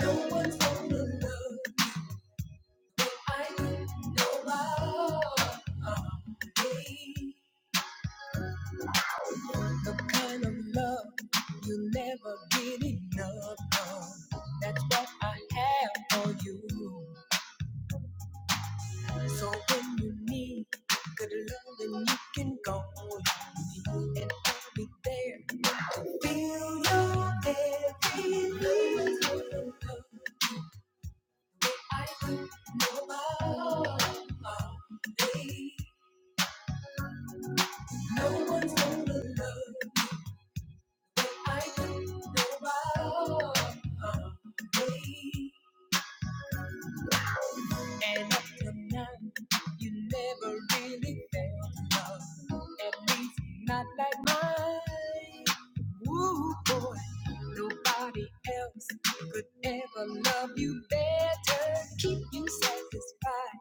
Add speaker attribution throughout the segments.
Speaker 1: No one's gonna love I do know my heart The kind of love you never get enough of. That's what I have for you. So when you need good love, then you can go on me, and I'll be there. Feel your every need. I do know my heart me. No one's gonna love what I do. Nobody. And up to now, you never really felt love. At least not like mine. Ooh, boy, nobody else could ever love you better. Keep you satisfied.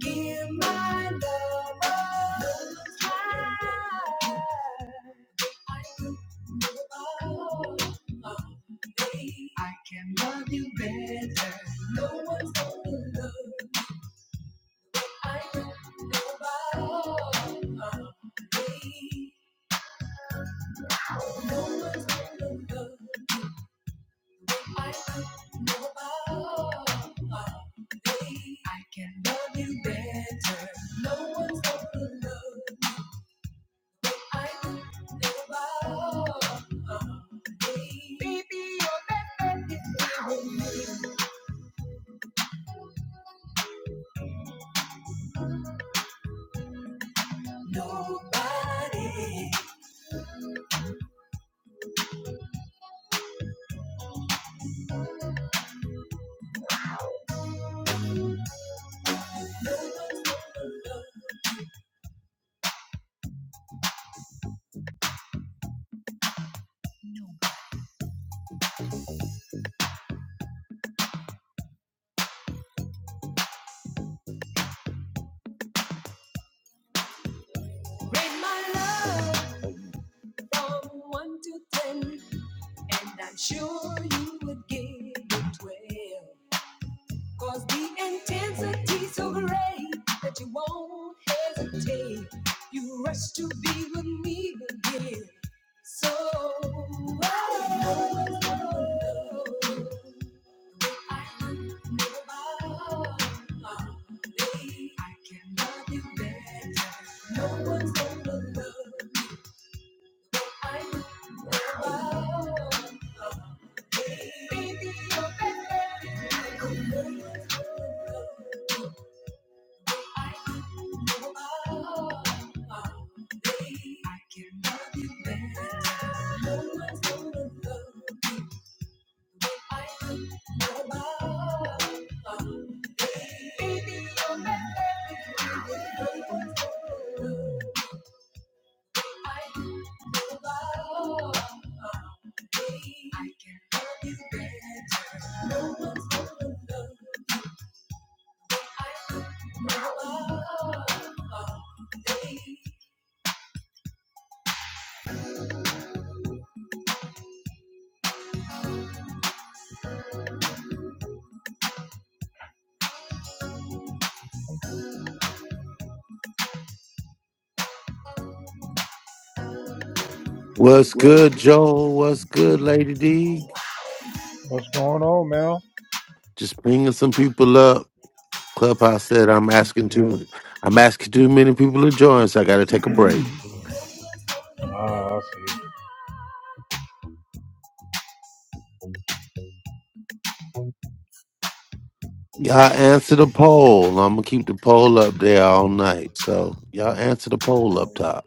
Speaker 1: Give my love a try. I do I can love you better. No one's gonna love I don't know nobody. No one's gonna love I don't know nobody. I can love you better. No one's gonna love I don't know nobody. Nobody. Break my love. From one to ten, and I'm sure you would give it twelve. Cause the intensity's so great that you won't hesitate. You rush to be with me again. So, oh, oh, oh, oh. I am nobody. I can love you better. No one's gonna love me. Baby, no one's gonna love.
Speaker 2: What's good, Joel? What's good, Lady D?
Speaker 1: What's going on, Mel?
Speaker 2: Just bringing some people up. Clubhouse said I'm asking
Speaker 1: Yep.
Speaker 2: too. I'm asking too many people to join, so I got to take a break.
Speaker 1: Ah, I see.
Speaker 2: Y'all answer the poll. I'm gonna keep the poll up there all night. So y'all answer the poll up top.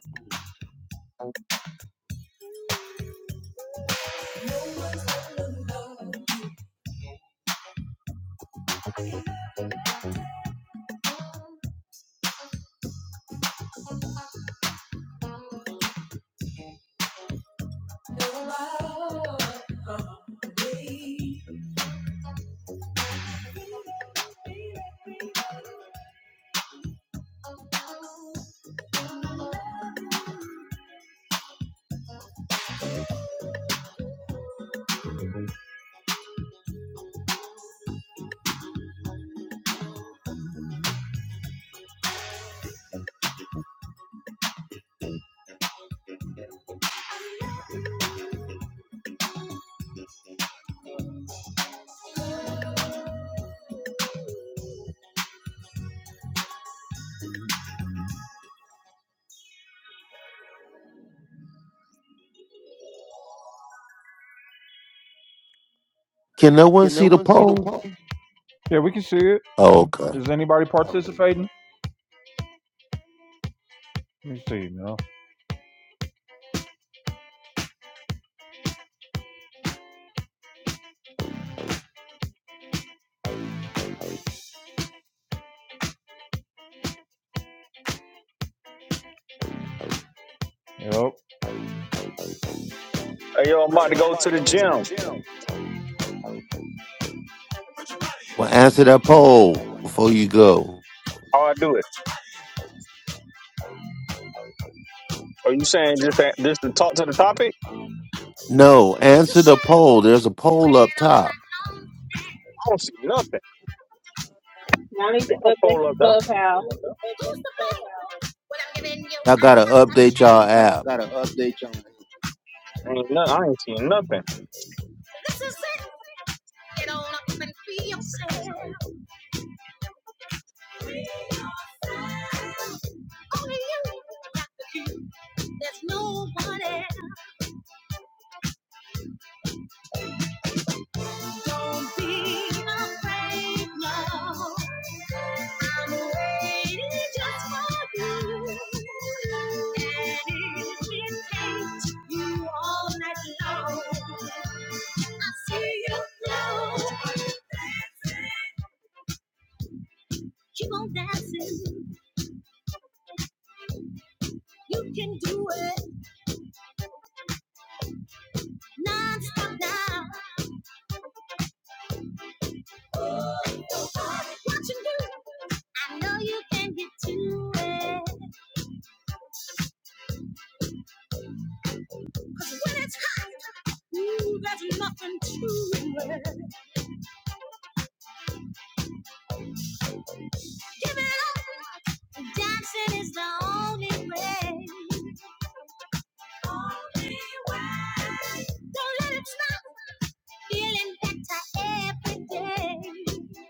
Speaker 2: Can no one see the poll?
Speaker 1: Yeah, we can see it.
Speaker 2: Oh, okay.
Speaker 1: Is anybody participating? Let me see, Mel. Yep.
Speaker 3: Hey, yo, I'm about to go to the gym.
Speaker 2: Well, answer that poll before you go.
Speaker 3: How I do it? Are you saying just just to talk to the topic?
Speaker 2: No, answer the poll. There's a poll up top.
Speaker 3: I don't see nothing.
Speaker 4: Y'all need to
Speaker 3: Ain't no
Speaker 4: update
Speaker 3: poll
Speaker 4: your
Speaker 3: up there.
Speaker 4: clubhouse.
Speaker 2: Y'all gotta update y'all app.
Speaker 3: Ain't nothing. I ain't seen nothing.
Speaker 1: I'm waiting just for you. And if it takes you all night long, I see you flow. Keep on dancing, you can do it non-stop now. Let's not feeling better every day.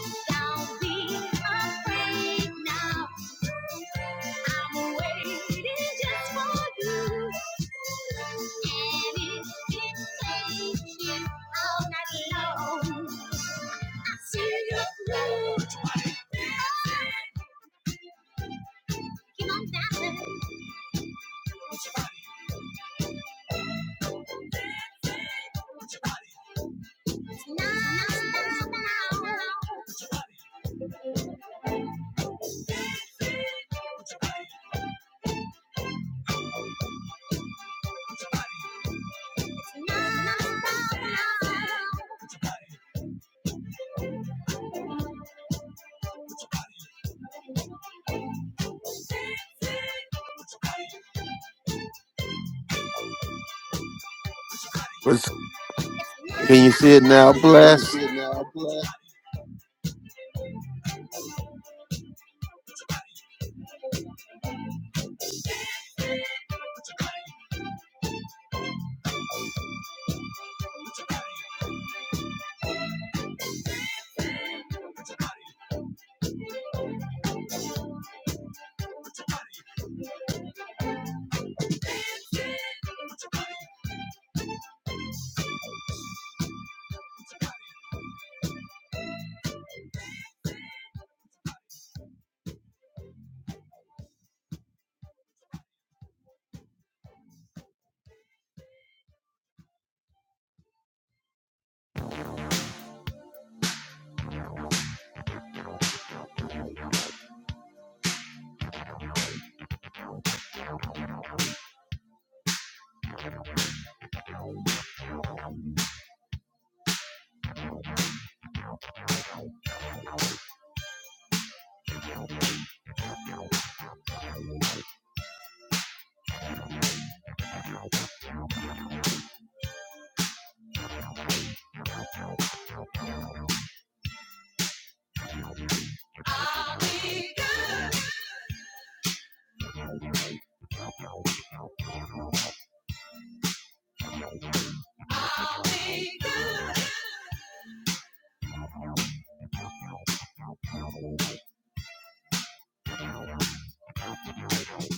Speaker 1: Don't be afraid now. I'm waiting just for you. And if it takes you all night long, I'll see you through. No, no, no, no, no, no, no.
Speaker 2: Let's- Can you see it now, Bless?
Speaker 1: I'll be good. I'll be good.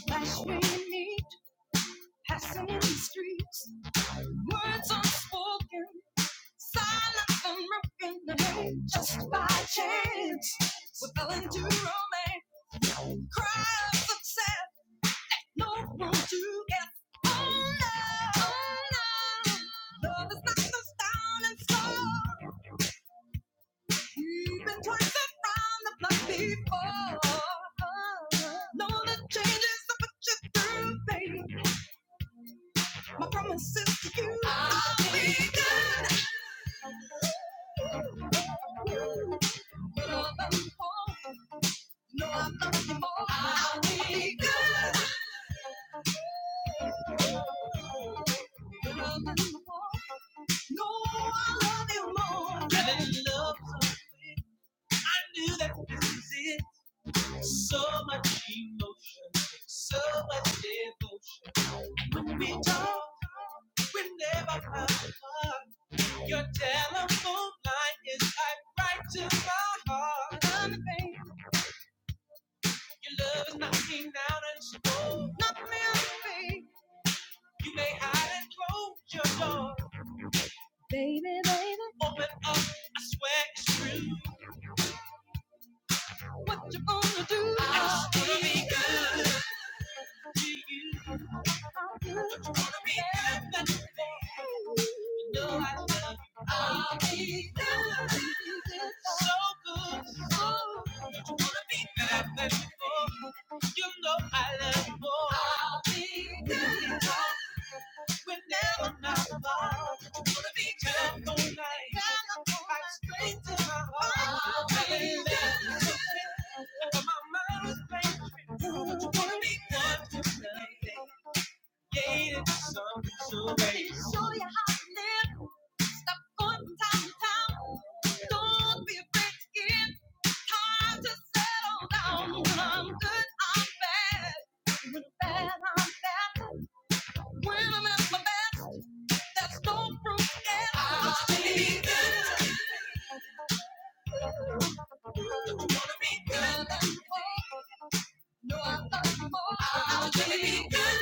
Speaker 1: Flashing meat, passing in the streets. Words unspoken, silence unbroken, and made just by chance. We fell into romance, cries of sad, no room to guess. Oh no, oh no, love is not the down and slow. You've been twisted round the block before. Know the changes that put you through, baby. My common sense to you. I'll be good. You know I love you more. You know I love you more. I'll be good. You know I love you more. No, I love you more. Really love you. When I'm at my best. That's no proof at all. I wanna be good. Wanna be good. No, I love you more. I wanna be good.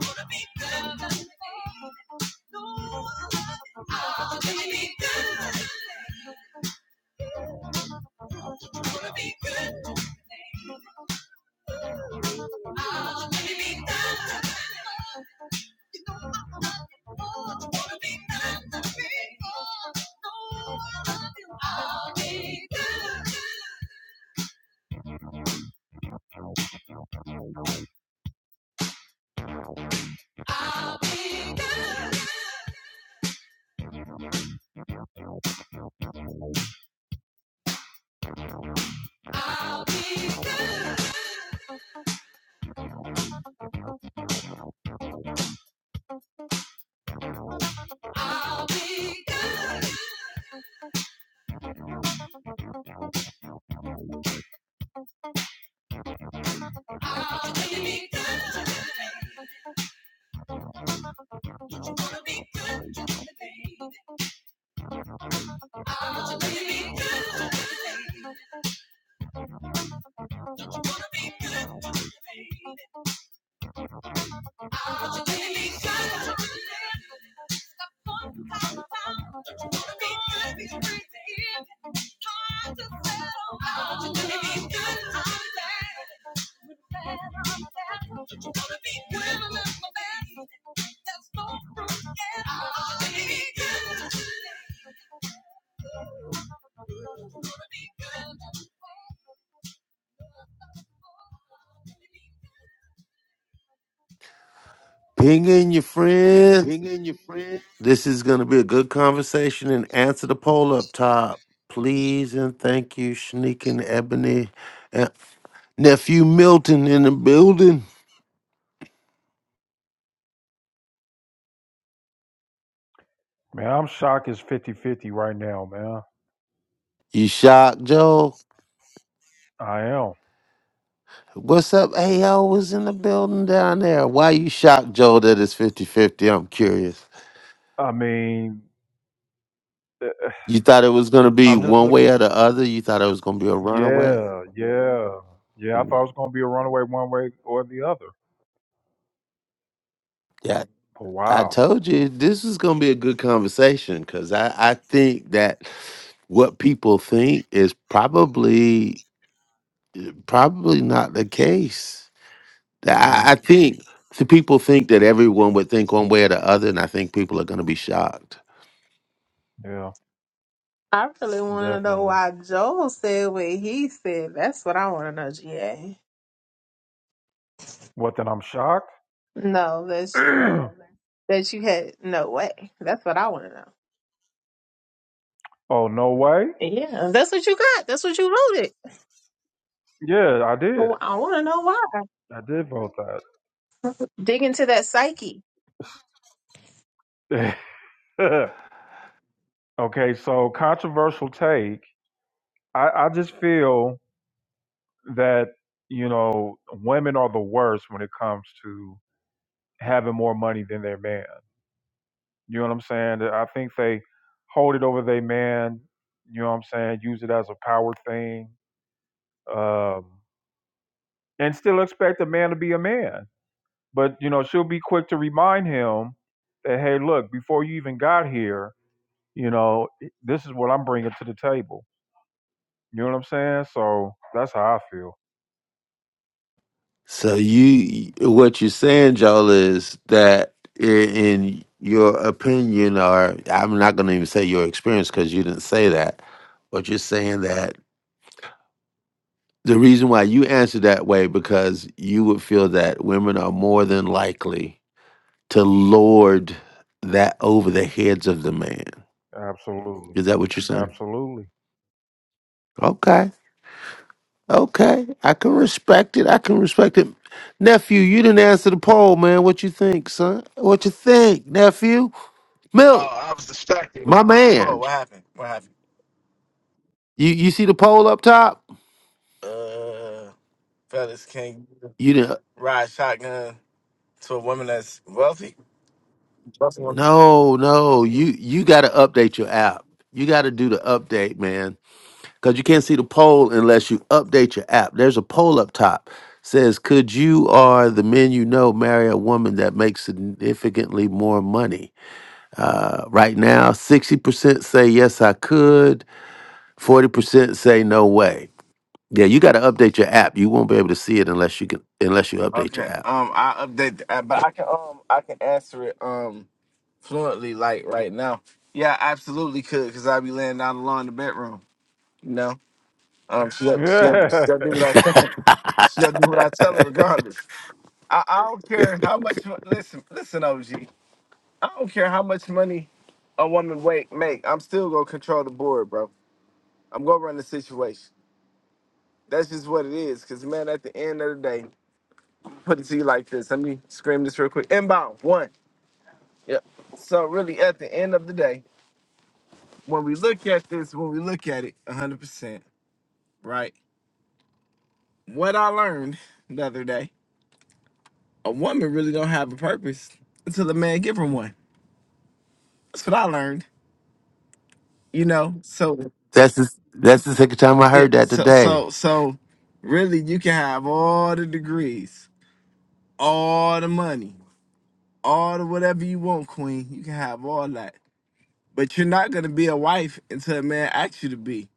Speaker 1: Wanna be good. No, I love you. I wanna be good. Wanna be good. I wanna be good. I'll be good. I'll be good. I'll be good. I'll be good. I'll be good. Don't you wanna be good, baby? I'll be good. Don't you wanna be good, baby?
Speaker 2: Ping in your friends. This is going to be a good conversation and answer the poll up top. Please and thank you, Shanique and Ebony. And Nephew Milton in the building.
Speaker 1: Man, I'm shocked it's fifty-fifty right now, man.
Speaker 2: You shocked, Joe?
Speaker 1: I am.
Speaker 2: What's up? Hey, AO was in the building down there. Why you shocked, Joe, that it's 5050 I'm curious.
Speaker 1: I mean, eh,
Speaker 2: You thought it was going to be
Speaker 1: I'm just
Speaker 2: one
Speaker 1: looking.
Speaker 2: way or the other? You thought it was going to be a runaway?
Speaker 1: Yeah, yeah, yeah. I thought it
Speaker 2: Mm,
Speaker 1: was going to be a runaway one way or the other.
Speaker 2: yeah.
Speaker 1: But
Speaker 2: I
Speaker 1: wow.
Speaker 2: told you this is going to be a good conversation because I, I think that what people think is probably probably not the case. Th- I, I
Speaker 1: Mm,
Speaker 2: think the people think that everyone would think one way or the other, and I think people are going to be shocked.
Speaker 1: yeah,
Speaker 4: I really want to know
Speaker 1: definitely.
Speaker 4: why Joel said what he said. That's what I want to know, GA.
Speaker 1: What, then I'm shocked?
Speaker 4: No, that's
Speaker 1: oh,
Speaker 4: that you had no way. That's what I want to know.
Speaker 1: no way?
Speaker 4: Yeah, that's what you got. That's what you loaded.
Speaker 1: Yeah, I did.
Speaker 4: Well, I want to know why.
Speaker 1: I did vote
Speaker 4: Dig into that psyche.
Speaker 1: that. okay, so controversial take. I, I just feel that, you know, women are the worst when it comes to having more money than their man. You know what I'm saying? I think they hold it over their man. You know what I'm saying? Use it as a power thing, um, and still expect a man to be a man. But you know, she'll be quick to remind him that, hey, look, before you even got here, you know, this is what I'm bringing to the table. You know what I'm saying? So that's how I feel.
Speaker 2: So you, what you're saying, Joel, is that i- in your opinion, or I'm not going to even say your experience because you didn't say that, but you're saying that The reason why you answer that way because you would feel that women are more than likely to lord that over the heads of the man.
Speaker 1: Absolutely,
Speaker 2: Is that what you're saying?
Speaker 1: absolutely.
Speaker 2: Okay. Okay. I can respect it. I can respect it. Nephew, you didn't answer the poll, man. What you think, son? What you think, nephew? Milk,
Speaker 5: Oh, I was distracted. What-
Speaker 2: my
Speaker 5: What's the poll?
Speaker 2: man.
Speaker 5: What happened? What happened?
Speaker 2: You you see the poll up top?
Speaker 5: Uh, fellas, can you
Speaker 2: You didn't
Speaker 5: ride shotgun to a woman that's wealthy? Wealthy woman.
Speaker 2: no, no. You you gotta update your app. You gotta do the update, man. because you can't see the poll unless you update your app. There's a poll up top says, "Could you or the men you know marry a woman that makes significantly more money?" Uh, right now, sixty percent say yes, I could. Forty percent say no way. Yeah, you got to update your app. You won't be able to see it unless you can unless you update your
Speaker 5: Okay.
Speaker 2: app.
Speaker 5: Um, I update, th- uh, but I can um I can answer it um fluently like right now. Yeah, I absolutely could, cause I be laying down the law in the bedroom. You know. Um, she'll she'll
Speaker 1: Yeah.
Speaker 5: she'll do what I tell her. She'll do what I tell her regardless. I, I don't care how much. you- Listen, listen, OG. I don't care how much money a woman wait, make. I'm still gonna control the board, bro. I'm gonna run the situation. That's just what it is. Cause man, at the end of the day, put it to you like this. Let me scream this real quick. Inbound one. Yep. So really, at the end of the day, when we look at this, when we look at it, 100%, right? What I learned the other day, a woman really don't have a purpose until a man give her one. That's what I learned. You know, so
Speaker 2: That's the, that's the second time I heard
Speaker 5: it
Speaker 2: that
Speaker 5: so
Speaker 2: today.
Speaker 5: so so really you can have all the degrees, all the money, all the whatever you want, Queen. You can have all that. But you're not gonna be a wife until a man asks you to be.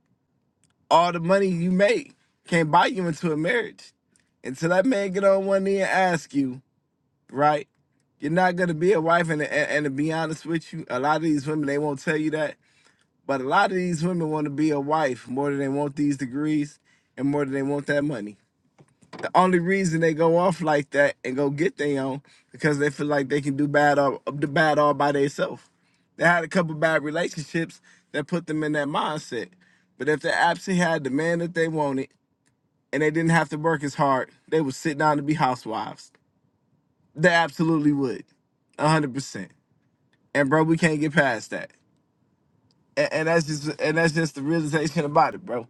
Speaker 5: All the money you make can't buy you into a marriage. Until that man get on one knee and ask you, right? You're not gonna be a wife and, and and to be honest with you, a lot of these women they won't tell you that. But a lot of these women want to be a wife more than they want these degrees and more than they want that money. Only reason they go off like that and go get their own because they feel like they can do bad all do bad all by themselves. They had a couple bad relationships that put them in that mindset. But if they actually had the man that they wanted and they didn't have to work as hard, they would sit down to be housewives. They absolutely would. a hundred percent. And bro, we can't get past that. And, and that's just and that's just the realization about it, bro.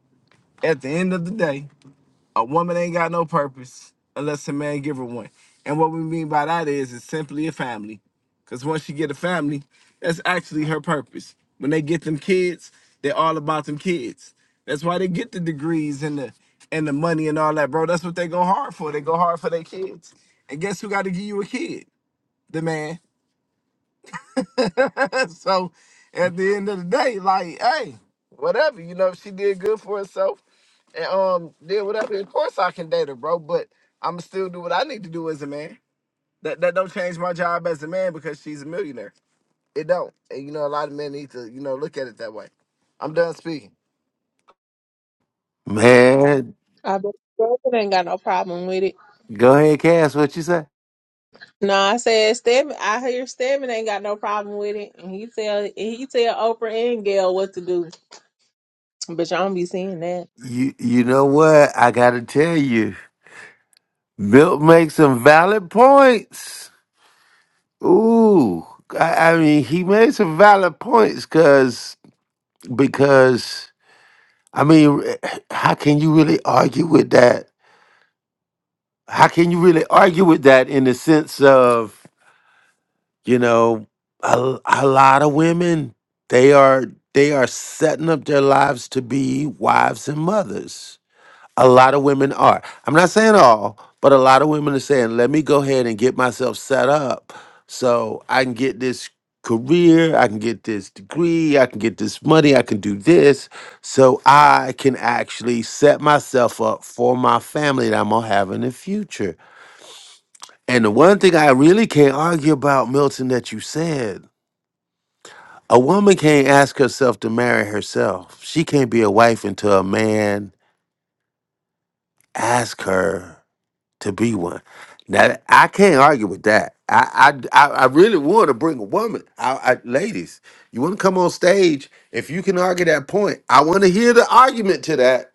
Speaker 5: At the end of the day, A woman ain't got no purpose unless a man give her one. And what we mean by that is it's simply a family. Cause once she get a family, that's actually her purpose. When they get them kids, they're all about them kids. That's why they get the degrees and the and the money and all that, bro. That's what they go hard for. They go hard for their kids. And guess who got to give you a kid? The man. so at the end of the day, like, hey, whatever, you know, if she did good for herself and um did whatever, of course I can date her, bro. But I'ma still do what I need to do as a man. That that don't change my job as a man because she's a millionaire. It don't. And you know, a lot of men need to, you know, look at it that way. I'm done speaking.
Speaker 2: Man,
Speaker 4: I bet Stebbin ain't got no problem with it.
Speaker 2: go ahead, Cass. What you say?
Speaker 4: No, I said Stebbin. I hear Stebbin ain't got no problem with it, and he tell he tell Oprah and Gail what to do. But y'all don't be seeing that.
Speaker 2: You you know what? I gotta tell you, Milt makes some valid points. Ooh, I, I mean, he made some valid points because because I mean, how can you really argue with that? How can you really argue with that in the sense of? you know a, a lot of women they are they are setting up their lives to be wives and mothers a lot of women are i'm not saying all but a lot of women are saying let me go ahead and get myself set up so i can get this career i can get this degree i can get this money i can do this so i can actually set myself up for my family that i'm gonna have in the future and the one thing I really can't argue about, Milton, that you said a woman can't ask herself to marry herself. She can't be a wife until a man asks her to be one. Now I can't argue with that. I I, I I really want to bring a woman. I, I, ladies, you want to come on stage? If you can argue that point, I want to hear the argument to that.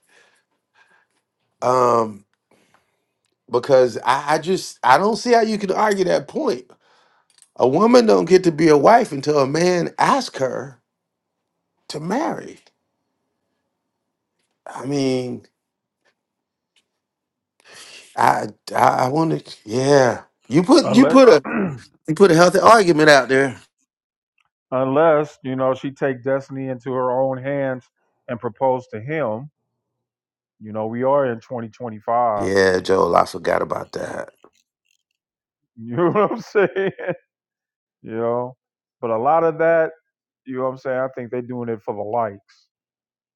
Speaker 2: Um, because I, I just I don't see how you can argue that point. A woman don't get to be a wife until a man asks her to marry. I mean, I I, I want Yeah, you put you
Speaker 1: Unless
Speaker 2: put a you put a healthy argument out there.
Speaker 1: unless you know she take destiny into her own hands and propose to him you know we are in 2025
Speaker 2: Yeah, Joel, I forgot about that.
Speaker 1: you know what i'm saying you know but a lot of that you know what i'm saying i think they're doing it for the likes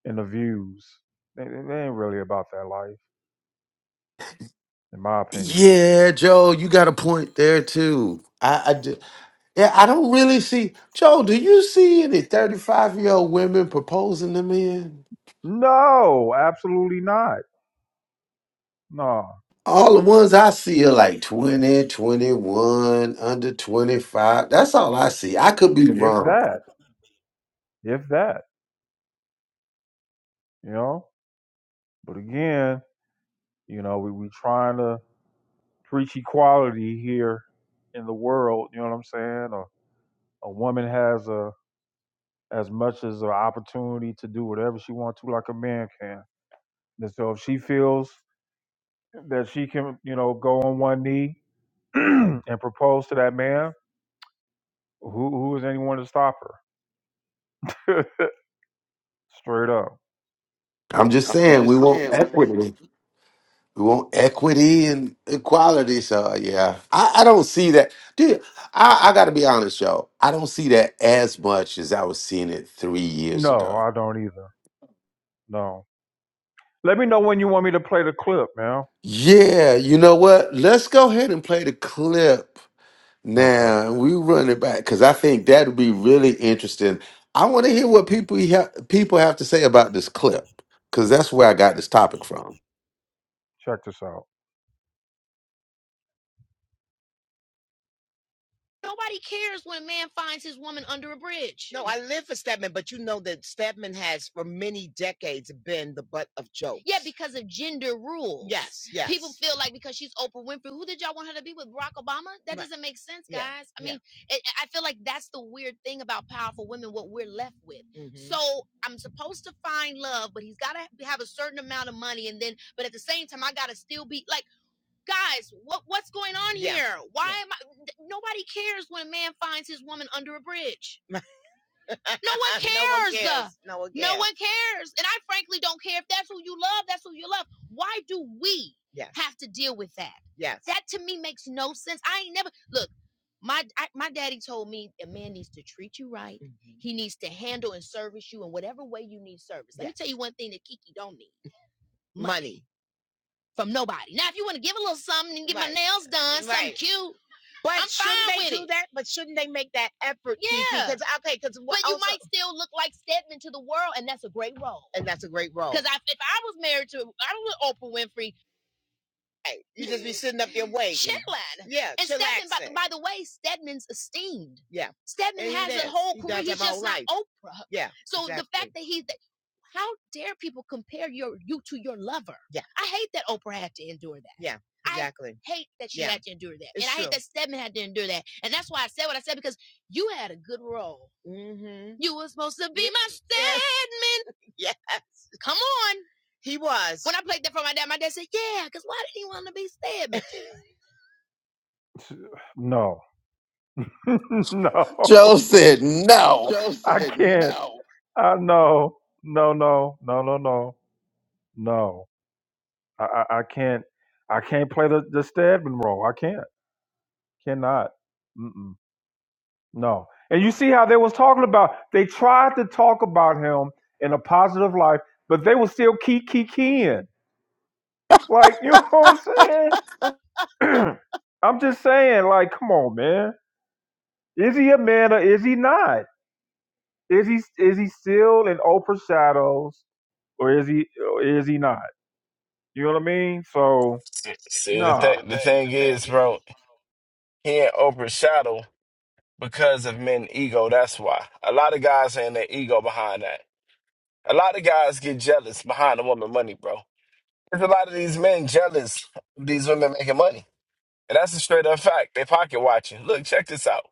Speaker 1: and the views they, they they ain't really about that life in my opinion
Speaker 2: Yeah, Joel, you got a point there too. I, I ju- yeah, I don't really see Joel. Do you see any thirty-five year old women proposing to men?
Speaker 1: no absolutely not no
Speaker 2: All the ones I see are like 20, 21, under 25. That's all I see. I could be
Speaker 1: if
Speaker 2: wrong.
Speaker 1: that if that you know but again you know we we trying to preach equality here in the world. You know what I'm saying? A, a woman has a as much as an opportunity to do whatever she wants to, like a man can. And so if she feels that she can, you know, go on one knee and propose to that man, who who is anyone to stop her? Straight up.
Speaker 2: I'm just saying we want equity. We want equity and equality. So yeah, I, I don't see that. Dude, I, I got to be honest, y'all. I don't see that as much as I was seeing it three years
Speaker 1: No,
Speaker 2: ago.
Speaker 1: I don't either. No. Let me know when you want me to play the clip, man.
Speaker 2: Yeah, you know what? Let's go ahead and play the clip
Speaker 1: Okay.
Speaker 2: Now we run it back because I think that would be really interesting. I want to hear what people ha- people have to say about this clip because that's where I got this topic from.
Speaker 1: Check this out. No. no.
Speaker 2: Joe said no.
Speaker 1: I can't. I know. No, no, no, no, no, no. I, I, I can't. I can't play the, the Stedman role. I can't. Cannot. Mm-mm. No. And you see how they was talking about. They tried to talk about him in a positive light, but they were still key key keying. Like you know what I'm saying? I'm just saying. Like, come on, man. Is he a man or is he not? Is he is he still in Oprah shadows or is he or is he not? You know what I mean? So
Speaker 5: See, see, the
Speaker 1: nah. nah.
Speaker 5: thing, the thing is, bro, he ain't Oprah Shadow because of men ego. That's why a lot of guys ain't their ego behind that. A lot of guys get jealous behind a woman money, bro. There's a lot of these men jealous of these women making money. And that's a straight up fact. They pocket watching. Look, check this out.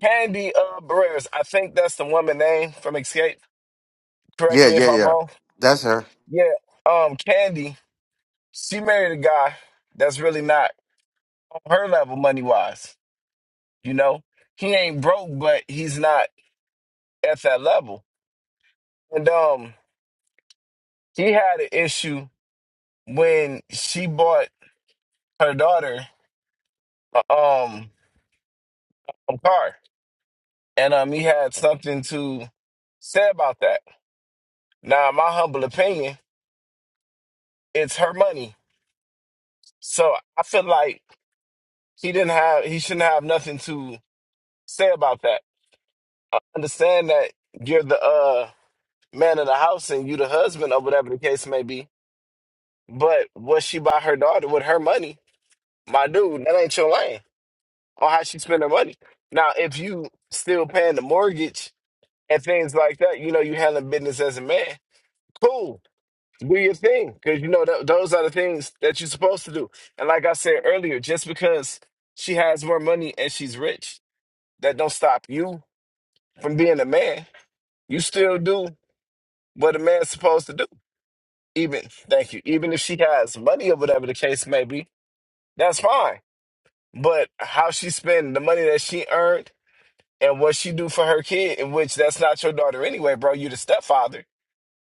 Speaker 5: Candy uh Barreras, I think that's the woman name from Escape. Correct
Speaker 2: Yeah,
Speaker 5: me
Speaker 2: yeah,
Speaker 5: if I'm
Speaker 2: yeah.
Speaker 5: wrong.
Speaker 2: That's her.
Speaker 5: Yeah. Um, Candy, she married a guy that's really not on her level money wise. You know? He ain't broke, but he's not at that level. And um he had an issue when she bought her daughter uh, um a car And um, he had something to say about that. Now, in my humble opinion, it's her money. So I feel like he didn't have, he shouldn't have nothing to say about that. I understand that you're the uh, man of the house and you the husband or whatever the case may be. But what she buy her daughter with her money, my dude, that ain't your lane on how she spend her money. Now, if you still paying the mortgage and things like that, you know, you handling business as a man. Cool do your thing because you know th- those are the things that you're supposed to do and like i said earlier just because she has more money and she's rich that don't stop you from being a man you still do what a man's supposed to do even thank you even if she has money or whatever the case may be that's fine but how she spend the money that she earned and what she do for her kid in which that's not your daughter anyway bro you the stepfather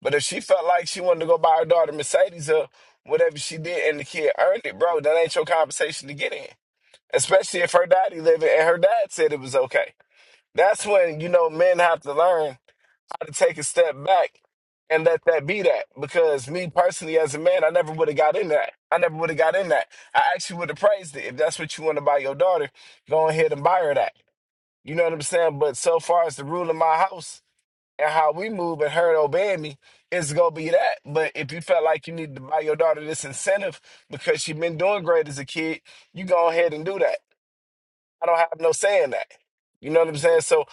Speaker 5: But if she felt like she wanted to go buy her daughter Mercedes or whatever she did and the kid earned it, bro, that ain't your conversation to get in. Especially if her daddy living and her dad said it was okay. That's when, you know, men have to learn how to take a step back and let that be that. Because me personally as a man, I never would have got in that. I never would have got in that. I actually would have praised it. If that's what you want to buy your daughter, go ahead and buy her that. You know what I'm saying? But so far as the rule in my house, and how we move and her obeying me is gonna be that. But if you felt like you need to buy your daughter this incentive because she been doing great as a kid, you go ahead and do that. I don't have no saying that. You know what I'm saying? So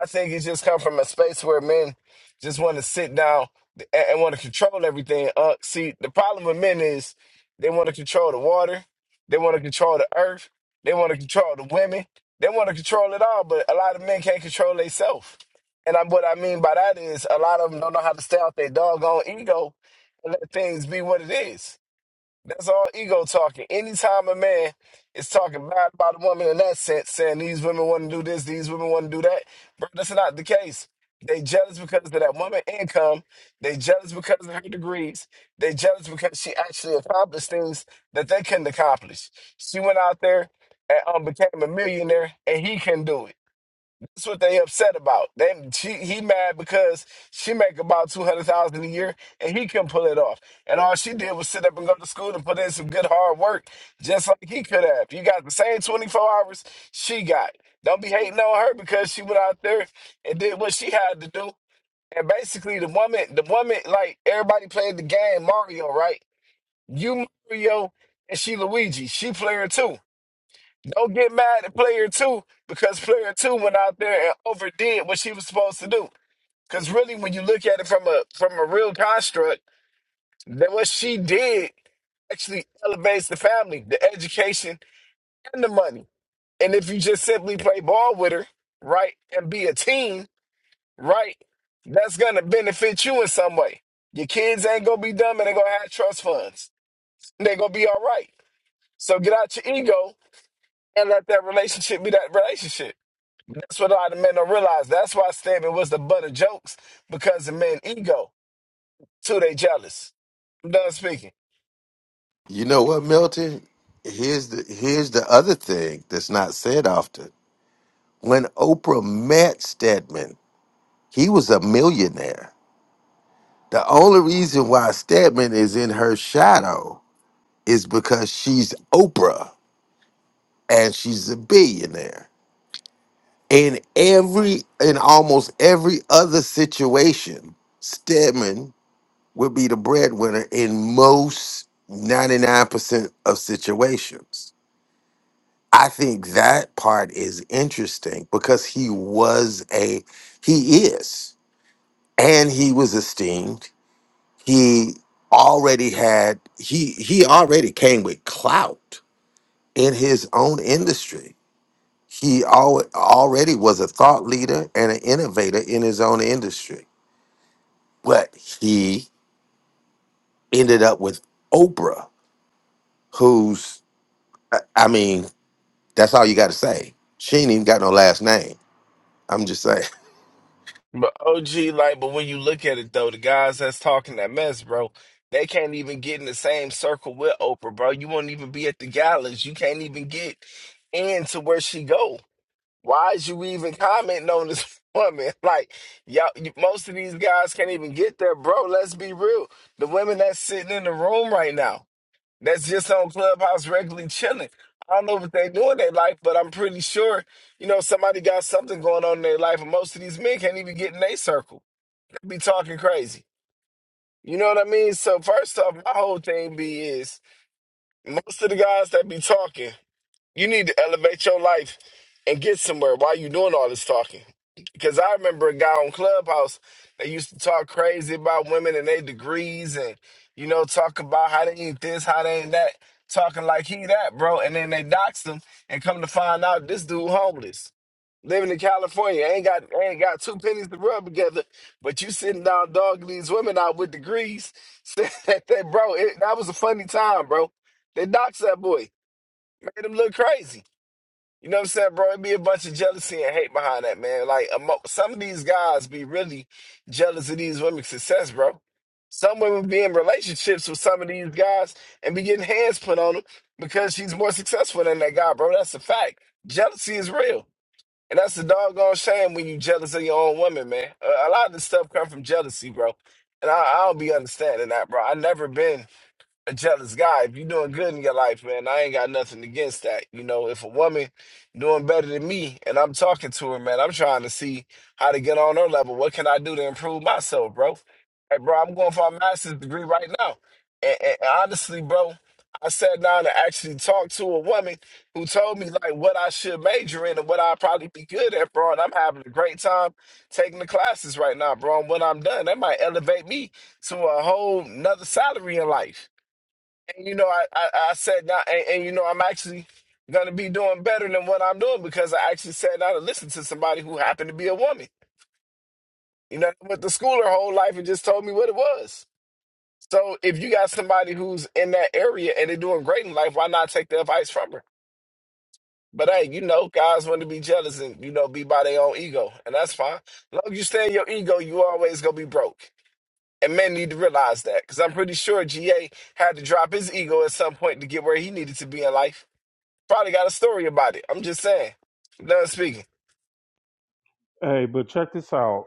Speaker 5: I think it just come from a space where men just want to sit down and, and want to control everything. Uh, see, the problem with men is they want to control the water, they want to control the earth, they want to control the women, they want to control it all. But a lot of men can't control themselves. And I, what I mean by that is a lot of them don't know how to stay out their doggone ego and let things be what it is. That's all ego talking. Anytime a man is talking bad about a woman in that sense, saying these women want to do this, these women want to do that, bro, that's not the case. They jealous because of that woman income. They jealous because of her degrees. They jealous because she actually accomplished things that they couldn't accomplish. She went out there and um, became a millionaire, and he couldn't do it. That's what they upset about. They she, he mad because she make about two hundred thousand a year and he can pull it off. And all she did was sit up and go to school and put in some good hard work, just like he could have. You got the same twenty four hours she got. Don't be hating on her because she went out there and did what she had to do. And basically, the woman, the woman, like everybody played the game Mario, right? You Mario and she Luigi. She player too. Don't get mad at player two because player two went out there and overdid what she was supposed to do. Because really, when you look at it from a from a real construct, that what she did actually elevates the family, the education, and the money. And if you just simply play ball with her, right, and be a team, right, that's gonna benefit you in some way. Your kids ain't gonna be dumb and they gonna have trust funds. They're gonna be all right. So get out your ego and let that relationship be that relationship. That's what a lot of men don't realize. That's why stabbing was the butt of jokes because the men ego. Too, they jealous. I'm done speaking.
Speaker 2: You know what, Milton? Here's the here's the other thing that's not said often. When Oprah met Stedman, he was a millionaire. The only reason why Stedman is in her shadow is because she's Oprah and she's a billionaire. In every, in almost every other situation, Stedman would be the breadwinner in most 99% of situations. I think that part is interesting because he was a, he is. and he was esteemed. He already had he he already came with clout in his own industry. He al- already was a thought leader and an innovator in his own industry. But he ended up with Oprah, who's I I mean, that's all you got to say. She ain't even got no last name. I'm just saying.
Speaker 5: But OG, like, but when you look at it though, the guys that's talking that mess, bro, they can't even get in the same circle with Oprah, bro. You won't even be at the galas. You can't even get into where she go. Why is you even commenting on this woman? Like, y'all, you, most of these guys can't even get there, bro. Let's be real. The women that's sitting in the room right now. that's just on Clubhouse regularly chilling. I don't know what they do in their life, but I'm pretty sure, you know, somebody got something going on in their life, and most of these men can't even get in their circle. They be talking crazy. You know what I mean? So first off, my whole thing be is most of the guys that be talking. You need to elevate your life and get somewhere while you doing all this talking. Because I remember a guy on Clubhouse that used to talk crazy about women and their degrees and, you know, talk about how they ain't this, how they ain't that, talking like he that, bro. And then they doxed him and come to find out this dude homeless. Living in California, ain't got ain't got two pennies to rub together, but you sitting down dogging these women out with degrees. Said that, that bro, it, that was a funny time, bro. They doxed that boy, made him look crazy. You know what I'm saying, bro? It be a bunch of jealousy and hate behind that, man. Like emo- some of these guys be really jealous of these women's success, bro. Some women be in relationships with some of these guys and be getting hands put on them because she's more successful than that guy, bro. That's a fact. Jealousy is real, and that's a doggone shame when you jealous of your own woman, man. A, a lot of this stuff come from jealousy, bro. And I, I don't be understanding that, bro. I never been a jealous guy. If you're doing good in your life, man, I ain't got nothing against that. You know, if a woman doing better than me and I'm talking to her, man, I'm trying to see how to get on her level. What can I do to improve myself, bro? Hey, bro, I'm going for a master's degree right now. And, and and honestly, bro, I sat down and actually talked to a woman who told me like what I should major in and what I'd probably be good at, bro. And I'm having a great time taking the classes right now, bro. And when I'm done, that might elevate me to a whole nother salary in life. And you know, I I, I said not, and, and you know, I'm actually gonna be doing better than what I'm doing because I actually sat down and listened to somebody who happened to be a woman. You know, I went to school her whole life and just told me what it was. So if you got somebody who's in that area and they're doing great in life, why not take the advice from her? But hey, you know, guys want to be jealous and you know be by their own ego, and that's fine. As long as you stay in your ego, you always gonna be broke. And men need to realize that because I'm pretty sure GA had to drop his ego at some point to get where he needed to be in life. Probably got a story about it. I'm just saying. Done speaking.
Speaker 1: Hey, but check this out,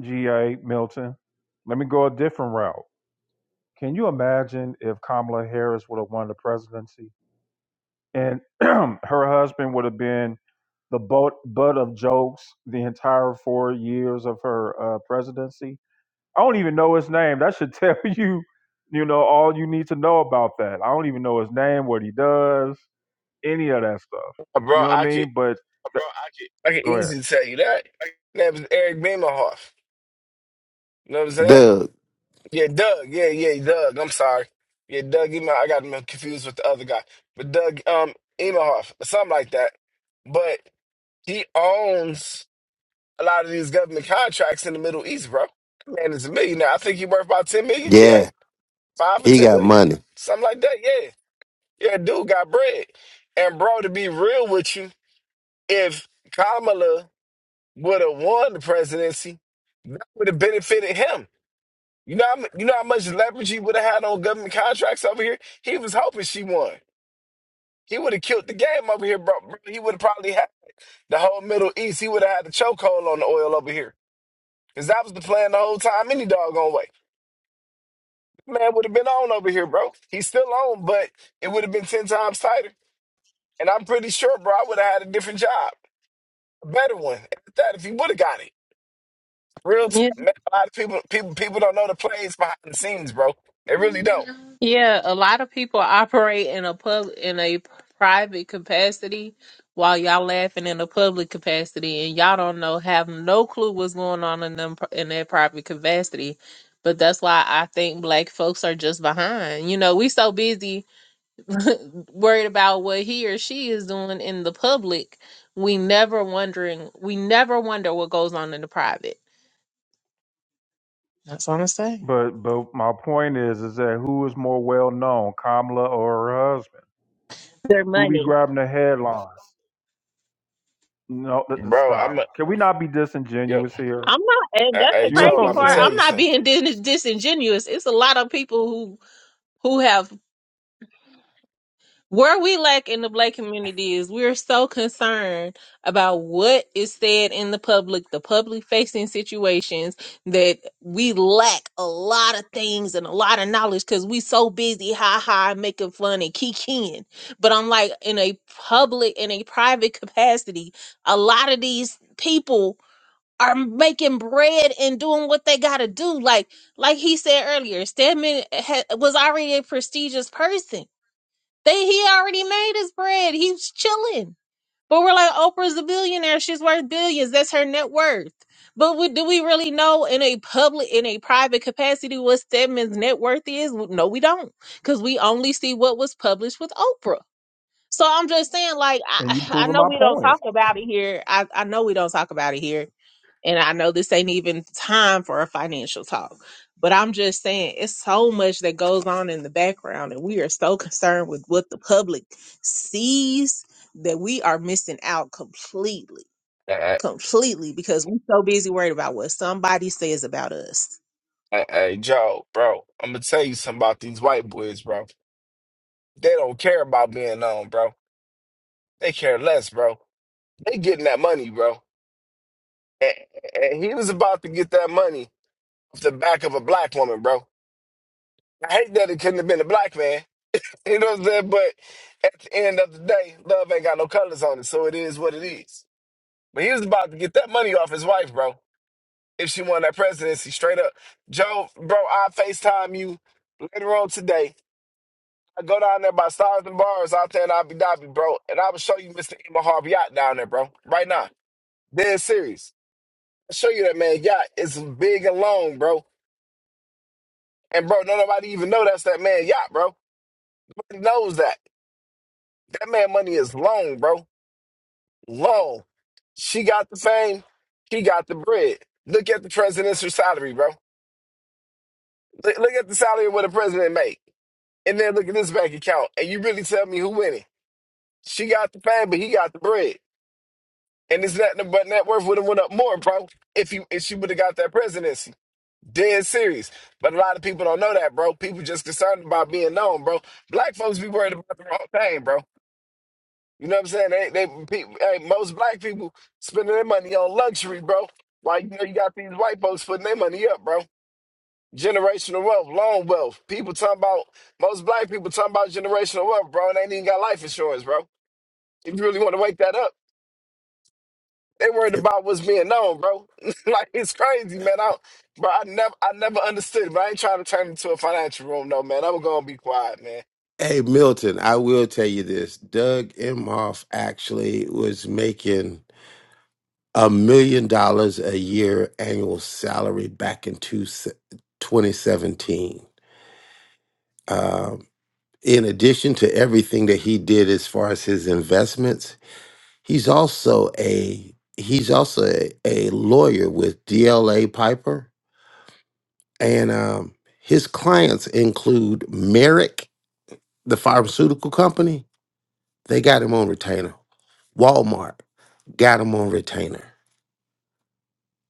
Speaker 1: GA Milton. Let me go a different route. Can you imagine if Kamala Harris would have won the presidency and her husband would have been the butt, butt of jokes the entire four years of her uh, presidency? I don't even know his name. That should tell you, you know, all you need to know about that. I don't even know his name, what he does, any of that stuff.
Speaker 5: Uh,
Speaker 1: You
Speaker 5: Bro,
Speaker 1: know what I
Speaker 5: I could
Speaker 1: mean? But
Speaker 5: I could
Speaker 1: go ahead.
Speaker 5: easily tell you that. That was Eric Beamerhoff. You know what I'm saying?
Speaker 2: Doug,
Speaker 5: Yeah, Doug. Yeah, yeah, Doug. I'm sorry. Yeah, Doug Emma. I got him confused with the other guy. But Doug um Emmerhoff, or something like that. But he owns a lot of these government contracts in the Middle East, bro. That Man is a millionaire. I think he worth about 10 million, GA.
Speaker 2: yeah,
Speaker 5: Five or
Speaker 2: he
Speaker 5: 10
Speaker 2: got
Speaker 5: million?
Speaker 2: money.
Speaker 5: Something like that. Yeah. Yeah, dude got bread. And bro, to be real with you, If Kamala would have won the presidency, that would have benefited him. You know, how, mu- you know how much leverage he would have had on government contracts over here. He was hoping she won. He would have killed the game over here, bro. bro. He would have probably had the whole Middle East. He would have had the chokehold on the oil over here, because that was the plan the whole time. Any doggone way, man would have been on over here, bro. He's still on, but it would have been ten times tighter. And I'm pretty sure, bro, I would have had a different job, a better one. At that, if he would have got it. Real
Speaker 4: Yeah,
Speaker 5: time, man. A lot of people, people, people don't know the plays behind the scenes, bro. They really don't,
Speaker 4: yeah. A lot of people operate in a pub in a private capacity, while y'all laughing in a public capacity, and y'all don't know, have no clue what's going on in them in that private capacity. But that's why I think black folks are just behind. You know, we so busy worried about what he or she is doing in the public, we never wondering we never wonder what goes on in the private. That's what I'm saying.
Speaker 1: But but my point is is that who is more well known, Kamala or her husband?
Speaker 4: Their
Speaker 1: Who be
Speaker 4: money.
Speaker 1: grabbing the headlines? No, th- th-
Speaker 5: bro.
Speaker 1: stop.
Speaker 5: I'm a
Speaker 1: Can we not be
Speaker 5: yo.
Speaker 1: disingenuous here?
Speaker 4: I'm not, and
Speaker 5: Hey,
Speaker 4: that's the
Speaker 5: hey,
Speaker 1: You know
Speaker 5: Joel,
Speaker 4: crazy
Speaker 1: what
Speaker 5: I'm
Speaker 1: I'm
Speaker 5: gonna
Speaker 4: part.
Speaker 1: saying?
Speaker 5: tell
Speaker 4: I'm
Speaker 5: you
Speaker 4: not
Speaker 5: something.
Speaker 4: being dis- disingenuous. It's a lot of people who who have Where we lack in the black community is we're so concerned about what is said in the public, the public facing situations that we lack a lot of things and a lot of knowledge because we so busy ha ha making fun and kikiing. But I'm like in a public in a private capacity, a lot of these people are making bread and doing what they gotta do. Like like he said earlier, Stedman ha- was already a prestigious person they he already made his bread. He's chilling. But we're like, Oprah's a billionaire. She's worth billions. That's her net worth. But we, do we really know in a public, in a private capacity, what Stedman's net worth is? No, we don't, because we only see what was published with Oprah. So I'm just saying, like,
Speaker 1: And you
Speaker 4: I, I
Speaker 1: proving
Speaker 4: know
Speaker 1: my
Speaker 4: we don't
Speaker 1: point.
Speaker 4: talk about it here. I, I know we don't talk about it here and I know this ain't even time for a financial talk, but I'm just saying it's so much that goes on in the background, and we are so concerned with what the public sees that we are missing out completely,
Speaker 5: Hey, hey,
Speaker 4: completely because we're so busy worried about what somebody says about us.
Speaker 5: hey, hey, Joel, bro. I'm gonna tell you something about these white boys, bro. They don't care about being known, bro. They care less, bro. They getting that money, bro. And, and he was about to get that money off the back of a black woman, bro. I hate that it couldn't have been a black man. You know what I'm saying? But at the end of the day, love ain't got no colors on it, so it is what it is. But he was about to get that money off his wife, bro. If she won that presidency, straight up. Joe, bro, I FaceTime you later on today. I go down there by Stars and Bars out there in Abu Dhabi, bro, and I will show you Mr. Emma Harvey yacht down there, bro. Right now. Dead serious. I'll show you that man yacht. It's big and long, bro. And bro, don't nobody even know that's that man yacht, bro. Nobody knows that. That man money is long, bro. Long. She got the fame. She got the bread. Look at the presidential salary, bro. Look, look at the salary of what the president make, and then look at this bank account, and you really tell me who winning? She got the fame, but he got the bread, and it's nothing but net worth would have went up more, bro. If you if she would have got that presidency, dead serious. But a lot of people don't know that, bro. People just concerned about being known, bro. Black folks be worried about the wrong thing, bro. You know what I'm saying? They they people, hey, most black people spending their money on luxury, bro. Like you know, you got these white folks putting their money up, bro. Generational wealth, loan wealth. People talking about most black people talking about generational wealth, bro, and they ain't even got life insurance, bro. If you really want to wake that up, they worried about what's being known, bro. like it's crazy, man. I, don't- bro, I never, I never understood. it, But I ain't trying to turn it into a financial room, no, man. I'm gonna be quiet, man.
Speaker 2: Hey Milton, I will tell you this. Doug Emhoff actually was making a million dollars a year annual salary back in two, 2017. Um, in addition to everything that he did as far as his investments, he's also a he's also a, a lawyer with DLA Piper, and um, his clients include Merrick, the pharmaceutical company. They got him on retainer. Walmart got him on retainer.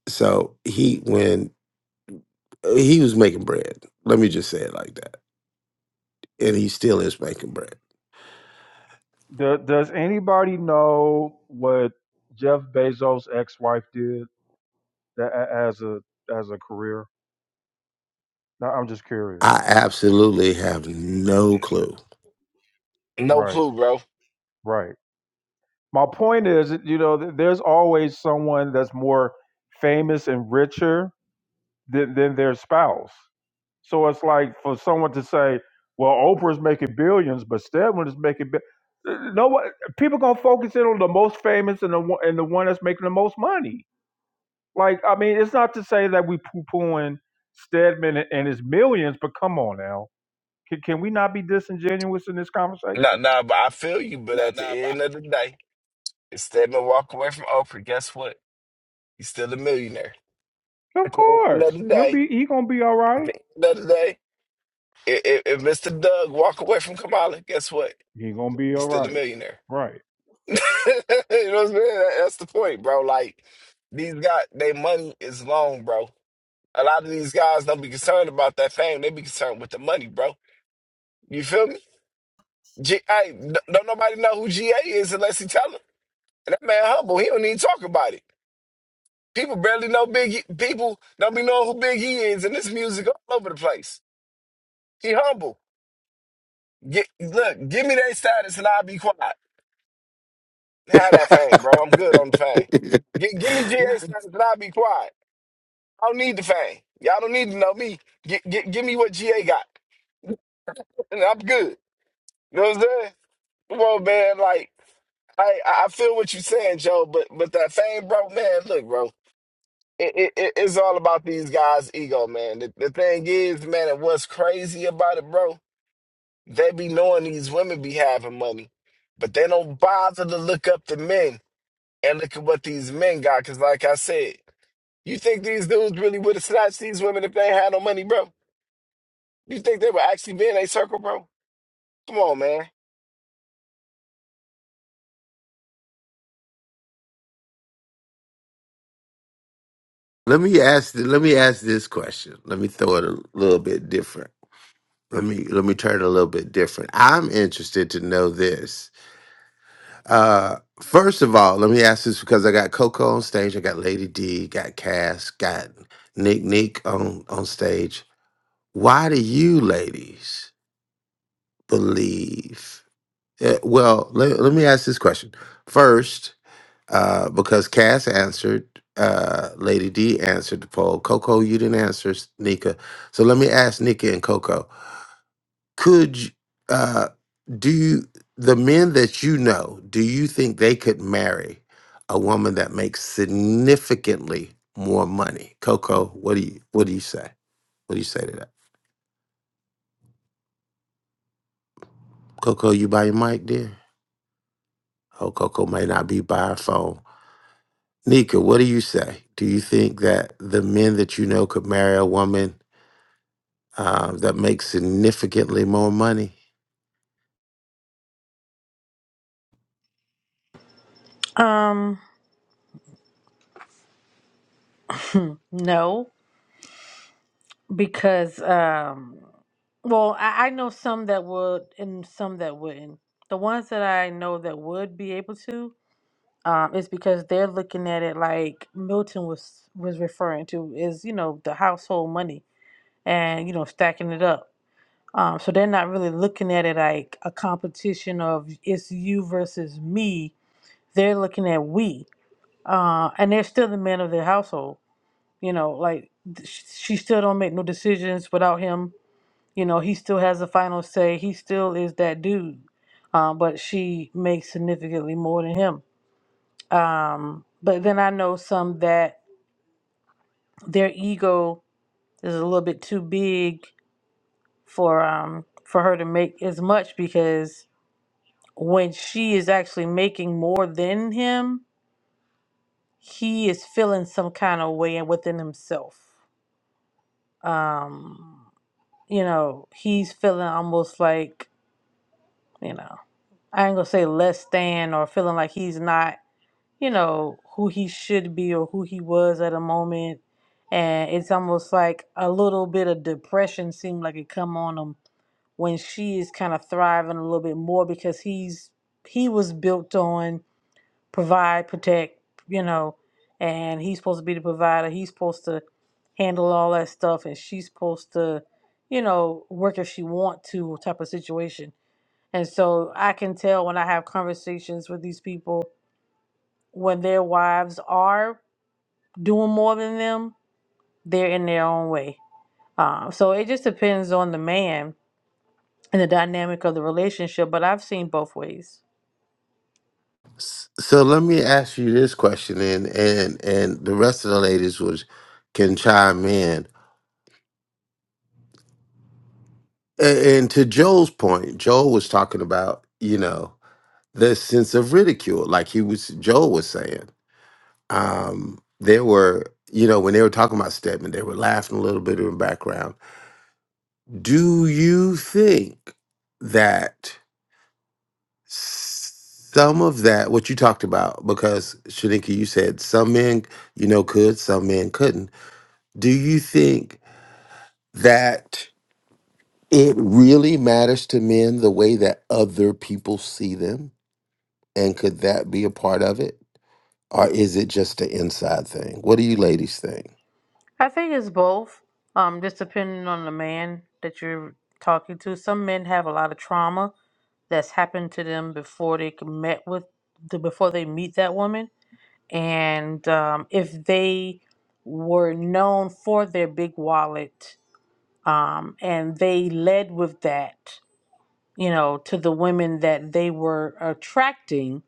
Speaker 2: So he when he was making bread. Let me just say it like that. And he still is making bread.
Speaker 1: Do, does anybody know what Jeff Bezos' ex-wife did tha- a- as a as a career? No, I'm just curious.
Speaker 2: I absolutely have no clue.
Speaker 5: No
Speaker 1: Right,
Speaker 5: clue, bro.
Speaker 1: right. My point is, that, you know, th- there's always someone that's more famous and richer than, than their spouse. So it's like for someone to say, "Well, Oprah's making billions, but Stedman is making bi-. no one- people gonna focus in on the most famous and the one and the one that's making the most money." Like, I mean, it's not to say that we poo pooing Stedman and his millions, but come on now, can, can we not be disingenuous in this
Speaker 5: Nah,
Speaker 1: conversation?
Speaker 5: nah, but I feel you. But at the end of the day, instead of walk away from Oprah, guess what? You're still a millionaire.
Speaker 1: Of
Speaker 5: At the end of
Speaker 1: course,
Speaker 5: the
Speaker 1: he'll
Speaker 5: day,
Speaker 1: be he gonna be all
Speaker 5: at
Speaker 1: right.
Speaker 5: the end of the day. if, if Mr. Doug walk away from Kamala, guess what?
Speaker 1: He gonna be
Speaker 5: He's
Speaker 1: all
Speaker 5: still a
Speaker 1: right,
Speaker 5: millionaire.
Speaker 1: right?
Speaker 5: you know what I'm saying? That- That's the point, bro. Like these guys, their money is long, bro. A lot of these guys don't be concerned about that fame. They be concerned with the money, bro. You feel me? G- hey, n- don't nobody know who GA is unless he tell him. And that man humble. He don't even talk about it. People barely know Big. People don't be knowing who Big E is, and this music all over the place. He humble. Get, look, give me their status, and I'll be quiet. Have that fame, bro. I'm good on the fame. Gi- give me GA status and I'll be quiet. I don't need the fame. Y'all don't need to know me. Gi- gi- give me what GA got, and I'm good. You know what I'm saying? Come on, man. Like I, I I feel what you're saying, Joe. But but that fame, bro, man. Look, bro. It, it, it- it's all about these guys' ego, man. The, the thing is, man, and what's crazy about it, bro? They be knowing these women be having money, but they don't bother to look up the men and look at what these men got. Cause like I said. You think these dudes really would have snatched these women if they ain't had no money, bro? You think they would actually be in a circle, bro? Come on, man.
Speaker 2: let me ask let me ask this question. Let me throw it a little bit different. Let me let me turn it a little bit different. I'm interested to know this. Uh, first of all, let me ask this because I got Coco on stage, I got Lady D, got Cass, got Nick Nick on on stage. Why do you ladies believe? eh, well, let, let me ask this question first, uh, because Cass answered, uh, Lady D answered the poll. Coco, you didn't answer, s- Nika. So let me ask Nika and Coco could you- uh do you the men that you know do you think they could marry a woman that makes significantly more money coco what do you what do you say what do you say to that coco you by your mic dear oh coco may not be by her phone nika what do you say do you think that the men that you know could marry a woman uh, that makes significantly more money
Speaker 6: Um, no, because um, well, I, I know some that would and some that wouldn't. The ones that I know that would be able to, um, is because they're looking at it like Milton was was referring to is you know the household money and you know stacking it up. Um, so they're not really looking at it like a competition of it's you versus me. They're looking at we, uh, and they're still the men of their household You know, like th- sh- she still don't make no decisions without him. You know, he still has the final say. He still is that dude. Um, but she makes significantly more than him. Um, but then I know some that their ego is a little bit too big for um for her to make as much because when she is actually making more than him, he is feeling some kind of way within himself. Um you know, he's feeling almost like, you know, I ain't gonna say less than or feeling like he's not, you know, who he should be or who he was at a moment. And it's almost like a little bit of depression seemed like it come on him when she is kind of thriving a little bit more because he's he was built on provide, protect, you know, and he's supposed to be the provider. He's supposed to handle all that stuff, and she's supposed to, you know, work if she want to type of situation. And so I can tell when I have conversations with these people when their wives are doing more than them, they're in their own way. Um, so it just depends on the man and the dynamic of the relationship. But I've seen both ways.
Speaker 2: S- So let me ask you this question, and and and the rest of the ladies was can chime in. And, and to Joel's point, Joel was talking about you know the sense of ridicule, like he was Joel was saying. Um, there were you know when they were talking about Stedman, they were laughing a little bit in the background. Do you think that? Some of that, what you talked about, because Shanika, you said some men, you know, could, some men couldn't Do you think that it really matters to men the way that other people see them? And could that be a part of it? Or is it just an inside thing? What do you ladies think?
Speaker 6: I think it's both. Um, just depending on the man that you're talking to. Some men have a lot of trauma that's happened to them before they can met with the, before they meet that woman, and um, if they were known for their big wallet, um, and they led with that, you know, to the women that they were attracting.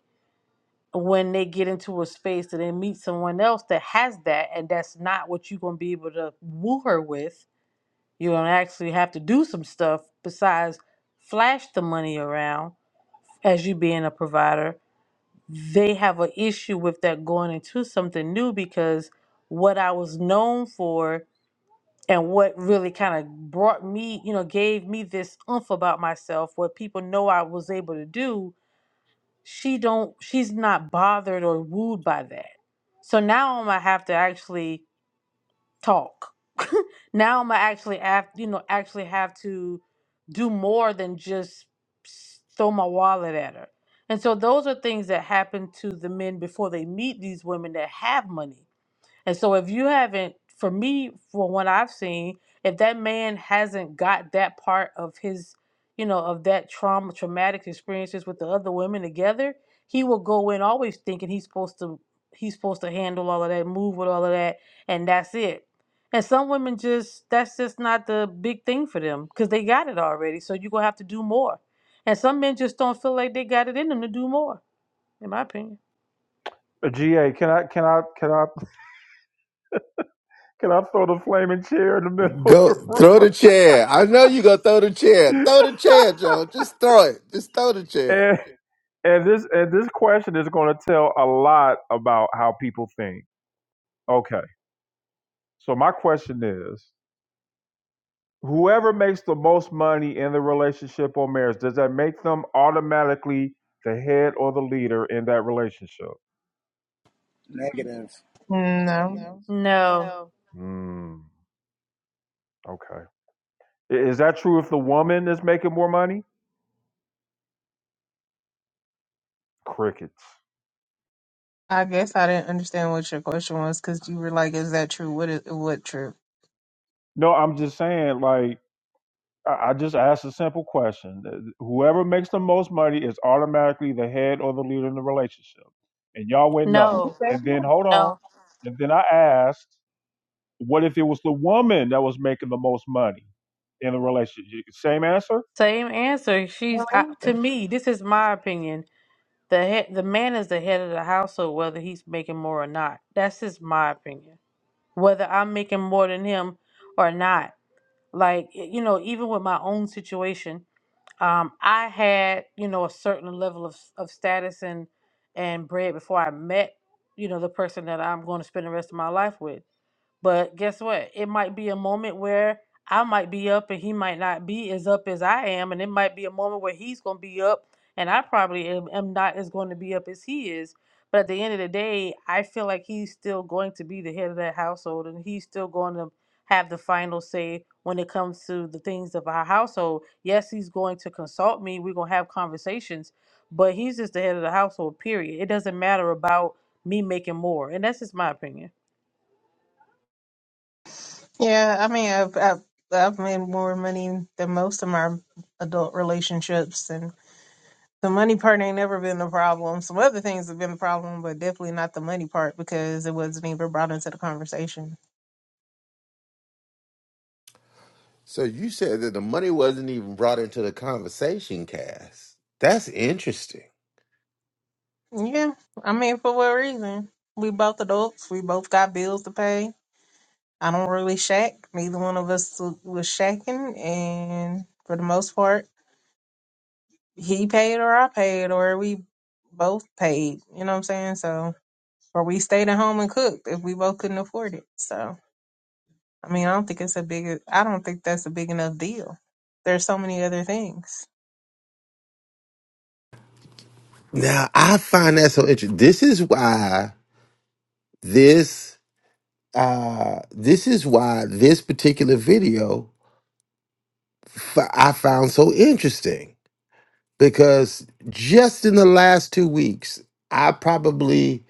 Speaker 6: When they get into a space and they meet someone else that has that, and that's not what you're gonna be able to woo her with, you're going to actually have to do some stuff besides flash the money around as you being a provider. They have an issue with that going into something new because what I was known for and what really kind of brought me, you know, gave me this oomph about myself, what people know I was able to do, she don't she's not bothered or wooed by that. So now I'm gonna have to actually talk. now I'm gonna actually have you know actually have to do more than just s- throw my wallet at her. And so those are things that happen to the men before they meet these women that have money and so if you haven't, for me, for what I've seen, if that man hasn't got that part of his, you know, of that trauma, traumatic experiences with the other women together, he will go in always thinking he's supposed to he's supposed to handle all of that, move with all of that, and that's it. And some women just that's just not the big thing for them because they got it already. So you're gonna have to do more. And some men just don't feel like they got it in them to do more, in my opinion.
Speaker 1: Uh, Ga, can I can I can I can I throw the flaming chair in the middle of
Speaker 2: Go throw the
Speaker 1: the
Speaker 2: chair. I know you gonna throw the chair.
Speaker 1: room?
Speaker 2: Throw the chair, Joe. Just throw it. Just throw the chair.
Speaker 1: and, and this and this question is going to tell a lot about how people think. Okay, so my question is: Whoever makes the most money in the relationship or marriage, does that make them automatically the head or the leader in that relationship?
Speaker 7: Negative.
Speaker 6: No,
Speaker 1: Hmm. Okay. I- Is that true if the woman is making more money? Crickets.
Speaker 4: I guess I didn't understand what your question was because you were like, "Is that true? What is what true?"
Speaker 1: No, I'm just saying, like I I just asked a simple question. Uh, Whoever makes the most money is automatically the head or the leader in the relationship. And y'all went no.
Speaker 6: no,
Speaker 1: And then hold on.
Speaker 6: no.
Speaker 1: And then I asked, what if it was the woman that was making the most money in the relationship? Same answer?
Speaker 6: Same answer. She's uh, to me. This is my opinion. The head, the man is the head of the household, whether he's making more or not. That's just my opinion. Whether I'm making more than him or not, like y- you know, even with my own situation, um, I had you know a certain level of of status and and bread before I met you know the person that I'm going to spend the rest of my life with. But guess what? It might be a moment where I might be up and he might not be as up as I am. And it might be a moment where he's going to be up and I probably am, am not as going to be up as he is. But at the end of the day, I feel like he's still going to be the head of that household and he's still going to have the final say when it comes to the things of our household. Yes, he's going to consult me. We're going to have conversations, but he's just the head of the household, period. It doesn't matter about me making more. And that's just my opinion.
Speaker 4: Yeah, I mean, I've, I've I've made more money than most of my adult relationships, and the money part ain't never been the problem. Some other things have been the problem, but definitely not the money part because it wasn't even brought into the conversation.
Speaker 2: So you said that the money wasn't even brought into the conversation, Cass. That's interesting.
Speaker 4: Yeah, I mean, for what reason? We both adults. We both got bills to pay. I don't really shack. Neither one of us was shacking, and for the most part. he paid or I paid or we both paid. You know what I'm saying? So or we stayed at home and cooked if we both couldn't afford it. So I mean, I don't think it's a big. I don't think that's a big enough deal. There's so many other things.
Speaker 2: Now I find that so interesting. This is why this uh, this is why this particular video f- I found so interesting because just in the last two weeks, I probably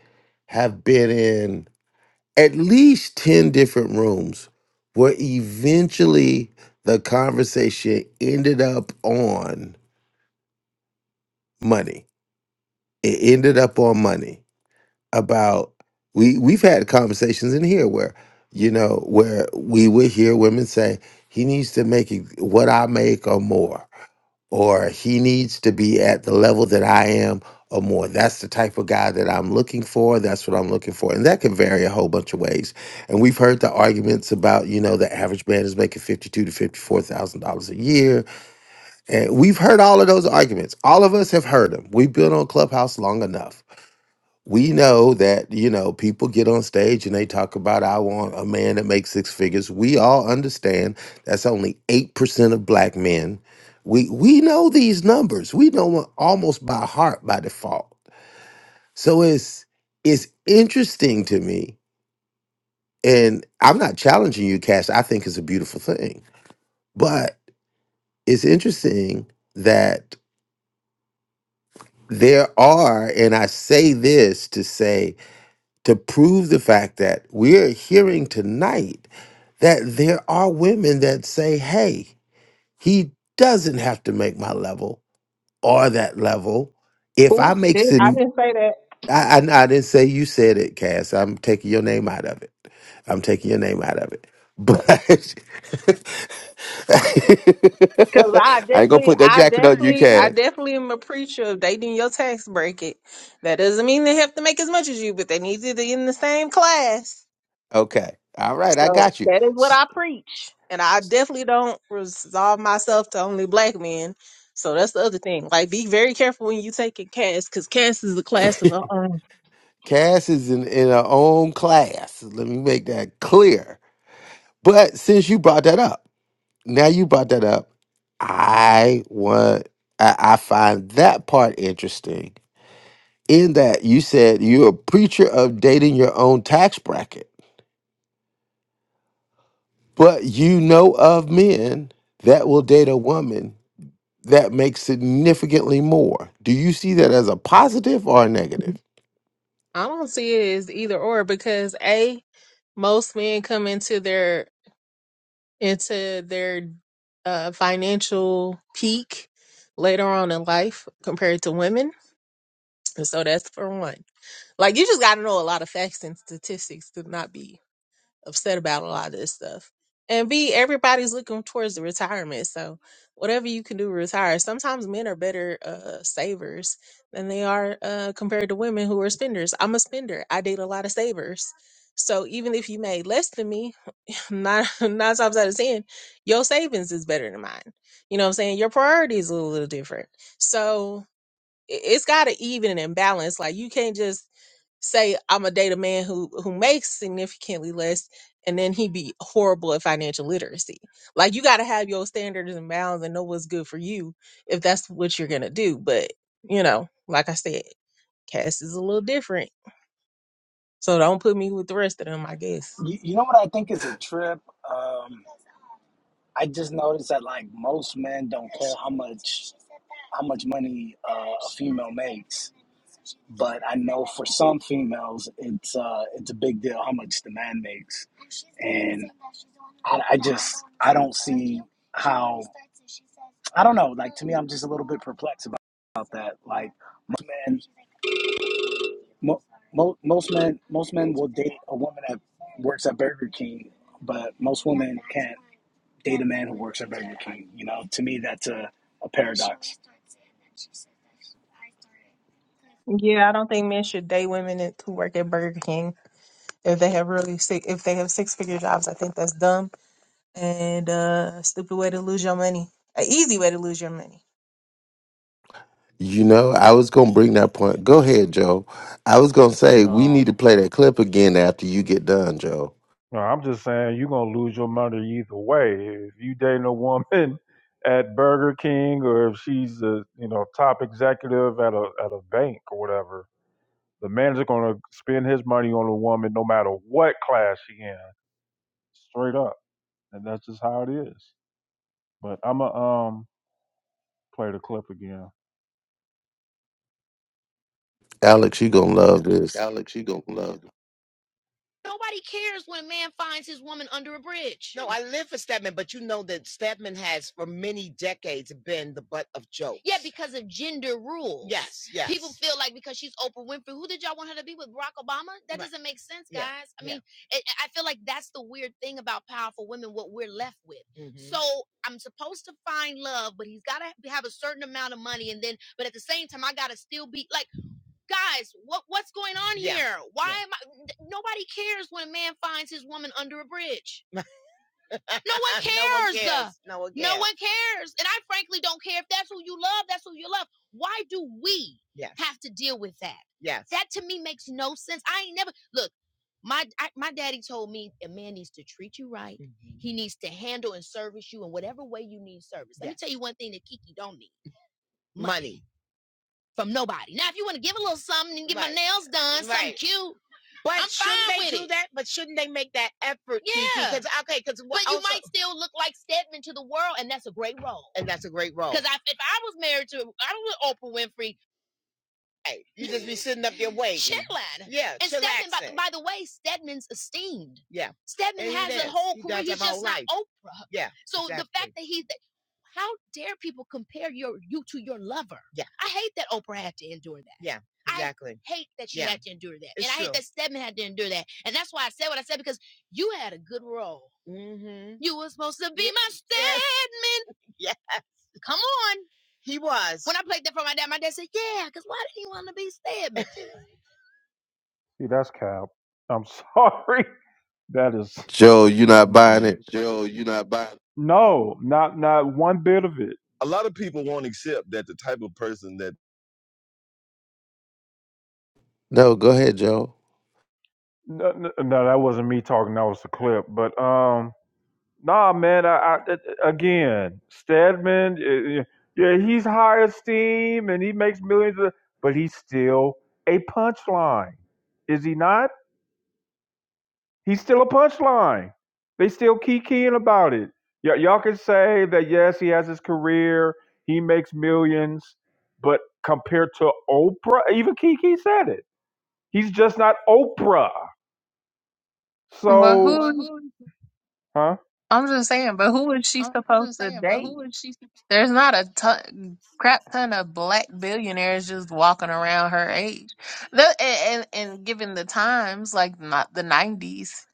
Speaker 2: have been in at least 10 different rooms where eventually the conversation ended up on money. It ended up on money. about we we've had conversations in here where you know where we would hear women say he needs to make ex- what I make or more or he needs to be at the level that I am or more. That's the type of guy that I'm looking for. That's what I'm looking for. And that can vary a whole bunch of ways. And we've heard the arguments about, you know, the average man is making fifty-two to fifty-four thousand dollars a year. And we've heard all of those arguments. All of us have heard them. We've been on Clubhouse long enough we know that you know people get on stage and they talk about i want a man that makes six figures we all understand that's only 8% of black men we we know these numbers we know 'em almost by heart by default so it's it's interesting to me and i'm not challenging you cash i think it's a beautiful thing but it's interesting that there are and i say this to say to prove the fact that we're hearing tonight that there are women that say, hey, he doesn't have to make my level or that level. If
Speaker 4: Ooh,
Speaker 2: I makes
Speaker 4: I
Speaker 2: it,
Speaker 4: didn't say that
Speaker 2: I, I, I didn't say you said it, Cass. I'm taking your name out of it. I'm taking your name out of it. But
Speaker 4: because I
Speaker 2: I ain't gonna
Speaker 4: definitely,
Speaker 2: put that
Speaker 4: I
Speaker 2: jacket on you,
Speaker 4: definitely, I
Speaker 2: Cass.
Speaker 4: definitely am a preacher of they did your tax bracket. That doesn't mean they have to make as much as you, but they need to be in the same class.
Speaker 2: Okay. All right, I
Speaker 4: So
Speaker 2: got you.
Speaker 4: that is what
Speaker 2: S-
Speaker 4: I preach. And I definitely don't resolve myself to only black men. So that's the other thing. Like, be very careful when you take a cast, because cast is a class of. Uh,
Speaker 2: Cass is in, in her own class. Let me make that clear. But since you brought that up, now you brought that up. I want I, I find that part interesting in that you said you're a preacher of dating your own tax bracket, but you know of men that will date a woman that makes significantly more. Do you see that as a positive or a negative?
Speaker 4: I don't see it as either or because a most men come into their into their uh, financial peak later on in life compared to women, and so that's for one. Like you just got to know a lot of facts and statistics to not be upset about a lot of this stuff. And B, everybody's looking towards the retirement. So whatever you can do to retire. Sometimes men are better uh savers than they are uh compared to women who are spenders. I'm a spender. I date a lot of savers. So even if you made less than me, nine nine times out of ten, your savings is better than mine. You know what I'm saying? Your priority is a little different. So i- it's gotta even and balance. Like you can't just say I'm a date a man who who makes significantly less and then he be horrible at financial literacy. Like you got to have your standards and bounds and know what's good for you if that's what you're going to do, but you know, like I said, Cass is a little different. So don't put me with the rest of them, I guess.
Speaker 7: You, you know what I think is a trip? Um, I just noticed that like most men don't care how much. how much money uh, a female makes, but I know for some females, it's uh, it's a big deal how much the man makes, and I, I just I don't see how I don't know. Like to me, I'm just a little bit perplexed about, about that. Like most men, mo- mo- most men, most men will date a woman that works at Burger King, but most women can't date a man who works at Burger King. You know, to me, that's a a paradox.
Speaker 4: Yeah, I don't think men should date women that- who work at Burger King if they have really six if they have six figure jobs. I think that's dumb. and uh stupid way to lose your money. An easy way to lose your money.
Speaker 2: You know, I was gonna bring that point. Go ahead, Joe. I was gonna say we
Speaker 1: No.
Speaker 2: need to play that clip again after you get done, Joe.
Speaker 1: No, I'm just saying you're gonna lose your money either way. If you dating a woman at Burger King or if she's a you know top executive at a at a bank or whatever, The manager gonna spend his money on a woman no matter what class she in, straight up, and that's just how it is. But I'ma um play the clip again.
Speaker 2: Alex, you gonna love this.
Speaker 1: See, that's cap. I'm sorry. That is
Speaker 2: Joe, you not buying
Speaker 1: mm-mm.
Speaker 2: it?
Speaker 1: no, not not one bit of it.
Speaker 2: No, go ahead, Joe.
Speaker 1: No, no, no, that wasn't me talking. That was the clip. But um, Nah, man. I, I again, Stedman. eh, eh, Yeah, he's high esteem and he makes millions of, but he's still a punchline, is he not? He's still a punchline. They still key keying about it. Y- y'all can say that yes, he has his career, he makes millions, but compared to Oprah, even Kiki said it. He's just not Oprah.
Speaker 4: But
Speaker 1: So,
Speaker 4: who?
Speaker 1: huh?
Speaker 4: I'm just saying. But who is she supposed to date? There's not a ton, crap ton of black billionaires just walking around her age. The, and, and and given the times, like not the '90s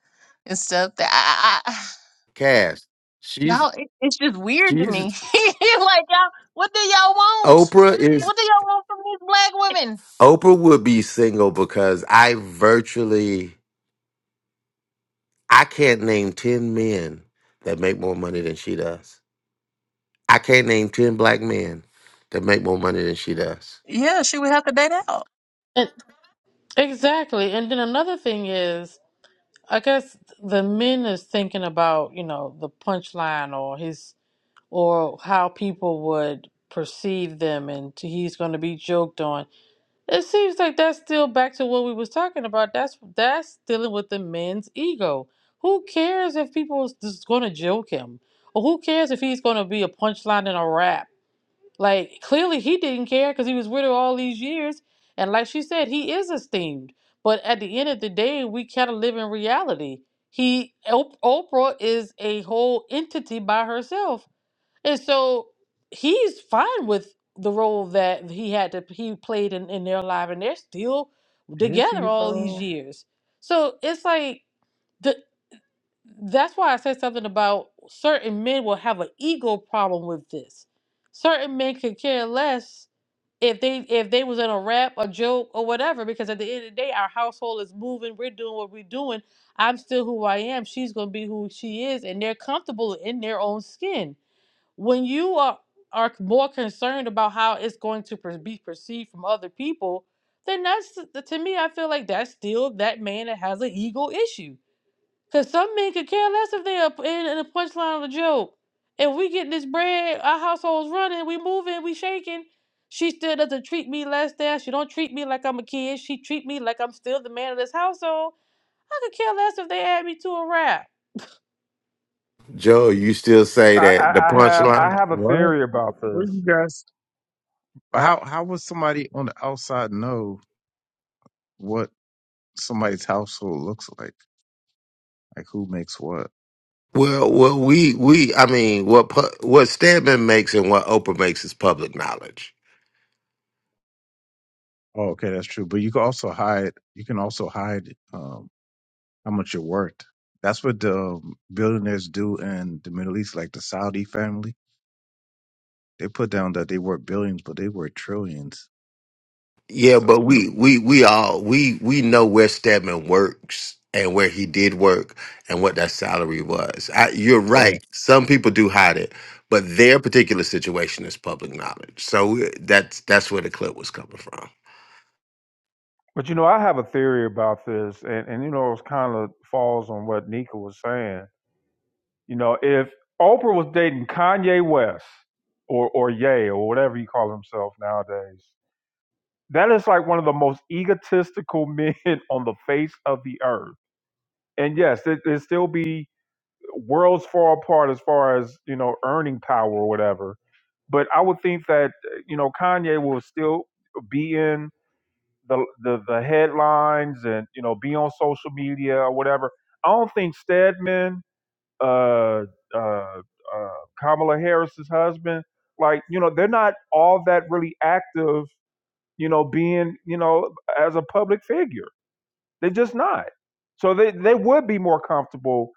Speaker 4: and stuff, that I, I, I-
Speaker 2: Cass, she's
Speaker 4: y'all, it, it's just weird to me.
Speaker 2: she's
Speaker 4: like y'all, what do y'all want?
Speaker 2: Oprah is
Speaker 4: What do y'all want from these black women?
Speaker 2: Oprah would be single because I virtually I can't name 10 men that make more money than she does. I can't name 10 black men that make more money than she does.
Speaker 4: Yeah, she would have to date out.
Speaker 6: And Exactly. And then another thing is, I guess the men is thinking about, you know, the punchline or his or how people would perceive them and to- he's going to be joked on. It seems like that's still back to what we was talking about. That's that's dealing with the men's ego. Who cares if people is going to joke him? Or who cares if he's going to be a punchline in a rap? Like clearly he didn't care because he was with her all these years. And like she said, he is esteemed. But at the end of the day, we kind of live in reality. He Op- Oprah is a whole entity by herself. And so he's fine with the role that he had to he played in, in their life and they're still
Speaker 1: Is
Speaker 6: together
Speaker 1: he
Speaker 6: all these
Speaker 1: though?
Speaker 6: years. So it's like that's why I said something about certain men will have an ego problem with this. Certain men could care less if they if they was in a rap, a joke, or whatever, because at the end of the day, our household is moving, we're doing what we're doing. I'm still who I am, she's gonna be who she is, and they're comfortable in their own skin. When you are are more concerned about how it's going to per- be perceived from other people, then that's to me, I feel like that's still that man that has an ego issue Cause some men could care less if they're in, in the punchline of a joke. If we get this bread, our household's running, we moving, we shaking. She still doesn't treat me less than. She don't treat me like I'm a kid. She treat me like I'm still the man of this household. I could care less if they add me to a rap.
Speaker 2: Joe, you still say
Speaker 1: I,
Speaker 2: that the
Speaker 1: I, I have I
Speaker 2: punchline?
Speaker 1: have a
Speaker 8: What?
Speaker 1: theory about
Speaker 8: Where
Speaker 1: this.
Speaker 8: you guys?
Speaker 1: I,
Speaker 8: How how would somebody on the outside know what somebody's household looks like? Like who makes what?
Speaker 2: Well, well, we we I mean, what pu- what Stedman makes and what Oprah makes is public knowledge.
Speaker 8: Oh, okay, that's true. But you can also hide. You can also hide um, how much you're worth. That's what the um, billionaires do in the Middle East, like the Saudi family. They put down that they worth billions, but they worth trillions.
Speaker 2: Yeah,
Speaker 8: So,
Speaker 2: but we we we all we we know where Stedman works and where he did work and what that salary was. I, you're
Speaker 8: so
Speaker 2: right. Some people do hide it, but their particular situation is public knowledge. So uh, that's that's where the clip was coming from.
Speaker 1: but you know, I have a theory about this, and, and you know, it kind of falls on what Nika was saying. You know, if Oprah was dating Kanye West or or Ye or whatever he calls himself nowadays, that is like one of the most egotistical men on the face of the earth. And yes, it, it'd still be worlds far apart as far as you know earning power or whatever. But I would think that you know Kanye will still be in the, the the headlines and you know be on social media or whatever. I don't think Stedman, uh, uh, uh, Kamala Harris's husband, like you know they're not all that really active. You know, being you know as a public figure, they're just not. So they they would be more comfortable,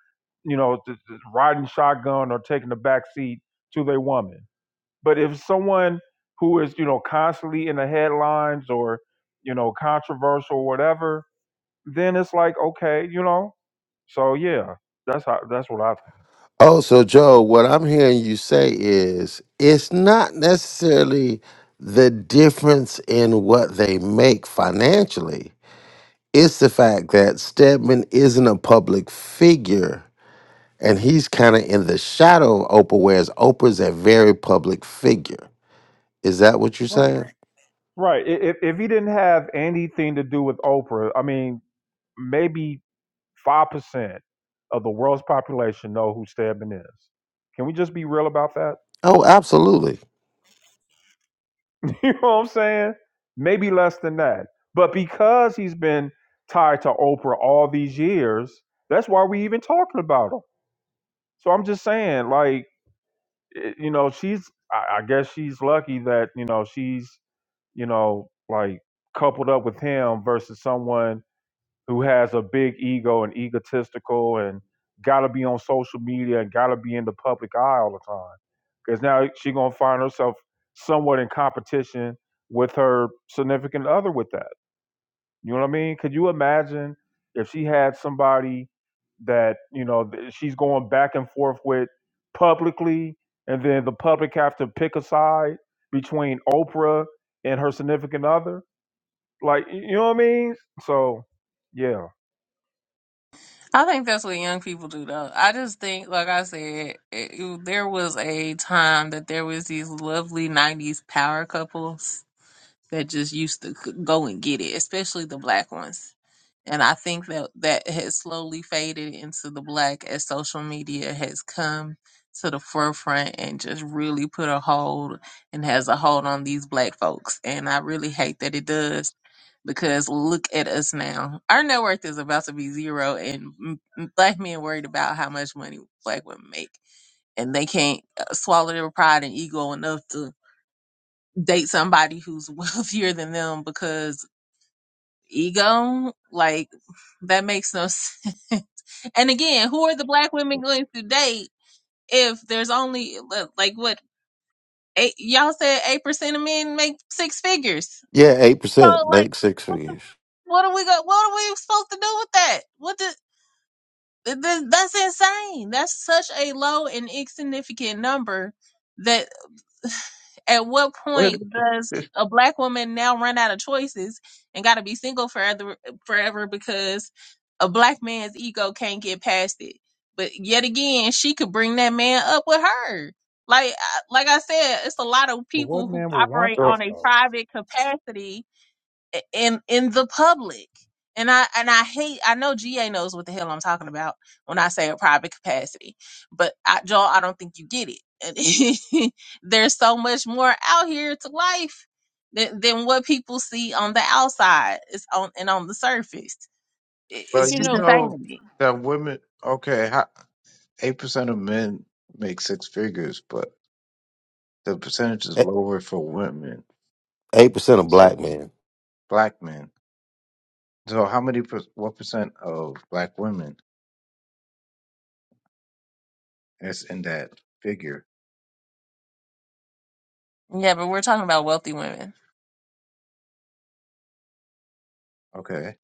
Speaker 1: you know, t- t- riding shotgun or taking the back seat to their woman. But if someone who is, you know, constantly in the headlines or, you know, controversial or whatever, then it's like, okay, you know. So yeah, that's how that's what I think.
Speaker 2: Oh, so Joe, what I'm hearing you say is it's not necessarily the difference in what they make financially. It's the fact that Stedman isn't a public figure and he's kind of in the shadow of Oprah, whereas Oprah's a very public figure. Is that what you're
Speaker 1: Right.
Speaker 2: saying?
Speaker 1: Right. I- If if he didn't have anything to do with Oprah, I mean, maybe five percent of the world's population know who Stedman is. Can we just be real about that?
Speaker 2: Oh, absolutely.
Speaker 1: You know what I'm saying? Maybe less than that. But because he's been tied to Oprah all these years, that's why we even talking about him. So I'm just saying, like, eh, you know, she's, I, I guess she's lucky that, you know, she's, you know, like coupled up with him versus someone who has a big ego and egotistical and got to be on social media and got to be in the public eye all the time because now she going to find herself somewhat in competition with her significant other with that you know what i mean could you imagine if she had somebody that you know th- she's going back and forth with publicly and then the public have to pick a side between oprah and her significant other like y- you know what i mean so yeah
Speaker 4: I think that's what young people do, though. I just think, like I said, it, there was a time that there was these lovely '90s power couples that just used to c- go and get it, especially the black ones. And I think that that has slowly faded into the black as social media has come to the forefront and just really put a hold and has a hold on these black folks. And I really hate that it does because look at us now. Our net worth is about to be zero, and m- m- black men worried about how much money black women make. And they can't uh, swallow their pride and ego enough to date somebody who's wealthier than them because ego, like that makes no sense. And again, who are the black women going to date if there's only li- like what eight, y'all said eight percent of men make six figures?
Speaker 2: Yeah, eight percent
Speaker 4: So like,
Speaker 2: make six
Speaker 4: what the
Speaker 2: figures.
Speaker 4: what are we go? What are we supposed to do with that? What the? Th- th- That's insane. That's such a low and insignificant number that at what
Speaker 8: wait,
Speaker 4: point does a black woman now run out of choices and got to be single forever forever because a black man's ego can't get past it but yet again she could bring that man up with her like I- like i said it's a lot of
Speaker 1: But what
Speaker 4: people who
Speaker 1: man will want
Speaker 4: operate
Speaker 8: so
Speaker 1: that
Speaker 4: on a
Speaker 1: though?
Speaker 4: private capacity in in the public. And I and I hate I know GA knows what the hell I'm talking about when I say a private capacity. But I, Joel, I don't think you get it. And There's so much more out here to life than, than what people see on the outside. It's on and on the surface. It,
Speaker 8: but
Speaker 4: it's
Speaker 6: You
Speaker 8: you
Speaker 4: just
Speaker 6: know.
Speaker 4: insane
Speaker 8: know
Speaker 4: to me.
Speaker 8: that women. Okay, eight percent of men make six figures, but the percentage is lower for women,
Speaker 2: Eight percent of
Speaker 8: so
Speaker 2: black men.
Speaker 8: black men. So how many per, what percent of black women is in that figure?
Speaker 4: Yeah, but we're talking about wealthy women.
Speaker 8: Okay,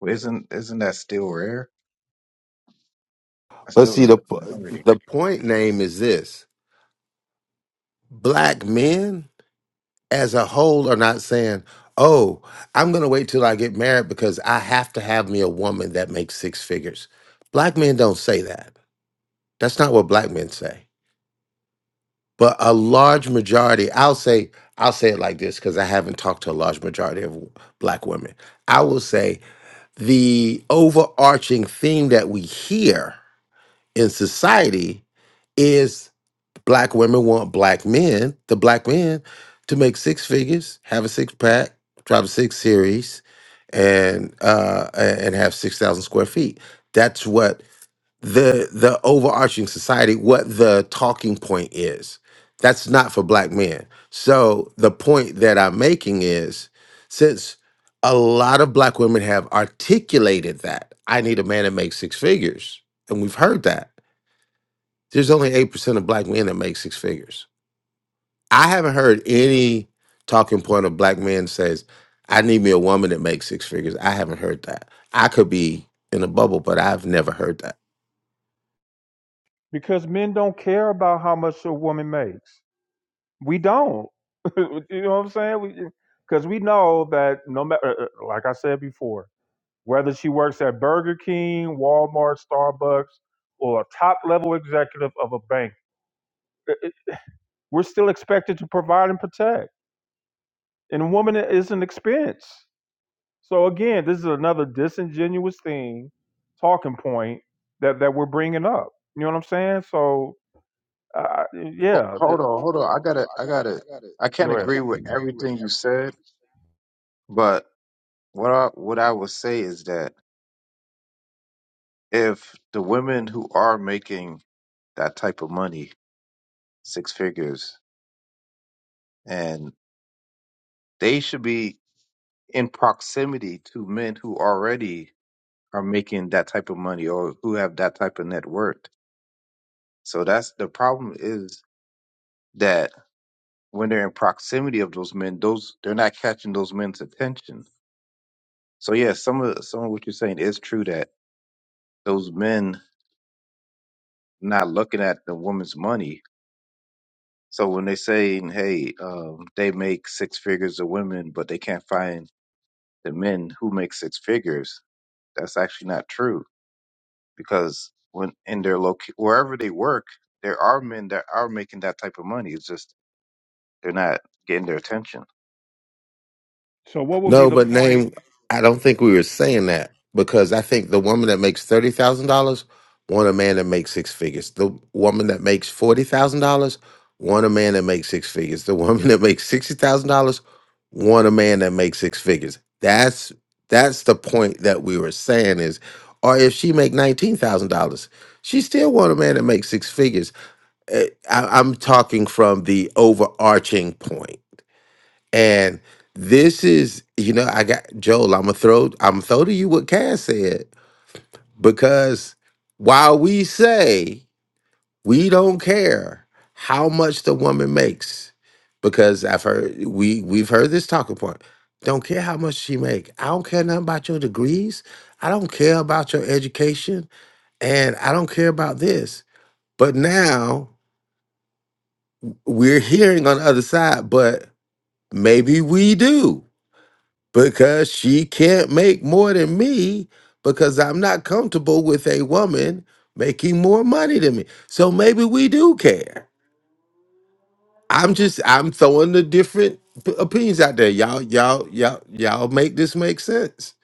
Speaker 8: well, isn't isn't that still rare? That's
Speaker 2: But
Speaker 8: still
Speaker 2: see, the
Speaker 8: a minority.
Speaker 2: the point name is this: black men as a whole are not saying, "Oh, I'm going to wait till I get married because I have to have me a woman that makes six figures." Black men don't say that. That's not what black men say. but a large majority i'll say i'll say it like this because i haven't talked to a large majority of black women i will say the overarching theme that we hear in society is black women want black men the black men to make six figures have a six-pack drive a six series and uh a- and have 6000 square feet that's what the the overarching society what the talking point is that's not for black men so the point that i'm making is since a lot of black women have articulated that i need a man that makes six figures and we've heard that there's only 8% of black men that make six figures i haven't heard any talking point of black men says i need me a woman that makes six figures i haven't heard that i could be in a bubble but i've never heard that
Speaker 1: Because men don't care about how much a woman makes. We don't. you know what I'm saying? Because we, 'cause we know that no matter, like I said before, whether she works at Burger King, Walmart, Starbucks, or a top level executive of a bank, it- it- we're still expected to provide and protect. And a woman is an expense. So again, this is another disingenuous thing, talking point that that we're bringing up. You know what I'm saying? So Uh,
Speaker 8: Ho-
Speaker 1: yeah,
Speaker 8: Hold on, hold on. I gotta, I gotta. I can't
Speaker 1: go ahead.
Speaker 8: agree with everything you
Speaker 1: every
Speaker 8: said, but what I what I would say is that if the women who are making that type of money, six figures, and they should be in proximity to men who already are making that type of money or who have that type of net worth. So that's the problem is that when they're in proximity of those men, those they're not catching those men's attention. So yeah, some of some of what you're saying is true that those men not looking at the woman's money. So when they say, hey, um, they make six figures of women, but they can't find the men who make six figures, that's actually not true because when in their loc wherever they work, there are men that are making that type of money. It's just they're not getting their attention.
Speaker 1: So what would be
Speaker 2: No,
Speaker 1: the
Speaker 2: but
Speaker 1: point?
Speaker 2: name, I don't think we were saying that because I think the woman that makes thirty thousand dollars want a man that makes six figures. The woman that makes forty thousand dollars want a man that makes six figures. The woman that makes sixty thousand dollars want a man that makes six figures. That's that's the point that we were saying is, or if she make nineteen thousand dollars, she still want a man that makes six figures. Eh, I, I'm talking from the overarching point and this is, you know, I got Joel, I'm gonna throw I'm gonna throw to you what Cass said. Because while we say we don't care how much the woman makes, because I've heard we we've heard this talking point. Don't care how much she make. I don't care nothing about your degrees. I don't care about your education. And I don't care about this. But now we're hearing on the other side, but maybe we do. because she can't make more than me because I'm not comfortable with a woman making more money than me. So maybe we do care. I'm just I'm throwing the different p- opinions out there. Y'all y'all y'all y'all make this make sense.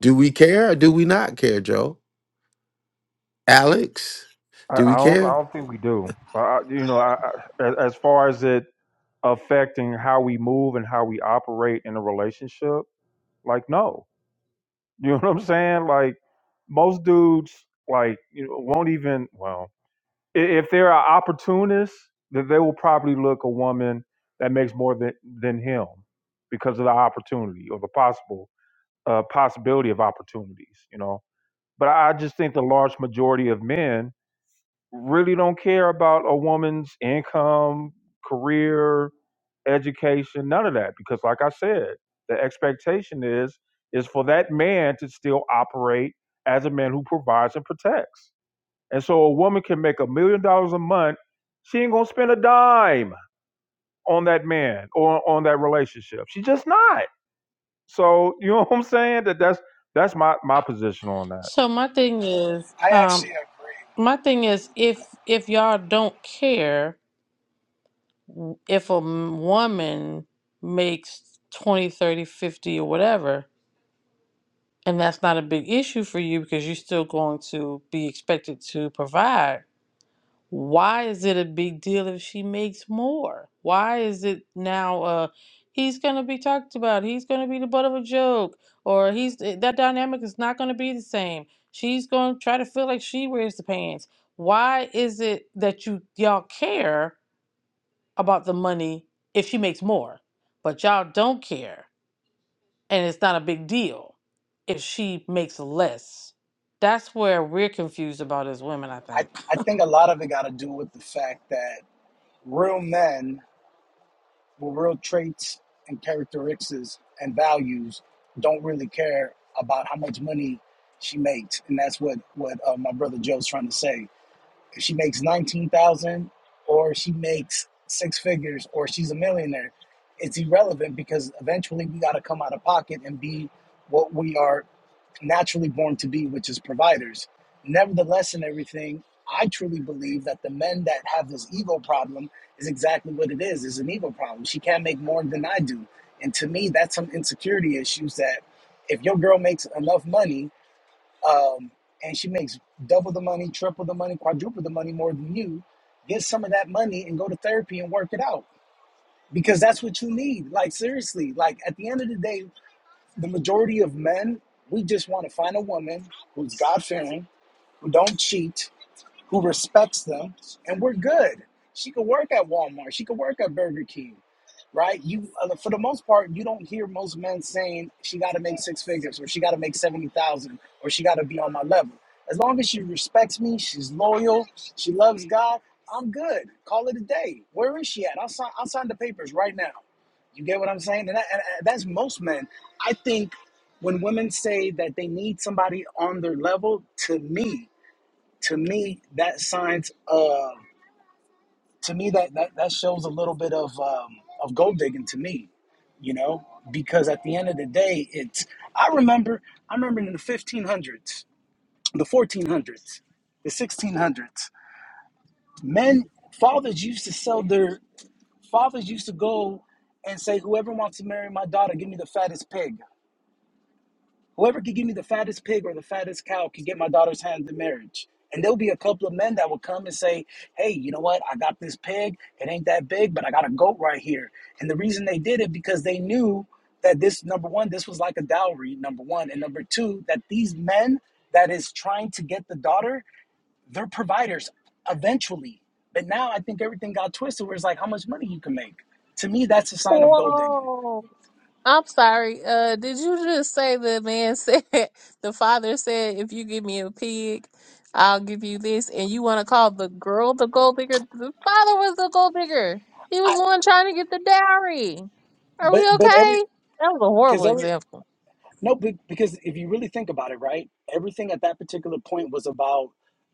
Speaker 2: Do we care or do we not care, Joe? Alex,
Speaker 1: I,
Speaker 2: do we
Speaker 1: I don't. I
Speaker 2: care?
Speaker 1: don't think we do. I, I- you know, I, I, as as far as it affecting how we move and how we operate in a relationship, like no, you know what I'm saying? Like most dudes, like you know, won't even. Well, i- if they're an opportunist, then they will probably look a woman that makes more than than him because of the opportunity or the possible uh, possibility of opportunities. You know, But I I just think the large majority of men really don't care about a woman's income, career, education, none of that. Because like I said, the expectation is is for that man to still operate as a man who provides and protects. And so a woman can make a million dollars a month. She ain't gonna spend a dime on that man or on that relationship. She just not. So you know what I'm saying? That that's that's my my position on that.
Speaker 6: So my thing is,
Speaker 7: I
Speaker 6: um,
Speaker 7: actually agree.
Speaker 6: my thing is, if if y'all don't care, if a m- woman makes 20, 30, 50, or whatever, And that's not a big issue for you because you're still going to be expected to provide. Why is it a big deal if she makes more? Why is it now uh he's going to be talked about, he's going to be the butt of a joke or he's eh, that dynamic is not going to be the same. She's going to try to feel like she wears the pants. Why is it that you y'all care about the money if she makes more, but y'all don't care? and it's not a big deal if she makes less. That's where we're confused about as women, I
Speaker 7: I,
Speaker 6: think.
Speaker 7: I think a lot of it got to do with the fact that real men with real traits and characteristics and values don't really care about how much money she makes, and that's what what uh, my brother Joe's trying to say. If she makes nineteen thousand, dollars or she makes six figures, or she's a millionaire, it's irrelevant because eventually we got to come out of pocket and be what we are naturally born to be, which is providers. Nevertheless, in everything, I truly believe that the men that have this ego problem is exactly what it is. It's an ego problem. She can't make more than I do. And to me, that's some insecurity issues that if your girl makes enough money um, and she makes double the money, triple the money, quadruple the money more than you, get some of that money and go to therapy and work it out because that's what you need. Like, seriously, like at the end of the day, the majority of men, we just want to find a woman who's God fearing, who don't cheat, who respects them, and we're good. She could work at Walmart. She could work at Burger King, right? You, uh, for the most part, you don't hear most men saying she got to make six figures or she got to make seventy thousand or she got to be on my level. As long as she respects me, she's loyal, she loves God. I'm good. Call it a day. Where is she at? I'll sign. I'll sign the papers right now. You get what I'm saying? And, that, and and that's most men. I think when women say that they need somebody on their level, to me, to me that signs uh to me that that, that shows a little bit of um of gold digging to me you know because at the end of the day it's i remember i remember in the 1500s the 1400s the 1600s men fathers used to sell their fathers used to go and say whoever wants to marry my daughter give me the fattest pig Whoever can give me the fattest pig or the fattest cow can get my daughter's hand in marriage. And there'll be a couple of men that will come and say, Hey, you know what? I got this pig. It ain't that big, but I got a goat right here. And the reason they did it because they knew that this number one, this was like a dowry, number one. And number two, that these men that is trying to get the daughter, they're providers eventually. But now I think everything got twisted where it's like how much money you can make. To me, that's a sign of gold digging.
Speaker 4: I'm sorry. Uh, did you just say the man said the father said, "If you give me a pig, I'll give you this," and you want to call the girl the gold digger? The father was the gold digger. He was
Speaker 7: I
Speaker 4: the one trying to get the dowry. Are we
Speaker 7: but but every
Speaker 4: okay? That was a
Speaker 7: because
Speaker 4: horrible
Speaker 7: every
Speaker 4: example.
Speaker 7: No, be- because if you really think about it, right, everything at that particular point was about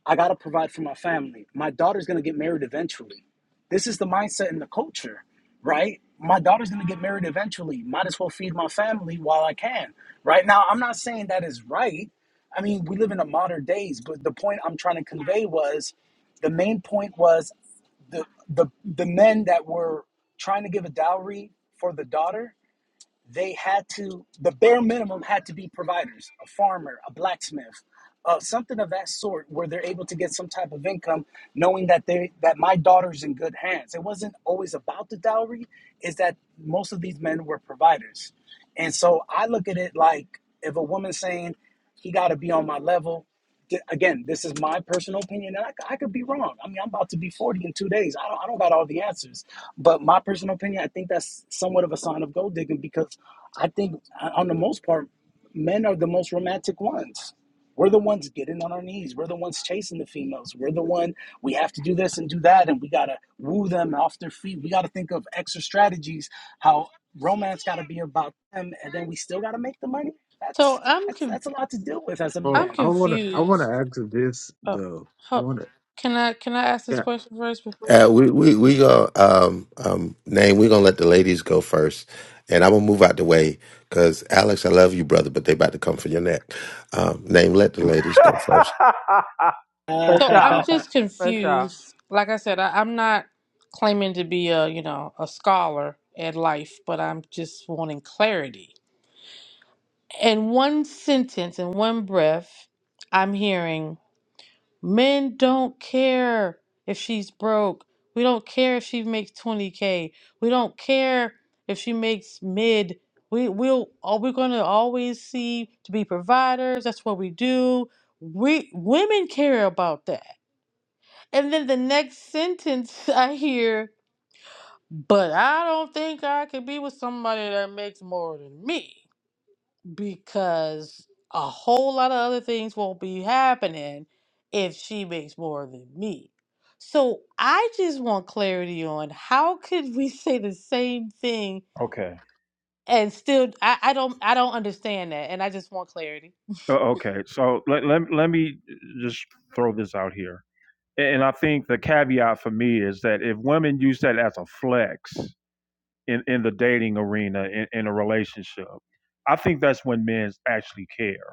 Speaker 7: I got to provide for my family. My daughter's going to get married eventually. This is the mindset and the culture, right? My daughter's going to get married eventually. Might as well feed my family while I can, right? Now, I'm not saying that is right. I mean, we live in the modern days, but the point I'm trying to convey was the main point was the the the men that were trying to give a dowry for the daughter they had to the bare minimum had to be providers a farmer a blacksmith uh, something of that sort where they're able to get some type of income knowing that they that my daughter's in good hands it wasn't always about the dowry is that most of these men were providers and so i look at it like if a woman's saying he got to be on my level th- again, this is my personal opinion, and I, c- I could be wrong. I mean, I'm about to be 40 in two days. I don't, I don't got all the answers, but my personal opinion, I think that's somewhat of a sign of gold digging because I think, uh, on the most part, men are the most romantic ones. We're the ones getting on our knees. We're the ones chasing the females. We're the one we have to do this and do that, and we gotta woo them off their feet. We gotta think of extra strategies. How romance gotta be about them, and then we still gotta make the money.
Speaker 6: So
Speaker 7: That's
Speaker 6: I'm
Speaker 7: that's
Speaker 6: con-
Speaker 7: that's a lot to deal with as a
Speaker 8: Well,
Speaker 6: I'm
Speaker 7: man.
Speaker 8: I wanna I wanna
Speaker 6: confused.
Speaker 8: ask you this
Speaker 6: Oh,
Speaker 8: though. I
Speaker 6: ho-
Speaker 8: wanna
Speaker 6: can I can I ask this
Speaker 8: yeah.
Speaker 6: question first before
Speaker 2: Uh,
Speaker 6: you?
Speaker 2: we we we gonna um um name. We gonna let the ladies go first, and I'm gonna move out the way because Alex, I love you, brother, but they about to come for your neck. Um, name. Let the ladies go first.
Speaker 7: Uh,
Speaker 9: For
Speaker 6: So
Speaker 9: sure.
Speaker 6: I'm just
Speaker 9: For sure.
Speaker 6: confused. Like I said, I, I'm not claiming to be a you know a scholar at life, but I'm just wanting clarity. In one sentence, in one breath, I'm hearing Men don't care if she's broke. We don't care if she makes 20k. We don't care if she makes mid. We we'll are we going to always see to be providers. That's what we do. We women care about that. And then the next sentence I hear, but I don't think I could be with somebody that makes more than me because a whole lot of other things won't be happening if she makes more than me. So I just want clarity on how could we say the same thing
Speaker 1: okay.
Speaker 6: and still I, I don't I don't understand that and I just want clarity.
Speaker 1: O- Okay. So let, let, let me just throw this out here. And I think the caveat for me is that if women use that as a flex in, in the dating arena, in, in a relationship, I think that's when men actually care.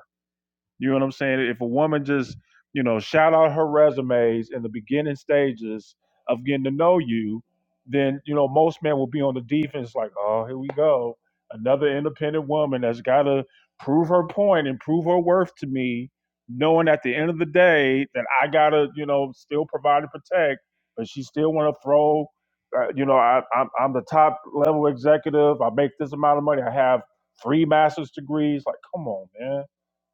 Speaker 1: You know what I'm saying? If a woman just, you know, shout out her resumes in the beginning stages of getting to know you, then, you know, most men will be on the defense like, oh, here we go. Another independent woman that's got to prove her point and prove her worth to me, knowing at the end of the day that I got to, you know, still provide and protect, but she still want to throw, uh, you know, I, I'm, I'm the top level executive. I make this amount of money. I have three master's degrees. Like, come on, man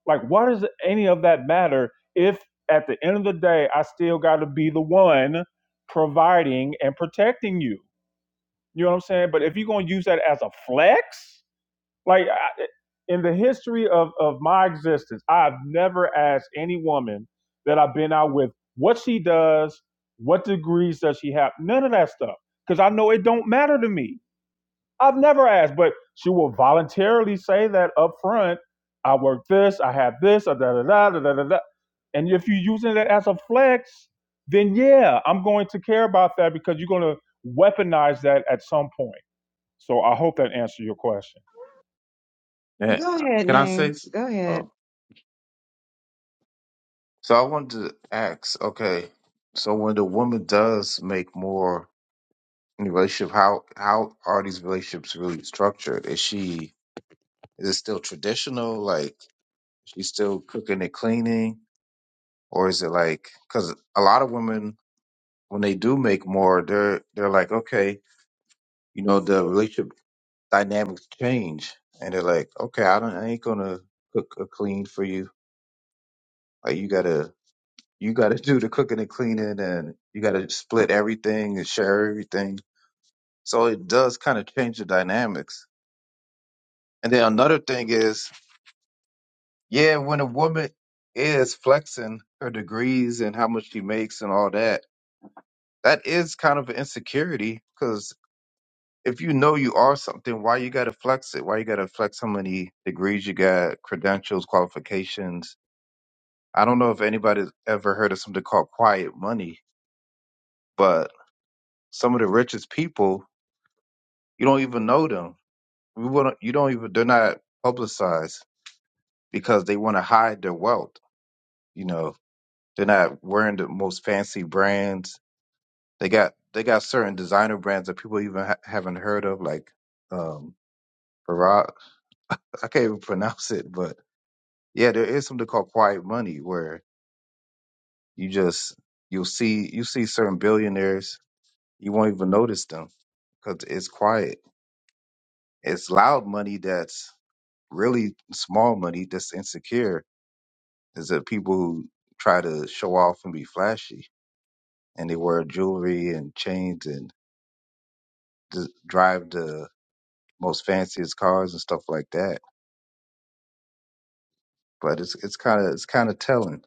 Speaker 1: like, why does any of that matter if at the end of the day, I still got to be the one providing and protecting you? You know what I'm saying? But if you're going to use that as a flex, like I, in the history of, of my existence, I've never asked any woman that I've been out with what she does, what degrees does she have, none of that stuff. Because I know it don't matter to me. I've never asked, but she will voluntarily say that up front. I work this, I have this, uh, da da da da da da. da." And if you're using it as a flex, then yeah, I'm going to care about that because you're going to weaponize that at some point. So I hope that answered your question.
Speaker 8: Yeah.
Speaker 9: Go ahead,
Speaker 8: Can I say?
Speaker 9: name.
Speaker 8: s-
Speaker 9: Go ahead.
Speaker 8: Oh, so I wanted to ask. Okay, so when the woman does make more in the relationship, how how are these relationships really structured? Is she is it still traditional? Like she's still cooking and cleaning, or is it like because a lot of women when they do make more, they're they're like, okay, you know, the relationship dynamics change, and they're like, okay, I don't, I ain't gonna cook or clean for you. Like you gotta, you gotta do the cooking and cleaning, and you gotta split everything and share everything. So it does kind of change the dynamics. And then another thing is, yeah, when a woman is flexing her degrees and how much she makes and all that, that is kind of an insecurity 'cause if you know you are something, why you gotta flex it? Why you gotta flex how many degrees you got, credentials, qualifications? I don't know if anybody's ever heard of something called quiet money, but some of the richest people, you don't even know them. We wouldn't, you don't even, they're not publicized because they want to hide their wealth. You know, they're not wearing the most fancy brands. They got, they got certain designer brands that people even ha- haven't heard of, like, um, Farag. I can't even pronounce it, but yeah, there is something called quiet money where you just you'll see you see certain billionaires, you won't even notice them because it's quiet. It's loud money that's really small money that's insecure. Is the people who try to show off and be flashy and they wear jewelry and chains and just drive the most fanciest cars and stuff like that. But it's it's kind of it's kind of telling.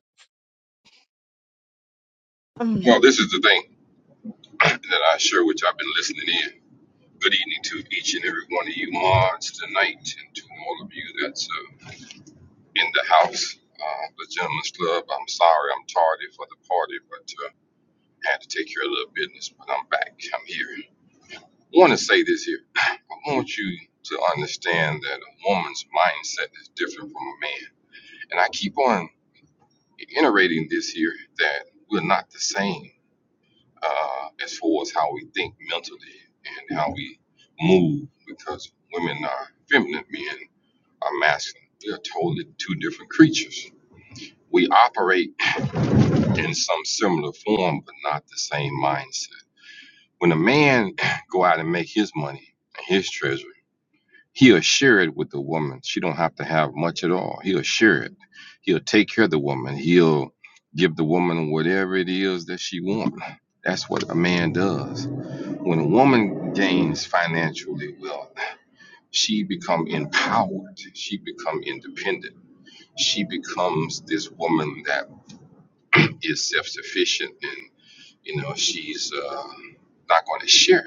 Speaker 9: Mm.
Speaker 10: Well, this is the thing that I share, which I've been listening in. Good evening to each and every one of you mods tonight, and to all of you that's uh, in the house. Uh, the Gentlemen's Club, I'm sorry I'm tardy for the party, but uh, had to take care of a little business, but I'm back. I'm here. I want to say this here. I want you to understand that a woman's mindset is different from a man. And I keep on iterating this here that we're not the same uh, as far as how we think mentally and how we move because women are feminine, men are masculine. We are totally two different creatures. We operate in some similar form, but not the same mindset. When a man go out and make his money and his treasure, he'll share it with the woman. She don't have to have much at all. He'll share it. He'll take care of the woman. He'll give the woman whatever it is that she wants. That's what a man does When a woman gains financially wealth, she become empowered. She become independent. She becomes this woman that is self-sufficient, and you know she's uh, not going to share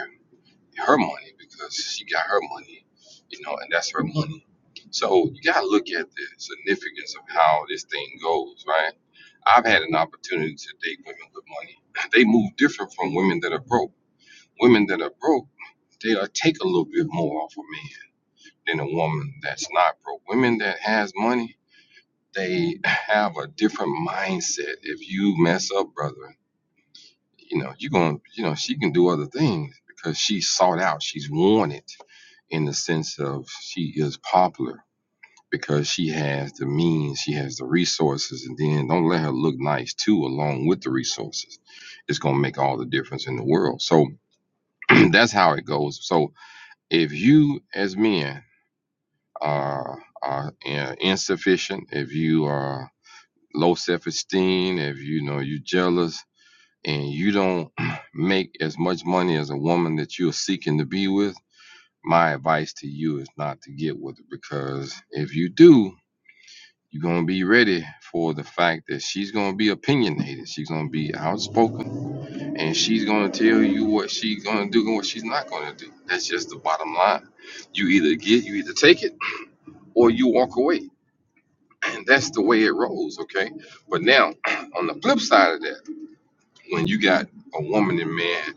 Speaker 10: her money because she got her money, you know, and that's her money. So you got to look at the significance of how this thing goes, right? I've had an opportunity to date women with money. They move different from women that are broke Women that are broke, they will take a little bit more off a man than a woman that's not broke. Women that has money, they have a different mindset. If you mess up, brother, you know, you going to, you know, she can do other things because she's sought out. She's wanted in the sense of she is popular because she has the means, she has the resources. And then don't let her look nice too, along with the resources. It's going to make all the difference in the world. So that's how it goes. So, if you as men are are uh, insufficient, if you are low self esteem, if you know you are jealous and you don't make as much money as a woman that you're seeking to be with, my advice to you is not to get with her because if you do, you're gonna be ready for the fact that she's gonna be opinionated, she's gonna be outspoken, and she's gonna tell you what she's gonna do and what she's not gonna do. That's just the bottom line. You either get, you either take it or you walk away. And that's the way it rolls, okay? But now, on the flip side of that, when you got a woman and man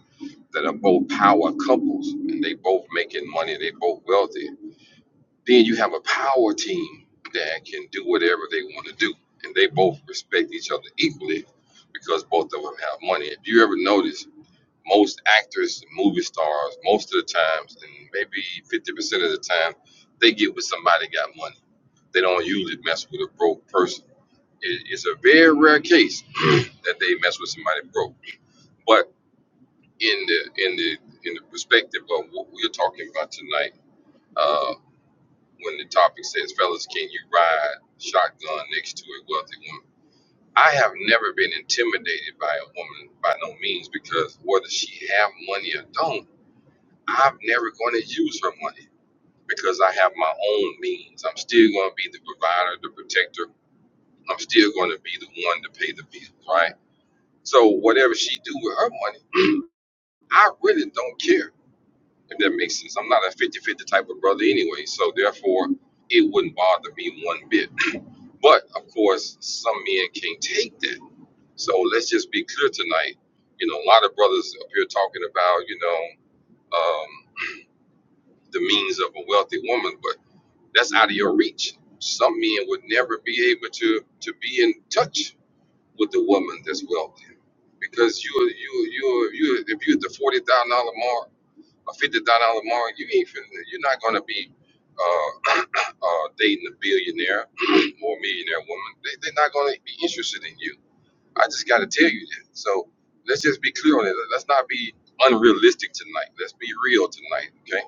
Speaker 10: that are both power couples and they both making money, they both wealthy, then you have a power team that can do whatever they want to do. And they both respect each other equally because both of them have money. If you ever notice, most actors, movie stars, most of the times, and maybe 50% of the time, they get with somebody got money. They don't usually mess with a broke person It, it's a very rare case that they mess with somebody broke. But in the in the in the perspective of what we're talking about tonight, uh, when the topic says, "Fellas, can you ride shotgun next to a wealthy woman?" I have never been intimidated by a woman by no means because whether she have money or don't, I'm never going to use her money because I have my own means. I'm still going to be the provider, the protector. I'm still going to be the one to pay the bill, right? So whatever she do with her money, I really don't care if that makes sense. I'm not a fifty-fifty type of brother anyway, so therefore it wouldn't bother me one bit. But of course, some men can't take that. So let's just be clear tonight. You know, a lot of brothers up here talking about, you know, um, the means of a wealthy woman, but that's out of your reach. Some men would never be able to to be in touch with the woman that's wealthy, because you you you you if you're at the forty thousand dollar mark or fifty thousand dollar mark, you ain't finna, you're not gonna be uh, uh, dating a billionaire or millionaire woman. They, they're not gonna be interested in you. I just gotta tell you that. So let's just be clear on it. Let's not be unrealistic tonight. Let's be real tonight. Okay?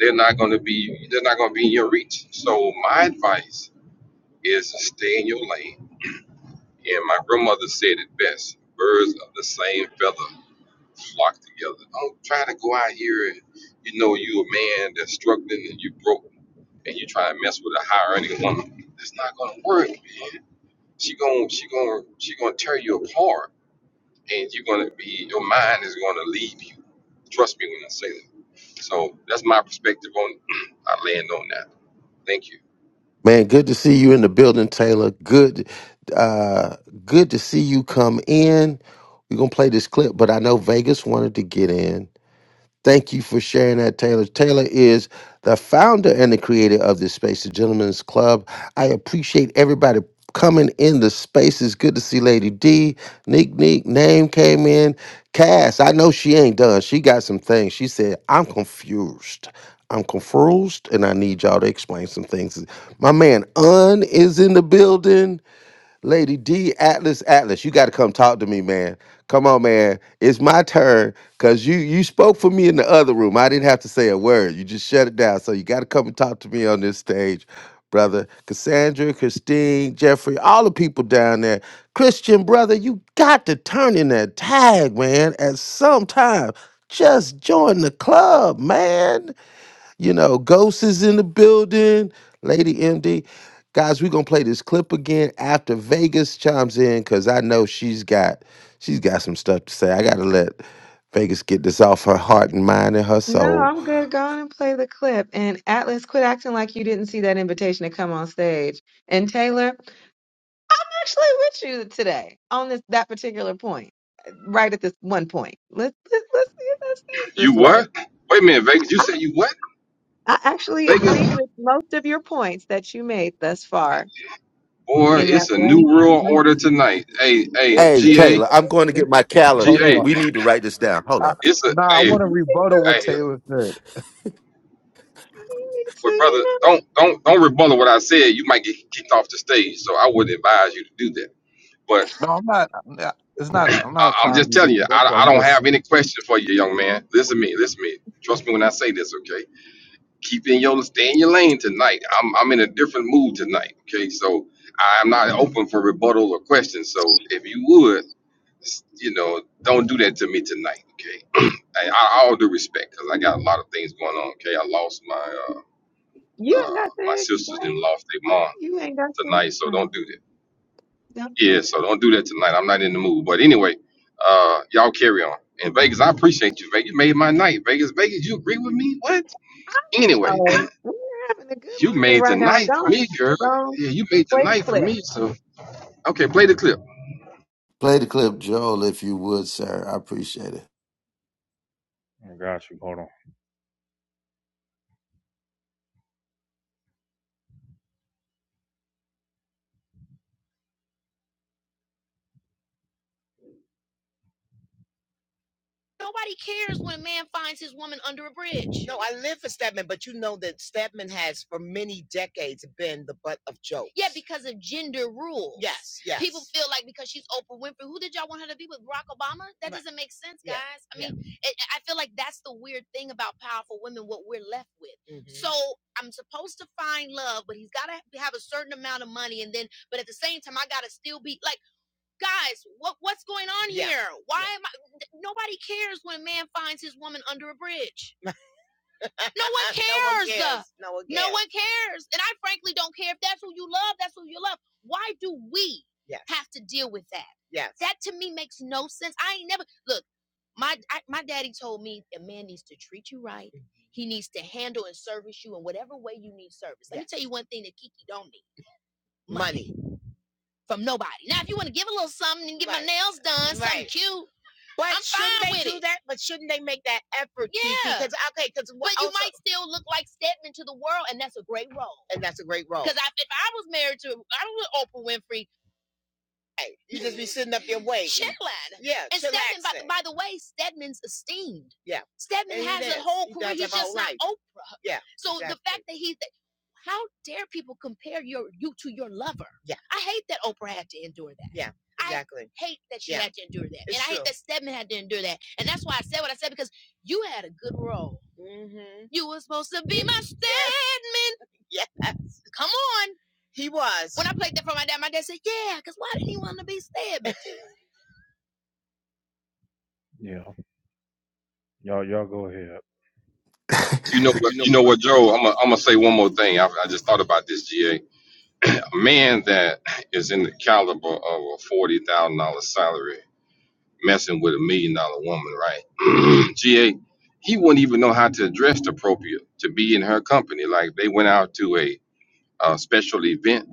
Speaker 10: They're not gonna be they're not gonna be in your reach. So my advice is stay in your lane and my grandmother said it best birds of the same feather flock together. Don't try to go out here and you know you a man that's struggling and you broke and you try to mess with a higher earning woman. That's not gonna work. She gonna she gonna she gonna tear you apart and you're gonna be your mind is gonna leave you. Trust me when I say that. So that's my perspective on I land on that. Thank you.
Speaker 2: Man, good to see you in the building, Taylor. Good, uh, good to see you come in. We're gonna play this clip, but I know Vegas wanted to get in. Thank you for sharing that, Taylor. Taylor is the founder and the creator of this space, the Gentlemen's Club. I appreciate everybody coming in the space. It's good to see Lady D. Neek Neek name came in. Cass, I know she ain't done. She got some things. She said, I'm confused. I'm confused, and I need y'all to explain some things. My man Un is in the building. Lady D Atlas Atlas, you got to come talk to me, man. Come on, man. It's my turn cuz you you spoke for me in the other room. I didn't have to say a word. You just shut it down. So you got to come and talk to me on this stage, brother. Cassandra, Christine, Jeffrey, all the people down there. Christian brother, you got to turn in that tag, man, at some time. Just join the club, man. You know, Ghost is in the building, Lady MD. Guys, we're gonna play this clip again after Vegas chimes in because I know she's got she's got some stuff to say. I gotta let Vegas get this off her heart and mind and her
Speaker 9: No,
Speaker 2: soul.
Speaker 9: I'm good. Go on and play the clip. And Atlas, quit acting like you didn't see that invitation to come on stage. And Taylor, I'm actually with you today on this that particular point. Right at this one point. Let's let's, let's see if that stays
Speaker 10: You
Speaker 9: this way.
Speaker 10: what? Wait a minute, Vegas, you said you what?
Speaker 9: I actually
Speaker 10: Vegas?
Speaker 9: agreed with most of your points that you made thus far
Speaker 10: Boy,
Speaker 9: in that
Speaker 10: it's a new
Speaker 9: one
Speaker 10: world
Speaker 9: moment.
Speaker 10: order tonight. Hey, hey,
Speaker 9: It,
Speaker 2: Hey
Speaker 10: G
Speaker 9: it
Speaker 10: A,
Speaker 2: Taylor, I'm going to
Speaker 9: might
Speaker 2: get
Speaker 9: be.
Speaker 2: my
Speaker 10: G
Speaker 8: Hold
Speaker 2: calendar.
Speaker 10: A.
Speaker 8: on,
Speaker 2: We need to write this down. Hold
Speaker 8: I,
Speaker 2: up.
Speaker 10: it's a
Speaker 8: nah, I
Speaker 10: hey,
Speaker 8: want to
Speaker 9: You think the
Speaker 8: rebuttal what
Speaker 9: right
Speaker 10: hey,
Speaker 8: Taylor said.
Speaker 9: thing, so
Speaker 10: but brother,
Speaker 9: you
Speaker 10: don't don't don't rebuttal what I said. You might get kicked off the stage, so I wouldn't advise you to do that. But
Speaker 8: No, I'm not. I'm not- It's not. I'm not
Speaker 10: I, I'm
Speaker 8: trying
Speaker 10: just
Speaker 8: to be
Speaker 10: telling you,
Speaker 8: disrespectful.
Speaker 10: I,
Speaker 8: I'm
Speaker 10: I don't
Speaker 8: just.
Speaker 10: have any question for you, young man. Listen to me, listen to me. Trust me when I say this, okay? Keep in your stay in your lane tonight. I'm I'm in a different mood tonight, okay? So I'm not
Speaker 9: know.
Speaker 10: open for rebuttal or questions. So if you would. It's- you know, don't do that to me tonight, okay? I, I, all due respect, cause I got a lot of things going on, okay? I lost my uh,
Speaker 9: You ain't
Speaker 10: uh
Speaker 9: got
Speaker 10: my
Speaker 9: to
Speaker 10: sisters and
Speaker 9: explain.
Speaker 10: lost their mom
Speaker 9: You ain't got to
Speaker 10: tonight, so don't
Speaker 9: explain.
Speaker 10: do that.
Speaker 9: Don't,
Speaker 10: Yeah, so don't do that tonight. I'm not in the mood. But anyway, uh, y'all carry on. And Vegas, I
Speaker 9: no,
Speaker 10: appreciate you. Vegas made my night. Vegas, Vegas, you agree with me? What? Anyway,
Speaker 9: we're having a good
Speaker 10: you
Speaker 9: moment
Speaker 10: made the
Speaker 9: right now.
Speaker 10: night for
Speaker 9: Don't,
Speaker 10: me, girl.
Speaker 9: don't
Speaker 10: Yeah, you made the
Speaker 9: play the
Speaker 10: night for
Speaker 9: clip.
Speaker 10: me. So okay, play the clip.
Speaker 2: Play the clip, Joel, if you would, sir. I appreciate
Speaker 1: I got you. Hold on. Yeah. Y'all, y'all go ahead.
Speaker 10: You
Speaker 2: it.
Speaker 10: know what? You know what, Joe? I'm gonna I'm gonna say one more thing. I, I just thought about this, GA A man that is in the caliber of a forty thousand dollar salary messing with a million dollar woman, right? GA, he wouldn't even know how to address the appropriate to be in her company. Like they went out to a, uh special event,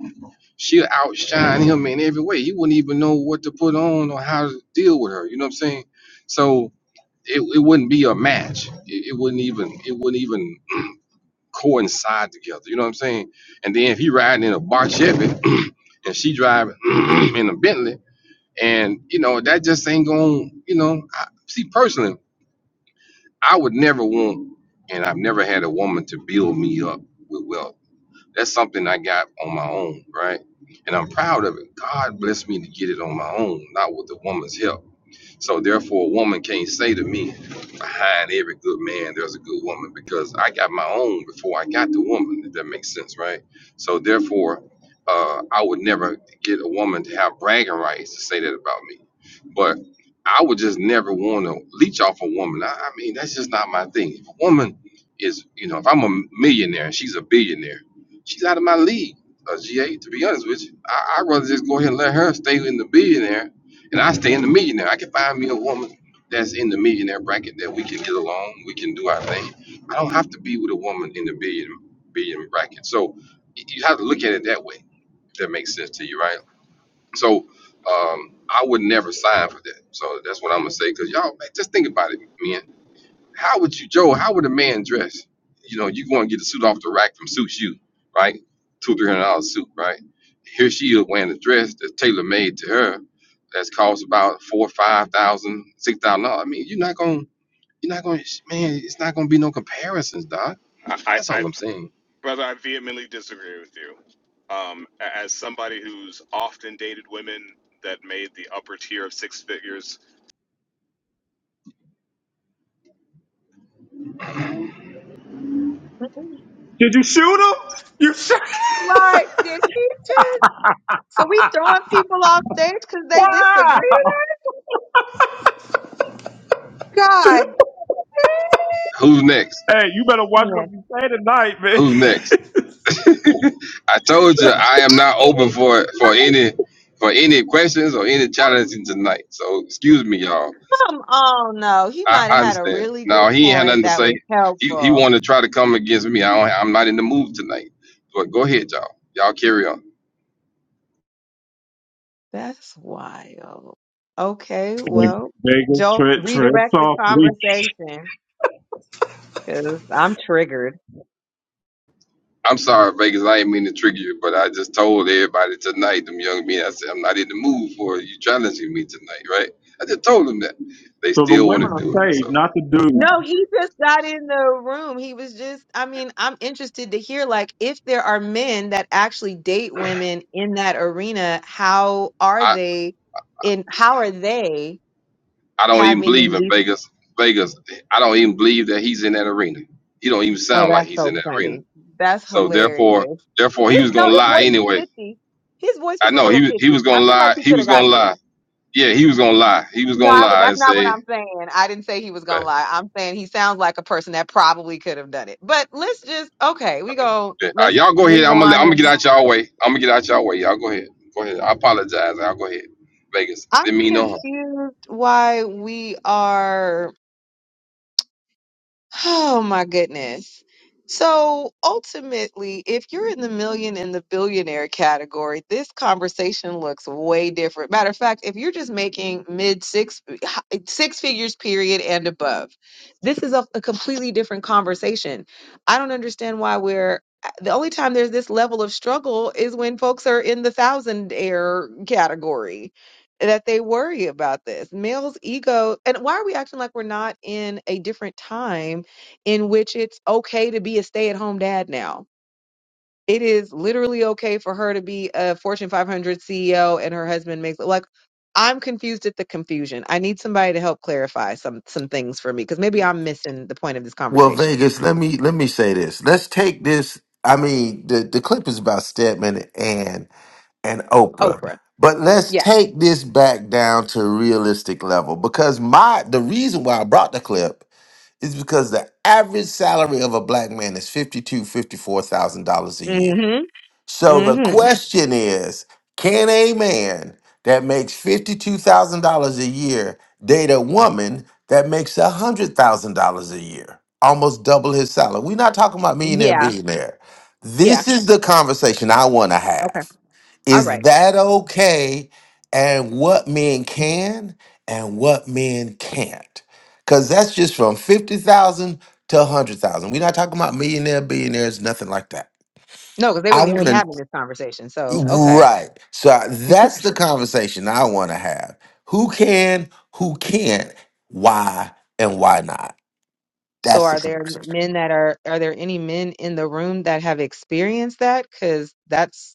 Speaker 10: she'll outshine him in every way. He wouldn't even know what to put on or how to deal with her. You know what I'm saying? So it, it wouldn't be a match. It, it wouldn't even it wouldn't even coincide together. You know what I'm saying? And then if he riding in a bar Chevy and she driving in a Bentley, and you know that just ain't going. You know, I, see personally, I would never want, and I've never had a woman to build me up with wealth. That's something I got on my own, right? And I'm proud of it. God blessed me to get it on my own, not with a woman's help. So therefore, a woman can't say to me, behind every good man, there's a good woman, because I got my own before I got the woman. If that makes sense, right? So therefore, uh, I would never get a woman to have bragging rights to say that about me. But I would just never want to leech off a woman. I, I mean, that's just not my thing. If a woman is, you know, if I'm a millionaire and she's a billionaire, she's out of my league. Uh, GA, to be honest with you, I, I'd rather just go ahead and let her stay in the billionaire and I stay in the millionaire. I can find me a woman that's in the millionaire bracket that we can get along. We can do our thing. I don't have to be with a woman in the billion billion bracket. So y- you have to look at it that way. If that makes sense to you, right? So um, I would never sign for that. So that's what I'm gonna say. Cause y'all man, just think about it, man. How would you, Joe? How would a man dress? You know, you going to get a suit off the rack from Suit You, right? Two, three hundred dollar suit, right? Here she is wearing a dress that's tailor made to her. That's cost about four, five thousand, six thousand dollars. I mean, you're not going, to you're not going, to man. It's not going to be no comparisons, doc.
Speaker 11: I,
Speaker 10: That's all
Speaker 11: I,
Speaker 10: I'm saying.
Speaker 11: brother, I vehemently disagree with you. Um, a- as somebody who's often dated women that made the upper tier of six figures
Speaker 9: Mhm.
Speaker 1: Did you?
Speaker 9: Right? Did she just? So we throwing people off stage because they disagree
Speaker 1: Wow!
Speaker 9: to that? God
Speaker 10: Who's next?
Speaker 1: Hey, you better watch
Speaker 9: dang!
Speaker 1: what you say tonight,
Speaker 10: Who's
Speaker 1: man.
Speaker 10: next? I told you I am
Speaker 9: I
Speaker 10: not open
Speaker 9: mean, but
Speaker 10: for for
Speaker 9: like,
Speaker 10: any for any questions or any
Speaker 9: that's
Speaker 10: challenges tonight. So excuse me, y'all.
Speaker 9: some. Oh no, he
Speaker 10: I,
Speaker 9: might have
Speaker 10: I
Speaker 9: had a
Speaker 10: understand.
Speaker 9: really good
Speaker 10: No, he ain't had
Speaker 9: point
Speaker 10: nothing to
Speaker 9: that
Speaker 10: say.
Speaker 9: was
Speaker 10: He he
Speaker 9: helpful.
Speaker 10: wanted to try to come against me. I don't, I'm not in the mood tonight. But go ahead, y'all. Y'all carry on.
Speaker 9: That's wild. Okay, well,
Speaker 1: Vegas,
Speaker 9: Joel,
Speaker 1: tread, tread
Speaker 9: redirect the
Speaker 1: softly.
Speaker 9: conversation because I'm triggered.
Speaker 10: I'm sorry, Vegas. I ain't mean to trigger you, but I just told everybody tonight, them young men. I said I'm not in the mood for you challenging me tonight, right? I just told them that. They
Speaker 1: So the
Speaker 10: still want to
Speaker 1: women are
Speaker 10: do it.
Speaker 1: saved,
Speaker 10: So
Speaker 1: not the dudes.
Speaker 9: No, he just got in the room. He was just, I mean, I'm interested to hear like if there are men that actually date women in that arena, how are
Speaker 10: I
Speaker 9: they in how are they
Speaker 10: I don't even believe
Speaker 9: having
Speaker 10: in
Speaker 9: these
Speaker 10: Vegas. Vegas. I don't even believe that he's in that arena. He don't even
Speaker 9: Oh,
Speaker 10: sound like
Speaker 9: that's
Speaker 10: he's in
Speaker 9: so
Speaker 10: that arena.
Speaker 9: funny. That's
Speaker 10: So therefore,
Speaker 9: hilarious.
Speaker 10: therefore,
Speaker 9: His
Speaker 10: he was
Speaker 9: no,
Speaker 10: gonna
Speaker 9: his
Speaker 10: lie
Speaker 9: voice was
Speaker 10: anyway
Speaker 9: pitchy. His voice
Speaker 10: I
Speaker 9: was a
Speaker 10: know he
Speaker 9: little
Speaker 10: was he was
Speaker 9: pitchy.
Speaker 10: gonna
Speaker 9: I feel like
Speaker 10: lie.
Speaker 9: he
Speaker 10: He
Speaker 9: could
Speaker 10: was
Speaker 9: have
Speaker 10: gonna
Speaker 9: got
Speaker 10: lie.
Speaker 9: there.
Speaker 10: Yeah, he was gonna lie. He was
Speaker 9: No,
Speaker 10: gonna
Speaker 9: I would,
Speaker 10: lie
Speaker 9: that's
Speaker 10: and
Speaker 9: not what
Speaker 10: say,
Speaker 9: I'm saying. I didn't say he was gonna
Speaker 10: but
Speaker 9: lie. I'm saying he sounds like a person that probably could have done it. But let's just okay, we
Speaker 10: okay.
Speaker 9: go.
Speaker 10: Yeah. All right,
Speaker 9: Let's
Speaker 10: y'all go ahead.
Speaker 9: move
Speaker 10: I'm gonna I'm gonna get
Speaker 9: on.
Speaker 10: out y'all way. I'm gonna get out y'all way. Y'all go ahead. Go ahead. I apologize. I'll go ahead. Vegas.
Speaker 9: I'm
Speaker 10: Didn't mean no
Speaker 9: confused why we are. Oh my goodness. So ultimately, if you're in the million and the billionaire category, this conversation looks way different. Matter of fact, if you're just making mid six six figures period and above, this is a, a completely different conversation. I don't understand why we're uh, the only time there's this level of struggle is when folks are in the thousand air category that they worry about this. Males ego and why are we acting like we're not in a different time? in which it's okay to be a stay at home dad now. It is literally okay for her to be a Fortune 500 CEO and her husband makes like I'm confused at the confusion. I need somebody to help clarify some some things for me because maybe I'm missing the point of this
Speaker 2: well,
Speaker 9: conversation.
Speaker 2: Vegas, let me let me say this. Let's take this. I mean, the the clip is about Stedman and and Oprah.
Speaker 9: Oprah.
Speaker 2: But let's
Speaker 9: Yeah.
Speaker 2: take this back down to a realistic level because my the reason why I brought the clip is because the average salary of a black man is fifty two, fifty four thousand dollars a year.
Speaker 9: Mm-hmm.
Speaker 2: So the
Speaker 9: Mm-hmm.
Speaker 2: question is, can a man that makes $52,000 a year date a woman that makes $100,000 a year? Almost double his salary. We're not talking about millionaire,
Speaker 9: Yeah.
Speaker 2: billionaire.
Speaker 9: Yeah.
Speaker 2: This is the conversation I want to
Speaker 9: Okay.
Speaker 2: have.
Speaker 9: All
Speaker 2: Is
Speaker 9: right.
Speaker 2: that okay? And what men can and what men can't? Because that's just from 50,000 to 100,000. We're not talking about millionaire, billionaires, nothing like that.
Speaker 9: No, because they
Speaker 2: I
Speaker 9: wouldn't even
Speaker 2: want
Speaker 9: be
Speaker 2: to.
Speaker 9: having this conversation. So okay.
Speaker 2: Right. So I- that's the conversation I want to have. Who can, who can't, why, and why not?
Speaker 9: So
Speaker 2: That's the
Speaker 9: are there
Speaker 2: conversation.
Speaker 9: men that are are there any men in the room that have experienced that? Because that's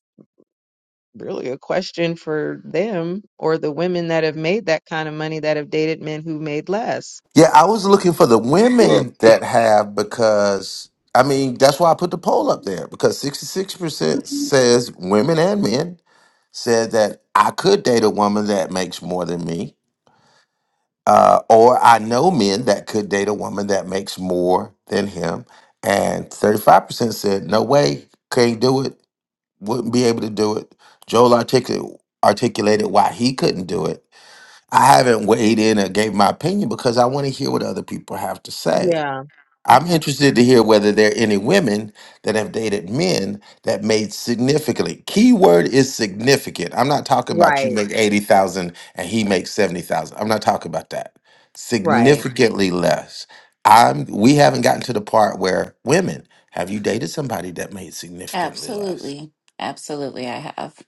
Speaker 9: really a question for them or the women that have made that kind of money that have dated men who made less.
Speaker 2: Yeah, I was looking for the
Speaker 10: harm.
Speaker 2: women that have because, I mean, that's why I put the poll up there because 66% says women and men said that I could date a woman that makes more than me. Uh, or I know men that could date a woman that makes more than him. And 35% said, no way, can't do it. wouldn't be able to do it. Joel articul- articulated why he couldn't do it. I haven't weighed in or gave my opinion because I want to hear what other people have to say.
Speaker 9: Yeah.
Speaker 2: I'm
Speaker 9: Okay.
Speaker 2: interested to hear whether there are any women that have dated men that made significantly. Key word is significant. I'm not talking about you
Speaker 9: Right.
Speaker 2: make 80,000 and he makes 70,000. I'm not talking about that.
Speaker 9: Right.
Speaker 2: Significantly less. I'm we haven't gotten to the part where women, have you dated somebody that made significantly less?
Speaker 12: Absolutely. Absolutely, I have.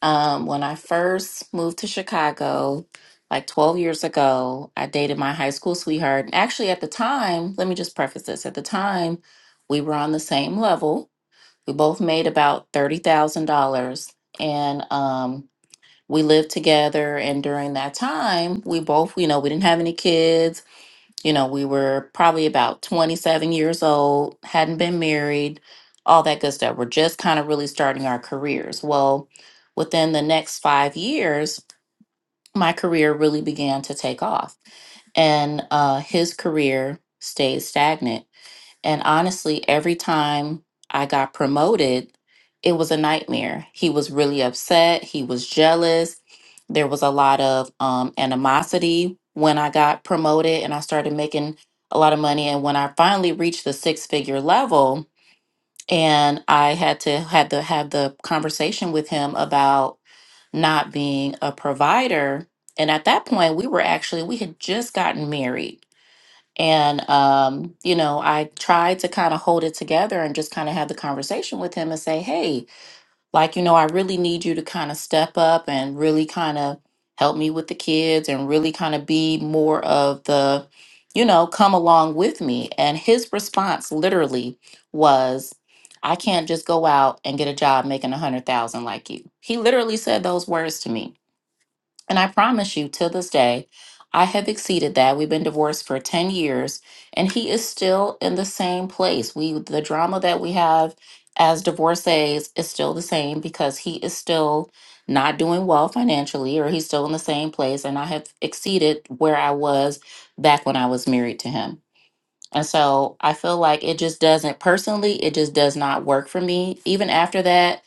Speaker 12: Um, when I first moved to Chicago, like 12 years ago, I dated my high school sweetheart. And Actually, at the time, let me just preface this. At the time, we were on the same level. We both made about $30,000 and um, we lived together. And during that time, we both, you know, we didn't have any kids. You know, we were probably about 27 years old, hadn't been married, all that good stuff. We're just kind of really starting our careers. Well, within the next five years, my career really began to take off, and uh, his career stayed stagnant and honestly, every time I got promoted, it was a nightmare. He was really upset. He was jealous. There was a lot of um, animosity when I got promoted and I started making a lot of money. And when I finally reached the six figure level, and I had to had to have the conversation with him about not being a provider. And at that point, we were actually we had just gotten married and, um, you know, I tried to kind of hold it together and just kind of have the conversation with him and say, hey, like, you know, I really need you to kind of step up and really kind of help me with the kids and really kind of be more of the, you know, come along with me. And his response literally was, I can't just go out and get a job making a hundred thousand like you. He literally said those words to me. And I promise you, to this day, I have exceeded that. We've been divorced for 10 years, and he is still in the same place. We the drama that we have as divorcees is still the same because he is still not doing well financially, or he's still in the same place. And I have exceeded where I was back when I was married to him. And so I feel like it just doesn't personally, it just does not work for me. Even after that,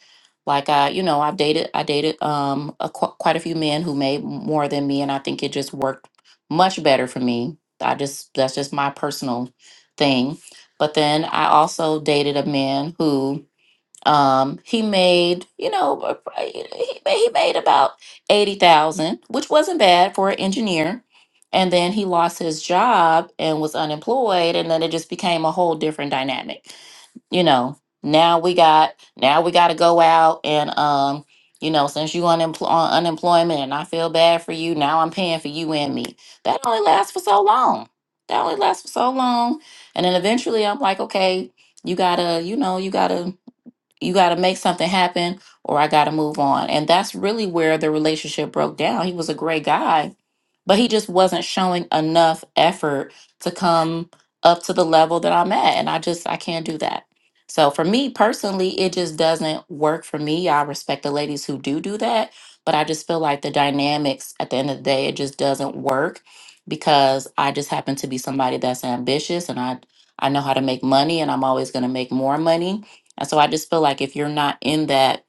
Speaker 12: like I, you know, I've dated, I dated um a, qu- quite a few men who made more than me, and I think it just worked much better for me. I just that's just my personal thing. But then I also dated a man who um, he made, you know, a- a- he ma- he made about eighty thousand, which wasn't bad for an engineer. And then he lost his job and was unemployed, and then it just became a whole different dynamic. You know, now we got now we got to go out and um, you know, since you unempl- on unemployment, and I feel bad for you. Now I'm paying for you and me. That only lasts for so long. That only lasts for so long, and then eventually I'm like, okay, you gotta, you know, you gotta you got to make something happen or I got to move on. And that's really where the relationship broke down. He was a great guy, but he just wasn't showing enough effort to come up to the level that I'm at. And I just, I can't do that. So for me personally, it just doesn't work for me. I respect the ladies who do do that, but I just feel like the dynamics at the end of the day, it just doesn't work because I just happen to be somebody that's ambitious and I, I know how to make money and I'm always going to make more money and so I just feel like if you're not in that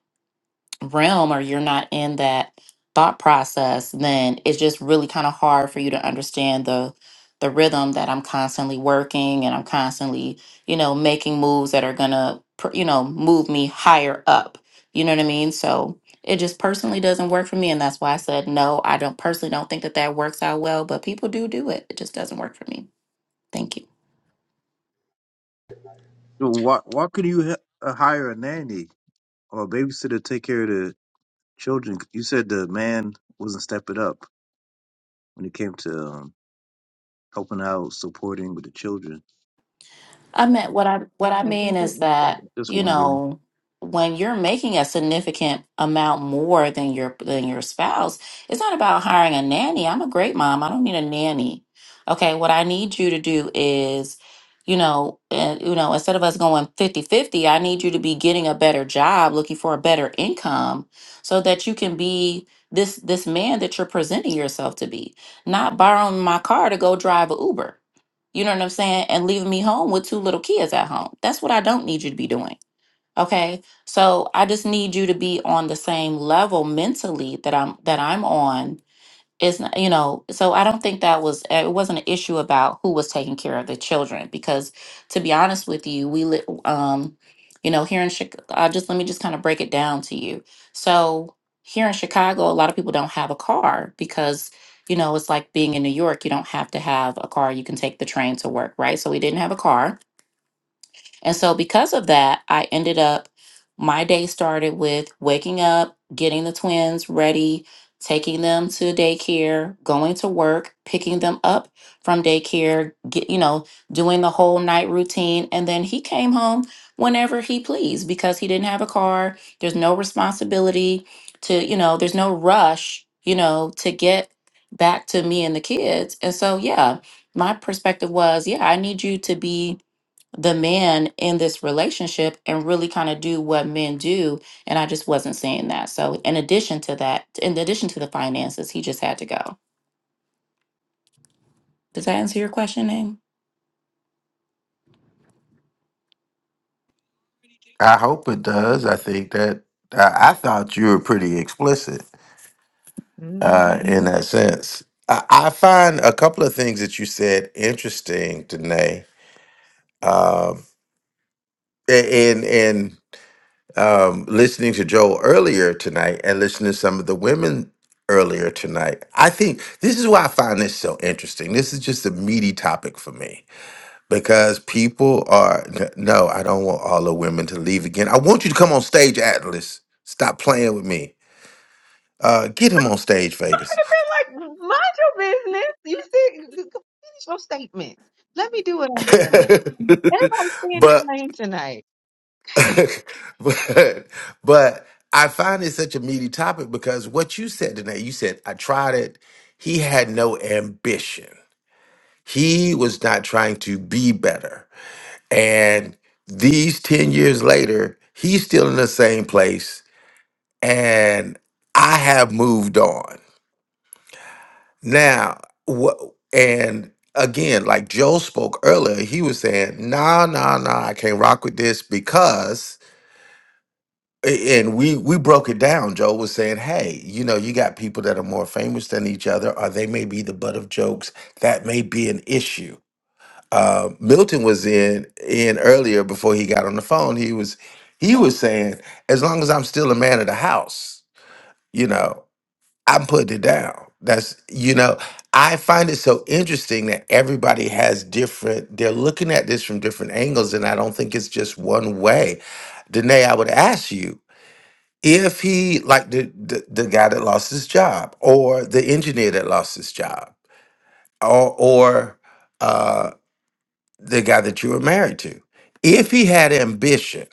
Speaker 12: realm or you're not in that thought process, then it's just really kind of hard for you to understand the the rhythm that I'm constantly working and I'm constantly, you know, making moves that are going to, you know, move me higher up. You know what I mean? So it just personally doesn't work for me and that's why I said no. I don't personally don't think that that works out well, but people do do it. It just doesn't work for me. Thank you.
Speaker 8: Dude, why why could you h- uh, hire a nanny or a babysitter to take care of the children? You said the man wasn't stepping up when it came to um, helping out, supporting with the children.
Speaker 12: I meant what I what I
Speaker 9: That
Speaker 12: mean
Speaker 9: doesn't
Speaker 12: is
Speaker 9: make
Speaker 12: that,
Speaker 9: sense.
Speaker 8: Just
Speaker 12: you
Speaker 8: wondering.
Speaker 12: know, when you're making a significant amount more than your than your spouse, it's not about hiring a nanny. I'm a great mom. I don't need a nanny. Okay, what I need you to do is, you know, and, you know, instead of us going fifty fifty, I need you to be getting a better job, looking for a better income so that you can be this this man that you're presenting yourself to be, not borrowing my car to go drive a Uber. You know what I'm saying? And leaving me home with two little kids at home. That's what I don't need you to be doing. Okay? So I just need you to be on the same level mentally that I'm that I'm on it's not, you know, so I don't think that was uh, it wasn't an issue about who was taking care of the children because to be honest with you, we li- um you know, here in Chicago, uh, just let me just kind of break it down to you. So, here in Chicago, a lot of people don't have a car because you know, it's like being in New York, you don't have to have a car, you can take the train to work, right? So we didn't have a car. And so, because of that, I ended up, my day started with waking up, getting the twins ready, taking them to daycare, going to work, picking them up from daycare, get, you know, doing the whole night routine. And then he came home whenever he pleased because he didn't have a car. There's no responsibility to, you know, there's no rush, you know, to get back to me and the kids. And so, yeah, my perspective was, yeah, I need you to be the man in this relationship and really kind of do what men do and i just wasn't seeing that so in addition to that in addition to the finances he just had to go does that answer your question name
Speaker 2: I hope it does. I think that I, I thought you were pretty explicit
Speaker 9: Mm-hmm.
Speaker 2: uh, in that sense. I, I find a couple of things that you said interesting, Danae. Um, a- and and um, listening to Joel earlier tonight, and listening to some of the women earlier tonight, I think this is why I find this so interesting. This is just a meaty topic for me because people are n- no, I don't want all the women to leave again. I want you to come on stage, Atlas. Stop playing with me. Uh, get him on stage, Vegas.
Speaker 9: like, mind your business. You see, you could finish your statement. Let me do what I'm doing. Everybody's staying in
Speaker 2: but,
Speaker 9: lane tonight.
Speaker 2: but, but I find it such a meaty topic because what you said today, you said, I tried it. He had no ambition. He was not trying to be better. And these 10 years later, he's still in the same place. And I have moved on. Now, what and again, like Joe spoke earlier, he was saying, nah, nah, nah, I can't rock with this because a- and we we broke it down. Joe was saying, hey, you know, you got people that are more famous than each other, or they may be the butt of jokes. That may be an issue. Uh, Milton was in in earlier before he got on the phone. He was he was saying, as long as I'm still a man of the house, you know. I'm putting it down. That's you know, I find it so interesting that everybody has different. They're looking at this from different angles, and I don't think it's just one way. Danae, I would ask you if he like the the, the guy that lost his job, or the engineer that lost his job, or or uh, the guy that you were married to, if he had ambition.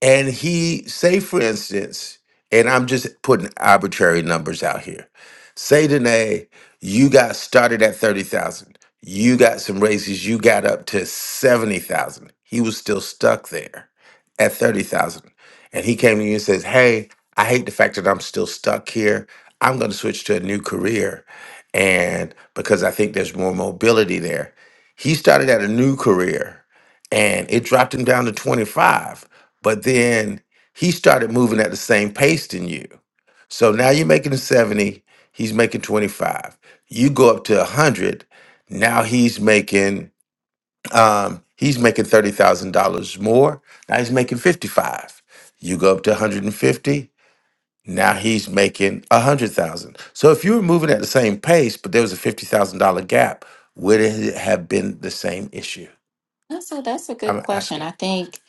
Speaker 2: And he, say for instance, and I'm just putting arbitrary numbers out here. Say today, you got started at 30,000. You got some raises, you got up to 70,000. He was still stuck there at 30,000. And he came to you and says, Hey, I hate the fact that I'm still stuck here. I'm going to switch to a new career. And because I think there's more mobility there, he started at a new career and it dropped him down to 25 but then he started moving at the same pace than you. So now you're making 70, he's making 25. You go up to 100, now he's making um he's making $30,000 more. Now he's making 55. You go up to 150, now he's making 100,000. So if you were moving at the same pace but there was a $50,000 gap, would it have been the same issue?
Speaker 12: that's a that's a good
Speaker 2: I'm
Speaker 12: question
Speaker 2: asking.
Speaker 12: i think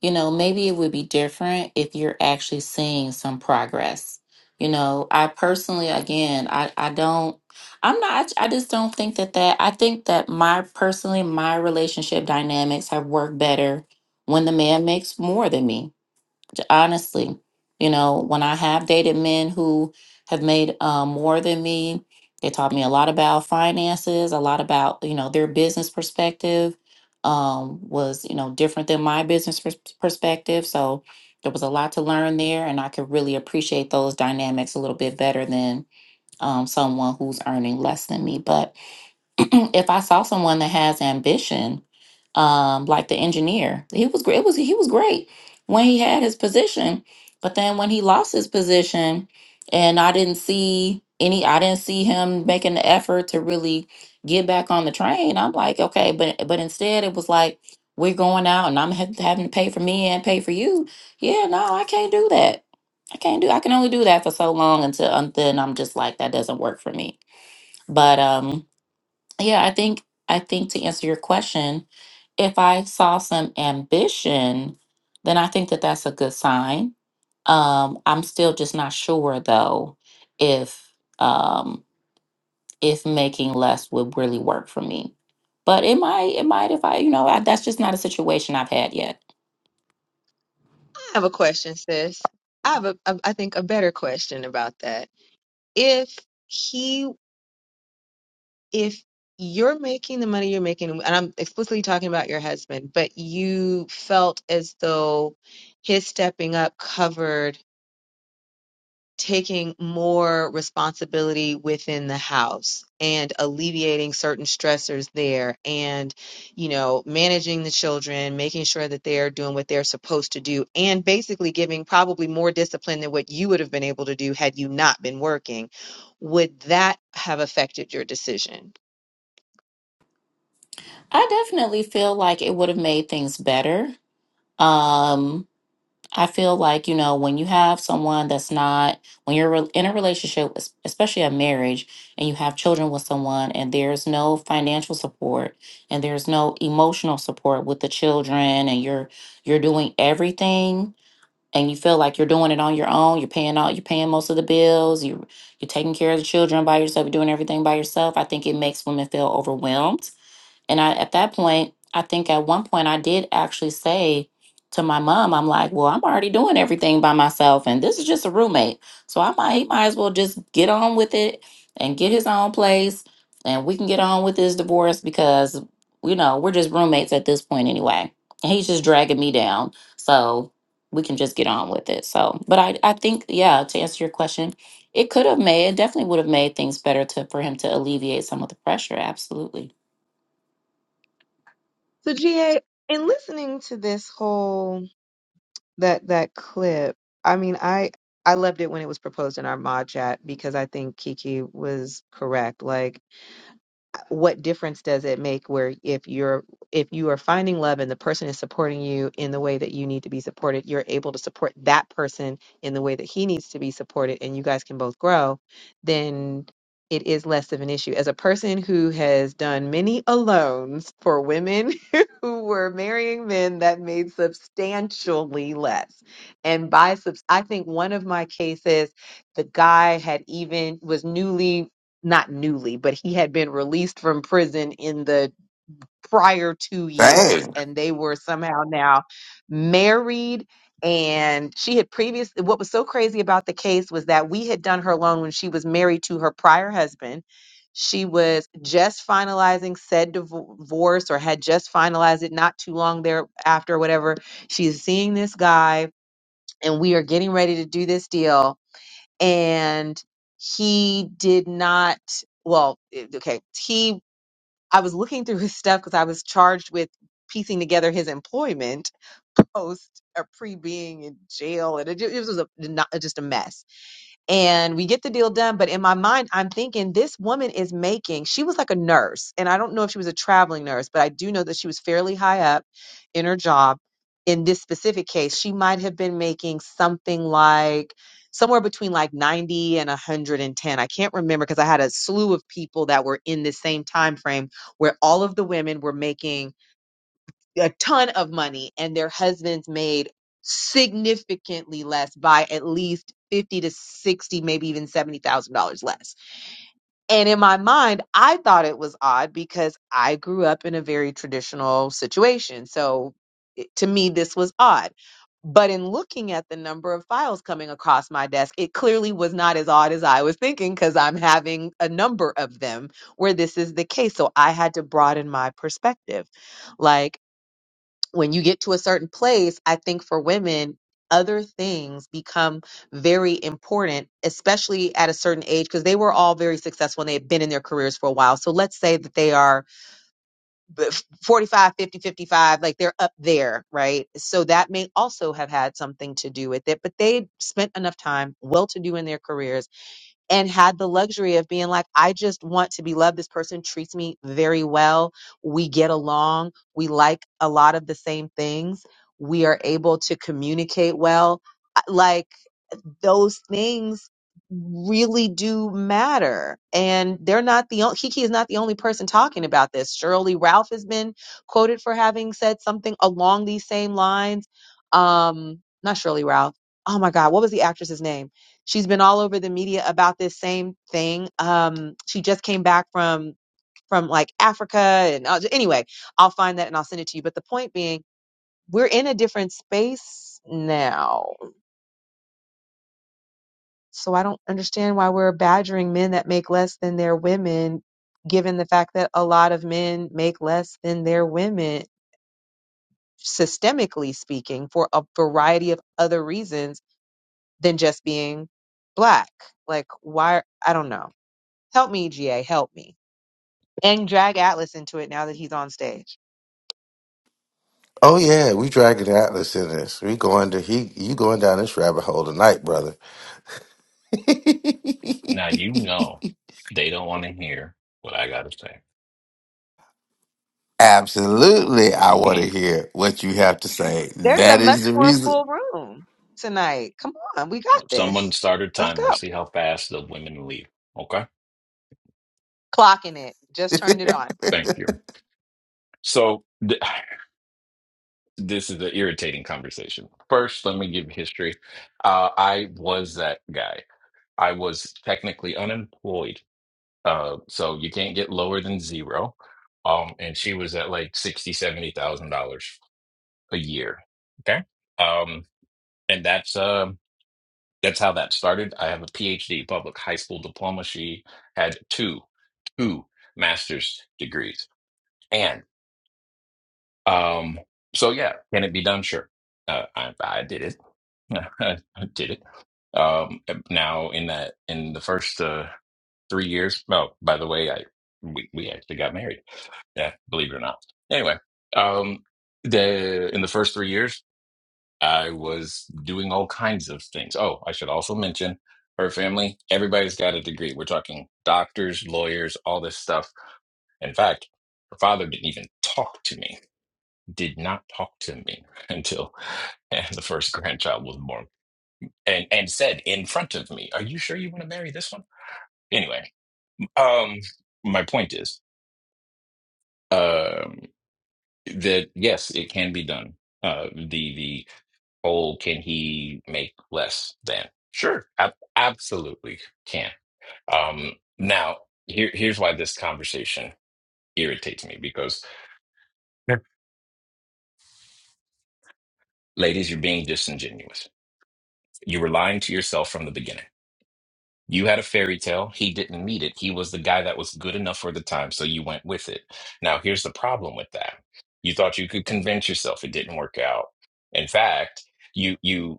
Speaker 12: you know maybe it would be different if you're actually seeing some progress you know i personally again i i don't i'm not i just don't think that that i think that my personally my relationship dynamics have worked better when the man makes more than me J- honestly you know when i have dated men who have made um, more than me they taught me a lot about finances a lot about you know their business perspective um, was you know different than my business pers- perspective so there was a lot to learn there and i could really appreciate those dynamics a little bit better than um, someone who's earning less than me but if I saw someone that has ambition, um, like the engineer, he was great. It was he was great when he had his position, but then when he lost his position, and I didn't see any, I didn't see him making the effort to really get back on the train. I'm like, okay, but but instead it was like we're going out, and I'm ha- having to pay for me and pay for you. Yeah, no, I can't do that. I can't do. I can only do that for so long until um, then I'm just like that doesn't work for me. But um yeah, I think I think to answer your question, if I saw some ambition, then I think that that's a good sign. Um, I'm still just not sure though if um, if making less would really work for me. But it might, it might if I, you know, I, that's just not a situation I've had yet.
Speaker 9: I have a question, sis. I have a, a, I think a better question about that. If he if you're making the money you're making, and I'm explicitly talking about your husband, but you felt as though his stepping up covered taking more responsibility within the house and alleviating certain stressors there and you know managing the children making sure that they're doing what they're supposed to do and basically giving probably more discipline than what you would have been able to do had you not been working would that have affected your decision
Speaker 12: I definitely feel like it would have made things better. Um, I feel like, you know, when you have someone that's not, when you're re- in a relationship, es- especially a marriage, and you have children with someone, and there's no financial support and there's no emotional support with the children, and you're you're doing everything and you feel like you're doing it on your own, you're paying all you're paying most of the bills, you you're taking care of the children by yourself, you're doing everything by yourself. I think it makes women feel overwhelmed and I, at that point, I think at one point I did actually say to my mom, I'm like, well, I'm already doing everything by myself, and this is just a roommate. So I might, he might as well just get on with it and get his own place, and we can get on with this divorce because, you know, we're just roommates at this point anyway. And he's just dragging me down. So we can just get on with it. So, but I, I think, yeah, to answer your question, it could have made, it definitely would have made things better to, for him to alleviate some of the pressure. Absolutely.
Speaker 9: So GA, in listening to this whole that that clip, I mean, I I loved it when it was proposed in our mod chat because I think Kiki was correct. Like what difference does it make where if you're if you are finding love and the person is supporting you in the way that you need to be supported you're able to support that person in the way that he needs to be supported and you guys can both grow then it is less of an issue as a person who has done many alones for women who were marrying men that made substantially less and by subs- i think one of my cases the guy had even was newly not newly, but he had been released from prison in the prior two years, and they were somehow now married. And she had previous. What was so crazy about the case was that we had done her loan when she was married to her prior husband. She was just finalizing said divo- divorce or had just finalized it not too long thereafter, whatever. She's seeing this guy, and we are getting ready to do this deal and he did not well it- okay he i was looking through his stuff because i was charged with piecing together his employment post or pre being in jail and it, ju- it was a, not, just a mess and we get the deal done but in my mind i'm thinking this woman is making she was like a nurse and i don't know if she was a traveling nurse but i do know that she was fairly high up in her job in this specific case she might have been making something like somewhere between like 90 and 110 i can't remember because i had a slew of people that were in the same time frame where all of the women were making a ton of money and their husbands made significantly less by at least 50 to 60 maybe even $70,000 less. And in my mind, I thought it was odd because I grew up in a very traditional situation. So it- to me this was odd. But in looking at the number of files coming across my desk, it clearly was not as odd as I was thinking because I'm having a number of them where this is the case. So I had to broaden my perspective. Like when you get to a certain place, I think for women, other things become very important, especially at a certain age, because they were all very successful and they had been in their careers for a while. So let's say that they are b- 45, fifty, fifty-five, like they're up there, right? So that may also have had something to do with it, but they spent enough time well to do in their careers and had the luxury of being like, I just want to be loved. This person treats me very well. We get along. We like a lot of the same things. We are able to communicate well. I- Like, those things really do matter. And they're not the only, Kiki is not the only person talking about this. Shirley Ralph has been quoted for having said something along these same lines. Um, not Shirley Ralph. Oh my God, what was the actress's name? She's been all over the media about this same thing. Um, she just came back from from like Africa, and uh, anyway, I'll find that and I'll send it to you. But the point being, we're in a different space now So I don't understand why we're badgering men that make less than their women, given the fact that a lot of men make less than their women, systemically speaking, for a variety of other reasons than just being black. Like, why? I don't know. Help me, GA, help me. And drag Atlas into it now that he's on stage.
Speaker 2: Oh yeah, we dragging Atlas in this. We going to he you going down this rabbit hole tonight, brother.
Speaker 13: Now you know they don't want to hear what I gotta say.
Speaker 2: Absolutely, I want to
Speaker 13: Mhm.
Speaker 2: hear what you have to say.
Speaker 9: There's a
Speaker 2: That
Speaker 9: much
Speaker 2: is the
Speaker 9: more
Speaker 2: reason.
Speaker 9: full room tonight. Come on, we got
Speaker 13: Someone
Speaker 9: this.
Speaker 13: start a
Speaker 9: Let's
Speaker 13: timer.
Speaker 9: go.
Speaker 13: See how fast the women leave. Okay,
Speaker 9: Clocking it. Just turned it on.
Speaker 13: thank you. So th- this is an irritating conversation. First, let me give history. Uh, I was that guy. I was technically unemployed, uh, so you can't get lower than zero. Um, and she was at like sixty, seventy thousand dollars a year. Okay, um, and that's um. That's how that started. I have a PhD, public high school diploma. She had two, two master's degrees. And um, so, yeah, can it be done? Sure. Uh, I, I did it. I did it. Um, now in that, in the first uh, three years. Oh, by the way, I we, we actually got married. Yeah, believe it or not. Anyway, um, the in the first three years. I was doing all kinds of things. Oh, I should also mention her family. Everybody's got a degree. We're talking doctors, lawyers, all this stuff. In fact, her father didn't even talk to me, did not talk to me until the first grandchild was born and, and said in front of me, Are you sure you want to marry this one? Anyway, um, my point is um, that yes, it can be done. Uh, the oh, can he make less than? Sure, ab- absolutely can. Um, now, here, here's why this conversation irritates me because, Yep. ladies, you're being disingenuous. You were lying to yourself from the beginning. You had a fairy tale. He didn't need it. He was the guy that was good enough for the time, so you went with it. Now, here's the problem with that. You thought you could convince yourself it didn't work out. In fact, you you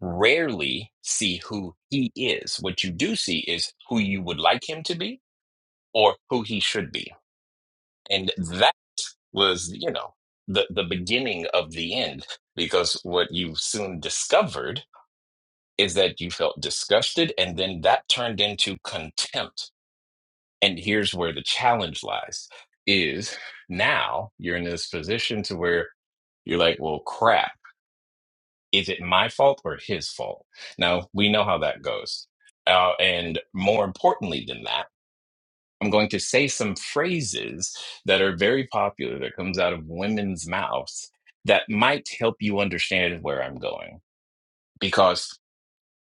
Speaker 13: rarely see who he is. What you do see is who you would like him to be or who he should be. And that was, you know, the, the beginning of the end, because what you soon discovered is that you felt disgusted and then that turned into contempt. And here's where the challenge lies is now you're in this position to where you're like, well, crap is it my fault or his fault? Now, we know how that goes. Uh, and more importantly than that, I'm going to say some phrases that are very popular that comes out of women's mouths that might help you understand where I'm going. Because,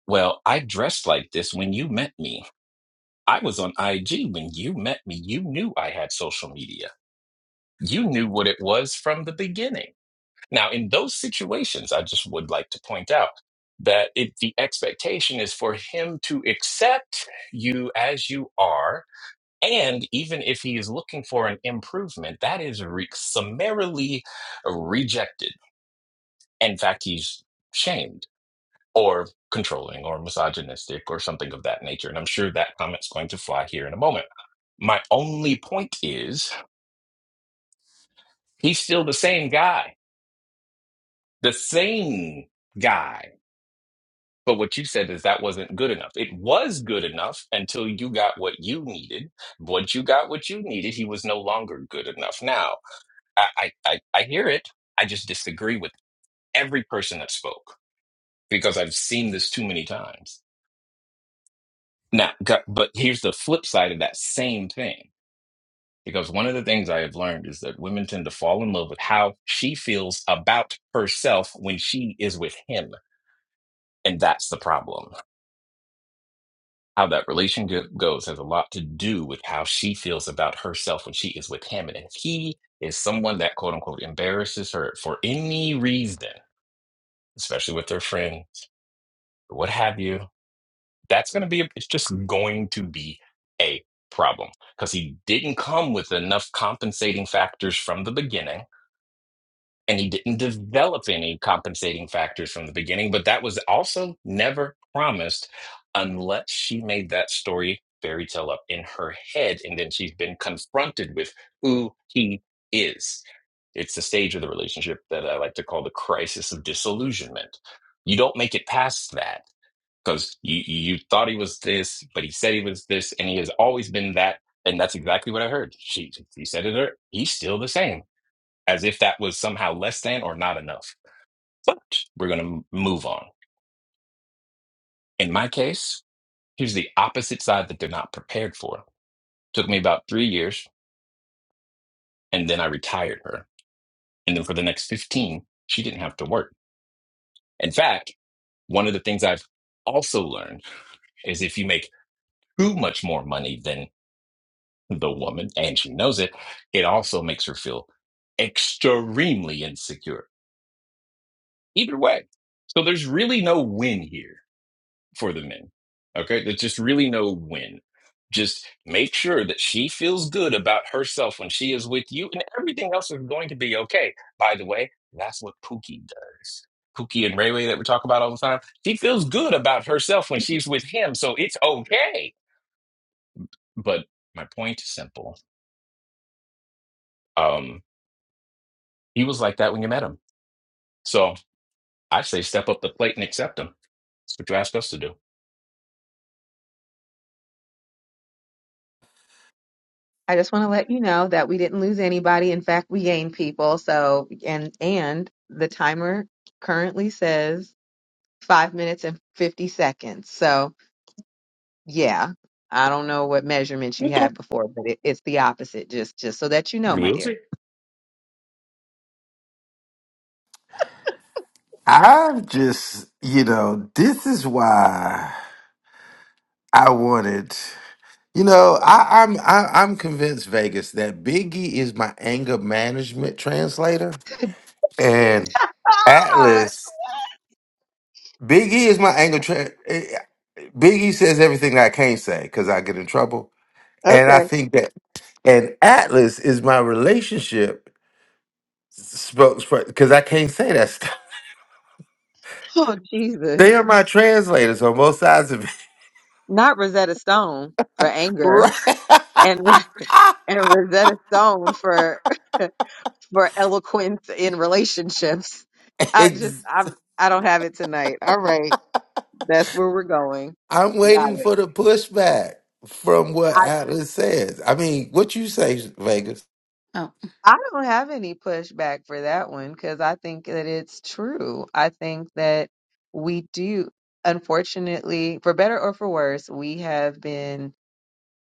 Speaker 13: well, I dressed like this when you met me. I was on IG when you met me. You knew I had social media. You knew what it was from the beginning Now, in those situations, I just would like to point out that it, the expectation is for him to accept you as you are. And even if he is looking for an improvement, that is re- summarily rejected. In fact, he's shamed or controlling or misogynistic or something of that nature. And I'm sure that comment's going to fly here in a moment. My only point is he's still the same guy, the same guy But what you said is that wasn't good enough. It was good enough until you got what you needed. Once you got what you needed, he was no longer good enough. Now, I, I, I I hear it. I just disagree with every person that spoke because I've seen this too many times. Now, go- but here's the flip side of that same thing. Because one of the things I have learned is that women tend to fall in love with how she feels about herself when she is with him. And that's the problem How that relationship goes has a lot to do with how she feels about herself when she is with him. And if he is someone that quote unquote embarrasses her for any reason, especially with her friends or what have you, that's going to be, a, it's just going to be a problem because he didn't come with enough compensating factors from the beginning and he didn't develop any compensating factors from the beginning but that was also never promised unless she made that story fairy tale up in her head and then she's been confronted with who he is it's the stage of the relationship that i like to call the crisis of disillusionment you don't make it past that because you, you thought he was this but he said he was this and he has always been that and that's exactly what i heard she, she said it her- he's still the same as if that was somehow less than or not enough. But we're going to move on. In my case, here's the opposite side that they're not prepared for. Took me about three years, and then I retired her. And then for the next 15, she didn't have to work. In fact, one of the things I've also learned is if you make too much more money than the woman, and she knows it, it also makes her feel extremely insecure. Either way. So there's really no win here for the men. Okay. There's just really no win. Just make sure that she feels good about herself when she is with you, and everything else is going to be okay. By the way, that's what Pookie does. Pookie and Rayway that we talk about all the time. She feels good about herself when she's with him, so it's okay. But my point is simple. Um, he was like that when you met him. So I say step up the plate and accept him. That's what you ask us to do.
Speaker 9: I just want to let you know that we didn't lose anybody. In fact, we gained people. So, and and the timer currently says five minutes and 50 seconds. So, yeah, I don't know what measurements you
Speaker 13: Okay.
Speaker 9: had before, but it, it's the opposite. Just just so that you know, my
Speaker 13: We'll see.
Speaker 9: dear.
Speaker 2: I'm just, you know, this is why I wanted. You know, I, I'm I, I'm convinced Vegas that Biggie is my anger management translator, and
Speaker 9: God.
Speaker 2: Atlas Biggie is my anger. translator. Biggie says everything I can't say because I get in trouble. And I
Speaker 9: Okay.
Speaker 2: think that, and Atlas is my relationship spokesperson because I can't say that stuff.
Speaker 9: Oh
Speaker 2: They are
Speaker 9: Jesus.
Speaker 2: my translators on both sides of it.
Speaker 9: Not Rosetta Stone for anger
Speaker 2: Right.
Speaker 9: and Ro- and Rosetta Stone for for eloquence in relationships. I just
Speaker 2: Ex-
Speaker 9: I'm I don't have it tonight. All right. That's where we're going.
Speaker 2: I'm
Speaker 9: Got
Speaker 2: waiting
Speaker 9: it.
Speaker 2: for the pushback from what
Speaker 9: I
Speaker 2: Atlas says. I mean, what you say, Vegas?
Speaker 12: Oh.
Speaker 9: I don't have any pushback for that one because I think that it's true. I think that we do unfortunately, for better or for worse, we have been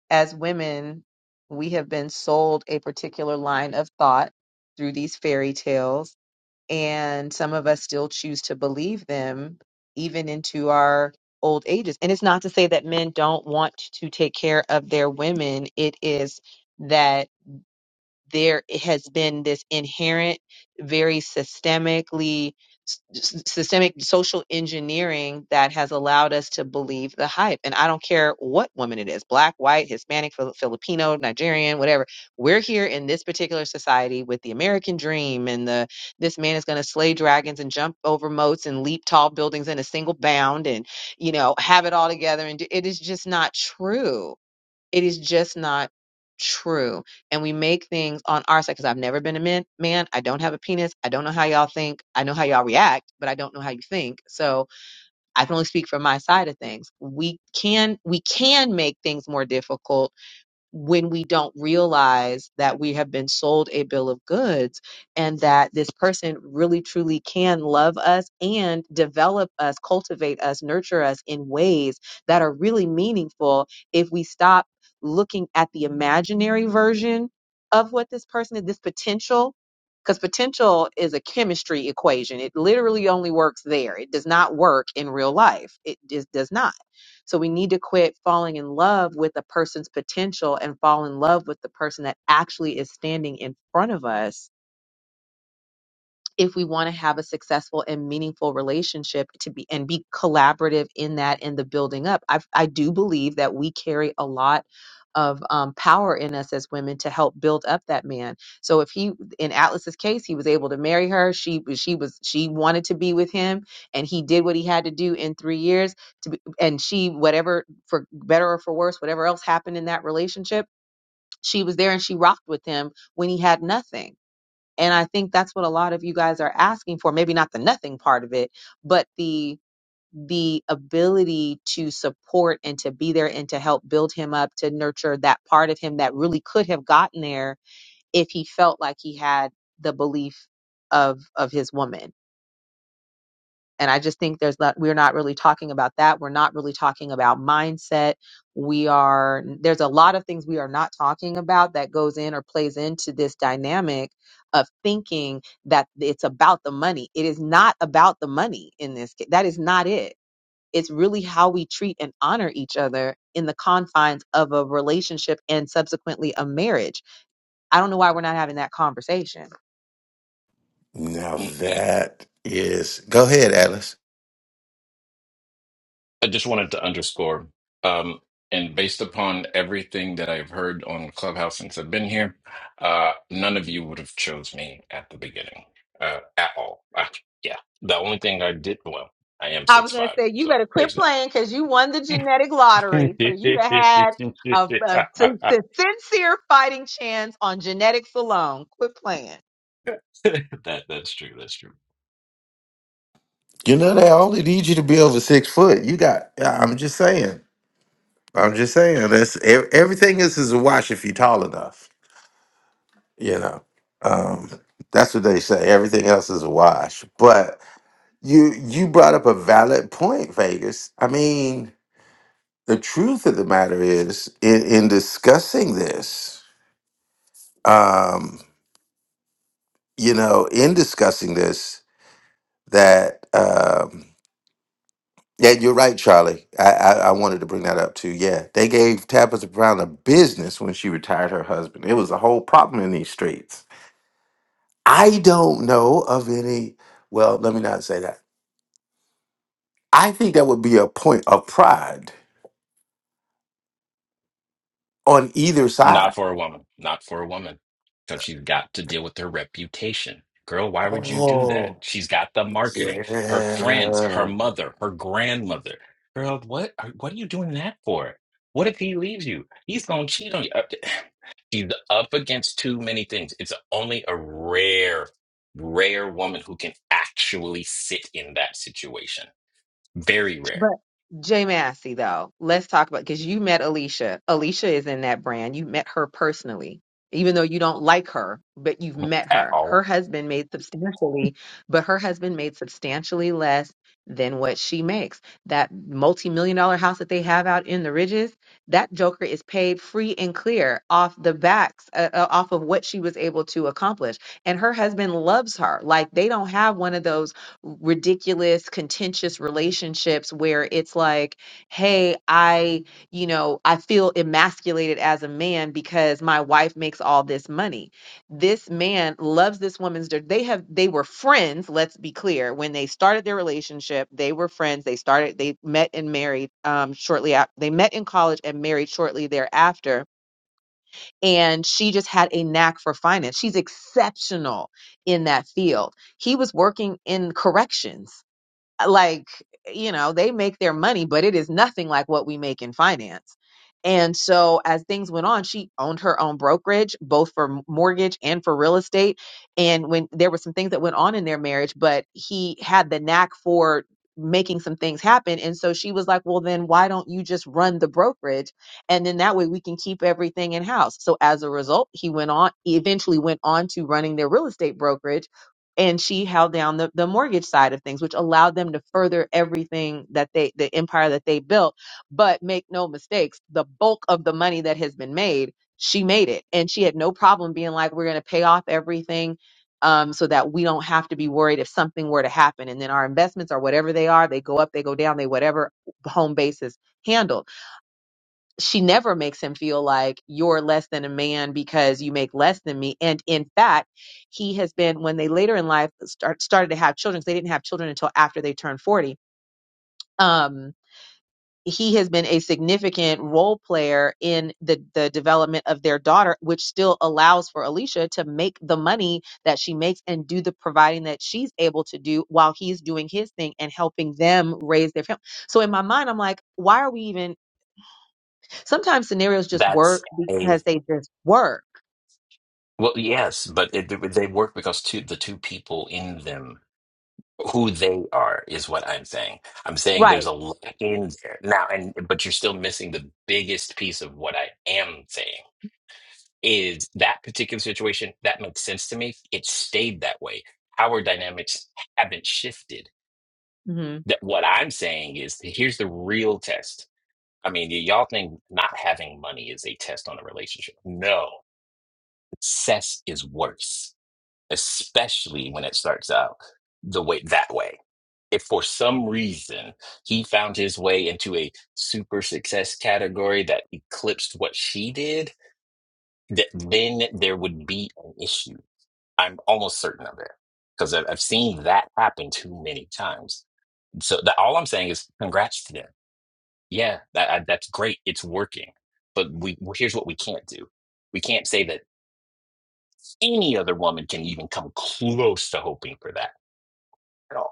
Speaker 9: as women, we have been sold a particular line of thought through these fairy tales, and some of us still choose to believe them even into our old ages. And it's not to say that men don't want to take care of their women, it is that there has been this inherent, very systemically s- systemic social engineering that has allowed us to believe the hype. And I don't care what woman it is, black, white, Hispanic, Fili- Filipino, Nigerian, whatever. We're here in this particular society with the American dream and the this man is going to slay dragons and jump over moats and leap tall buildings in a single bound and you know have it all together and do, it is just not true it is just not true. And we make things on our side because I've never been a man, man. I don't have a penis. I don't know how y'all think. I know how y'all react, but I don't know how you think. So I can only speak from my side of things. We can we can make things more difficult when we don't realize that we have been sold a bill of goods and that this person really truly can love us and develop us, cultivate us, nurture us in ways that are really meaningful if we stop looking at the imaginary version of what this person is, this potential. Because potential is a chemistry equation. It literally only works there. It does not work in real life. It just does not so we need to quit falling in love with a person's potential and fall in love with the person that actually is standing in front of us if we want to have a successful and meaningful relationship to be and be collaborative in that and the building up i i do believe that we carry a lot of um, power in us as women to help build up that man. So if he, in Atlas's case, he was able to marry her. She she was she wanted to be with him, and he did what he had to do in three years. To be, and she whatever for better or for worse, whatever else happened in that relationship, she was there and she rocked with him when he had nothing and I think that's what a lot of you guys are asking for. Maybe not the nothing part of it, but the the ability to support and to be there and to help build him up, to nurture that part of him that really could have gotten there if he felt like he had the belief of of his woman and I just think there's not, we're not really talking about that. We're not really talking about mindset. We are, there's a lot of things we are not talking about that goes in or plays into this dynamic of thinking that it's about the money. It is not about the money in this case. That is not it. It's really how we treat and honor each other in the confines of a relationship and subsequently a marriage. I don't know why we're not having that conversation
Speaker 2: Now that is, go ahead, Atlas.
Speaker 13: I just wanted to underscore, um, and based upon everything that I've heard on Clubhouse since I've been here, uh, none of you would have chose me at the beginning, uh, at all. Uh, yeah, the only thing I did, well, I am
Speaker 9: I was
Speaker 13: six
Speaker 9: gonna
Speaker 13: five,
Speaker 9: say you
Speaker 13: so
Speaker 9: better quit
Speaker 13: there's
Speaker 9: playing because you won the
Speaker 13: that.
Speaker 9: genetic lottery. So you done had a, a sin- sin- sincere fighting chance on genetics alone. Quit playing.
Speaker 13: that that's true. That's true.
Speaker 2: You know they only need you to be over six foot. You got. I'm just saying. I'm just saying that's ev- everything else is a wash if you're tall enough. You know, um, that's what they say. Everything else is a wash. But you you brought up a valid point, Vegas. I mean, the truth of the matter is, in, in discussing this, um, you know, in discussing this, that um, yeah, you're right, Charlie. I, I I wanted to bring that up too. Yeah, they gave Tabitha Brown a business when she retired her husband. It was a whole problem in these streets I don't know of any. Well, let me not say that. I think that would be a point of pride on either side.
Speaker 13: Not for a woman. Not for a woman. Because she's got to deal with her reputation. Girl, why would you do that?
Speaker 2: Oh,
Speaker 13: She's got the marketing, her friends, her
Speaker 2: yeah.
Speaker 13: mother, her grandmother. Girl, what are, what are you doing that for? What if he leaves you? He's going to cheat on you. Up- to- She's up against too many things. It's only a rare, rare woman who can actually sit in that situation. Very
Speaker 9: But
Speaker 13: rare
Speaker 9: Jay Massey, though, let's talk about because you met Alicia. Alicia is in that brand. You met her personally, even though you don't like her, but you've met
Speaker 13: at
Speaker 9: her. Her
Speaker 13: all.
Speaker 9: husband made substantially, but her husband made substantially less than what she makes. That multi-million dollar house that they have out in the ridges, that Joker is paid free and clear off the backs, uh, uh, off of what she was able to accomplish. And her husband loves her. Like they don't have one of those ridiculous contentious relationships where it's like hey i you know i feel emasculated as a man because my wife makes all this money this man loves this woman's dirt they have they were friends let's be clear when they started their relationship they were friends they started they met and married um shortly after they met in college and married shortly thereafter and she just had a knack for finance she's exceptional in that field he was working in corrections uh, like you know they make their money but it is nothing like what we make in finance and so as things went on she owned her own brokerage both for m- mortgage and for real estate and when there were some things that went on in their marriage but he had the knack for making some things happen and so she was like well then why don't you just run the brokerage and then that way we can keep everything in house so as a result he went on he eventually went on to running their real estate brokerage and she held down the, the mortgage side of things, which allowed them to further everything that they, the empire that they built. But make no mistakes, the bulk of the money that has been made, she made it. And she had no problem being like, we're going to pay off everything um, so that we don't have to be worried if something were to happen. And then our investments are whatever they are, they go up, they go down, they whatever home base is handled she never makes him feel like you're less than a man because you make less than me. And in fact, he has been when they later in life start, started to have children. 'cause They didn't have children until after they turned forty. Um, he has been a significant role player in the the development of their daughter, which still allows for Alicia to make the money that she makes and do the providing that she's able to do while he's doing his thing and helping them raise their family. So in my mind, I'm like, why are we even? Sometimes scenarios just
Speaker 13: That's
Speaker 9: work because they just work.
Speaker 13: Well, yes, but it, they work because two, the two people in them, who they are, is what I'm saying. I'm saying there's
Speaker 9: Right.
Speaker 13: a lot in there now, and but you're still missing the biggest piece of what I am saying. Is that particular situation that makes sense to me? It stayed that way. Our dynamics haven't shifted.
Speaker 9: hmm
Speaker 13: That what I'm saying is here's the real test. I mean, y- y'all think not having money is a test on a relationship? No, success is worse especially when it starts out the way that way. If for some reason he found his way into a super success category that eclipsed what she did, th- then there would be an issue. I'm almost certain of it because I've, I've seen that happen too many times. So that, all I'm saying is congrats to them. Yeah, that, I, that's great. It's working. But we here's what we can't do. We can't say that any other woman can even come close to hoping for that at all.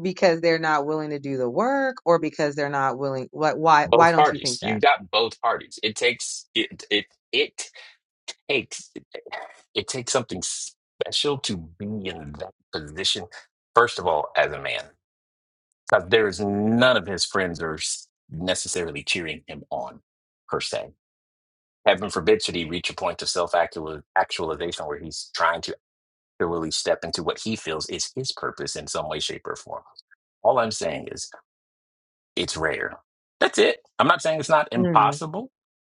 Speaker 9: because they're not willing to do the work or because they're not willing what why why
Speaker 13: both
Speaker 9: don't you
Speaker 13: parties.
Speaker 9: think that
Speaker 13: You've got both parties. It takes it it it takes it takes something special to be in that position. First of all, as a man, because there is none of his friends are s- necessarily cheering him on, per se. Heaven forbid should he reach a point of self actualization where he's trying to actually step into what he feels is his purpose in some way, shape, or form. All I'm saying is it's rare. That's it. I'm not saying it's not
Speaker 9: mm
Speaker 13: impossible.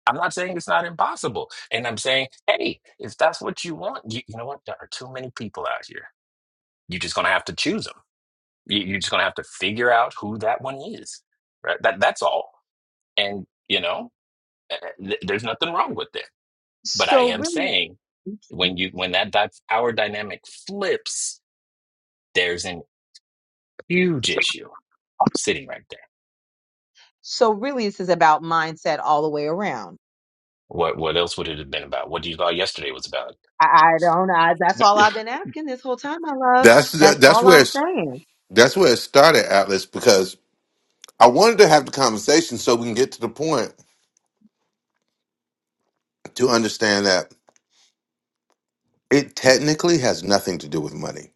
Speaker 13: I'm not saying it's not impossible. And I'm saying, hey, if that's what you want, you, you know what? There are too many people out here. You're just going to have to choose them. You, you're just going to have to figure out who that one is. Right? That, that's all. And, you know, eh, eh, th- there's nothing wrong with it. But I
Speaker 9: so
Speaker 13: am
Speaker 9: really
Speaker 13: saying when you when that, that power dynamic flips, there's an huge issue sitting right there.
Speaker 9: so really this is about mindset all the way around
Speaker 13: What what else would it have been about? What do you thought yesterday was about?
Speaker 9: i, I don't I, that's all i've been asking this whole time my love
Speaker 2: That's that,
Speaker 9: that's
Speaker 2: that's
Speaker 9: all
Speaker 2: where
Speaker 9: i'm
Speaker 2: it's,
Speaker 9: saying
Speaker 2: that's where it started, Atlas. Because I wanted to have the conversation so we can get to the point to understand that it technically has nothing to do with money.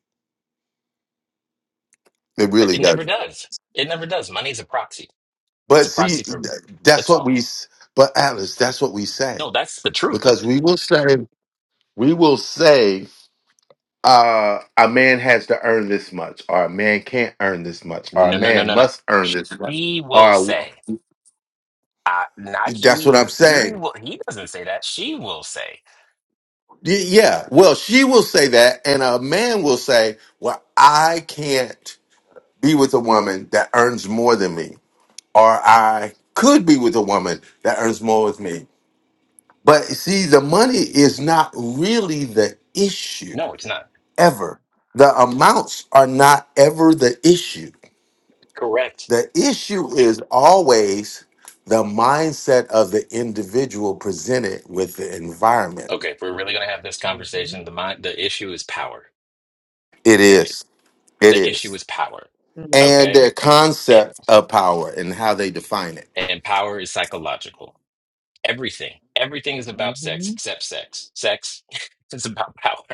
Speaker 2: It really
Speaker 13: It
Speaker 2: does.
Speaker 13: never
Speaker 2: not
Speaker 13: does. It never does. Money's a proxy.
Speaker 2: But
Speaker 13: It's a
Speaker 2: see,
Speaker 13: proxy
Speaker 2: th-
Speaker 13: for
Speaker 2: that's
Speaker 13: that's
Speaker 2: what we.
Speaker 13: all.
Speaker 2: s- But Atlas, that's what we say
Speaker 13: No, that's the truth of
Speaker 2: because
Speaker 13: it.
Speaker 2: we will say we will say. uh, a man has to earn this much, or a man can't earn this much, or a
Speaker 13: No, no, no,
Speaker 2: man
Speaker 13: no, no.
Speaker 2: must earn this much,
Speaker 13: She will
Speaker 2: or
Speaker 13: say, uh, not
Speaker 2: that's what
Speaker 13: he.
Speaker 2: I'm
Speaker 13: He,
Speaker 2: saying.
Speaker 13: will, he doesn't say that. She will say,
Speaker 2: Y- Yeah. Well, she will say that, and a man will say, "Well, I can't be with a woman that earns more than me, or I could be with a woman that earns more with me." But see, the money is not really the issue
Speaker 13: no, it's not
Speaker 2: ever. The amounts are not ever the issue
Speaker 13: correct.
Speaker 2: The issue is always the mindset of the individual presented with the environment.
Speaker 13: Okay, if we're really gonna have this conversation,
Speaker 9: Mm-hmm.
Speaker 13: the mind, the issue is power.
Speaker 2: It
Speaker 13: Period.
Speaker 2: is. It
Speaker 13: The issue
Speaker 2: is.
Speaker 13: is power.
Speaker 2: And
Speaker 9: Mm-hmm.
Speaker 13: Okay,
Speaker 2: their
Speaker 13: and,
Speaker 2: concept of power and how they define it.
Speaker 13: and power is psychological. Everything, everything is about sex
Speaker 9: Mm-hmm.
Speaker 13: except sex. Sex is about power.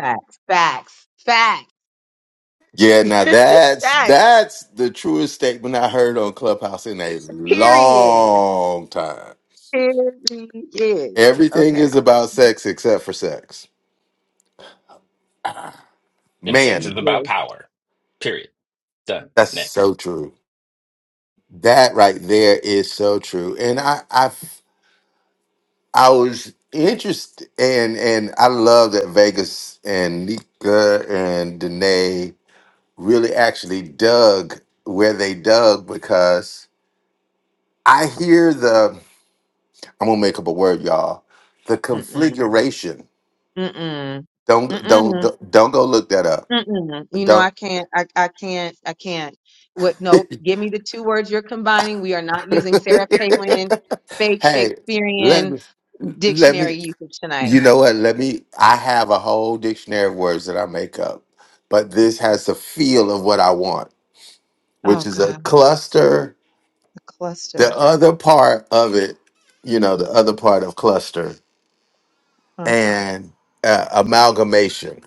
Speaker 9: facts facts facts
Speaker 2: Yeah, now
Speaker 9: just
Speaker 2: that's
Speaker 9: facts
Speaker 2: that's the truest statement I heard on Clubhouse in a
Speaker 9: period
Speaker 2: long time.
Speaker 9: period
Speaker 2: Everything
Speaker 9: okay
Speaker 2: is about sex except for sex.
Speaker 13: And sex
Speaker 2: Man,
Speaker 9: You
Speaker 13: is about
Speaker 9: just
Speaker 13: power. Period. Done.
Speaker 2: that's
Speaker 13: Next.
Speaker 2: so true. That right there is so true. And I I I was interested, and and I love that Vegas and Nika and Danae really actually dug where they dug because I hear the I'm gonna make up a word, y'all. The
Speaker 9: mm-mm,
Speaker 2: configuration.
Speaker 9: mm-mm,
Speaker 2: Don't don't
Speaker 9: mm-mm,
Speaker 2: don't, don't go look that up.
Speaker 9: mm-mm. You know, I
Speaker 2: Don't.
Speaker 9: can't, I, I can't, I can't. What? Nope. Give me the two words you're combining. We are not using Sarah Palin, fake
Speaker 2: hey, let
Speaker 9: Shakespearean
Speaker 2: me let me
Speaker 9: dictionary usage tonight.
Speaker 2: You know what? Let me. I have a whole dictionary of words that I make up, but this has the feel of what I want, which
Speaker 9: Oh
Speaker 2: is a
Speaker 9: God,
Speaker 2: cluster.
Speaker 9: the
Speaker 2: The
Speaker 9: cluster.
Speaker 2: other part of it, you know, the other part of cluster
Speaker 9: Huh.
Speaker 2: and uh, amalgamation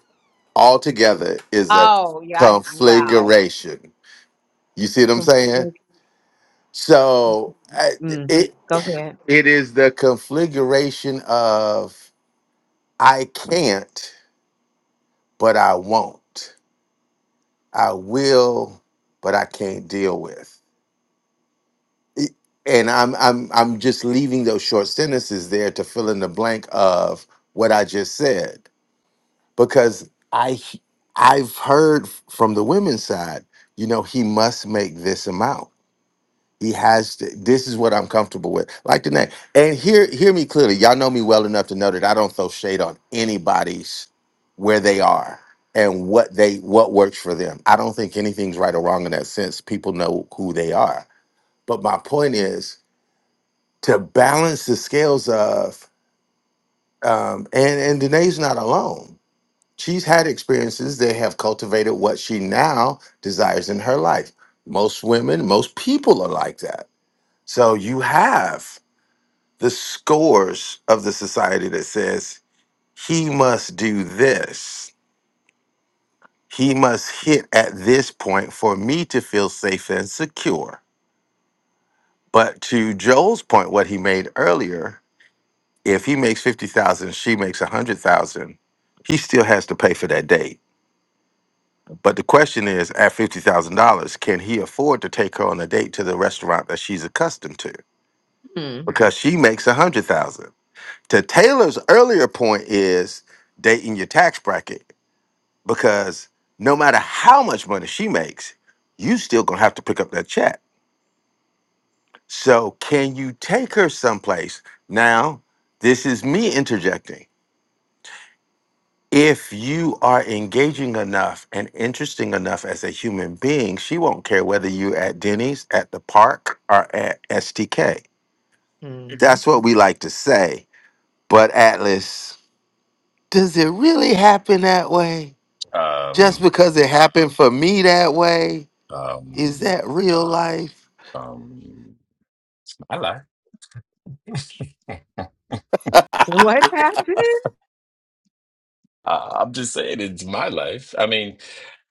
Speaker 2: altogether is a
Speaker 9: Oh yeah, I do. Wow.
Speaker 2: configuration. You see what I'm
Speaker 9: Com-
Speaker 2: saying?
Speaker 9: Mm.
Speaker 2: So I-
Speaker 9: mm.
Speaker 2: it
Speaker 9: Go ahead.
Speaker 2: it is the configuration of I can't, but I won't. I will, but I can't deal with. It- And I'm I'm I'm just leaving those short sentences there to fill in the blank of what I just said because I he- I've heard from the women's side, you know, he must make this amount he has to, this is what I'm comfortable with. Like the name. And hear hear me clearly. Y'all know me well enough to know that I don't throw shade on anybody's where they are and what they what works for them. I don't think anything's right or wrong in that sense. People know who they are. But my point is to balance the scales of um and and Danae's not alone. She's had experiences that have cultivated what she now desires in her life. Most women, most people are like that. So you have. the scores of the society that says he must do this. He must hit at this point for me to feel safe and secure. But to Joel's point, what he made earlier, if he makes 50,000, she makes 100,000, he still has to pay for that date. But the question is at $50,000, can he afford to take her on a date to the restaurant that she's accustomed to?
Speaker 9: Mm.
Speaker 2: Because she makes 100,000. To Taylor's earlier point is dating your tax bracket because no matter how much money she makes, you still gonna have to pick up that check. So can you take her someplace? Now, this is me interjecting. If you are engaging enough and interesting enough as a human being, she won't care whether you're at Denny's, at the park, or at STK.
Speaker 9: hmm
Speaker 2: That's what we like to say. But Atlas, does it really happen that way? Just
Speaker 13: Um,
Speaker 2: because it happened for me that way, is
Speaker 13: um,
Speaker 2: that real life?
Speaker 13: um, my life.
Speaker 9: What happened?
Speaker 13: Uh, I'm just saying it's my life. I mean,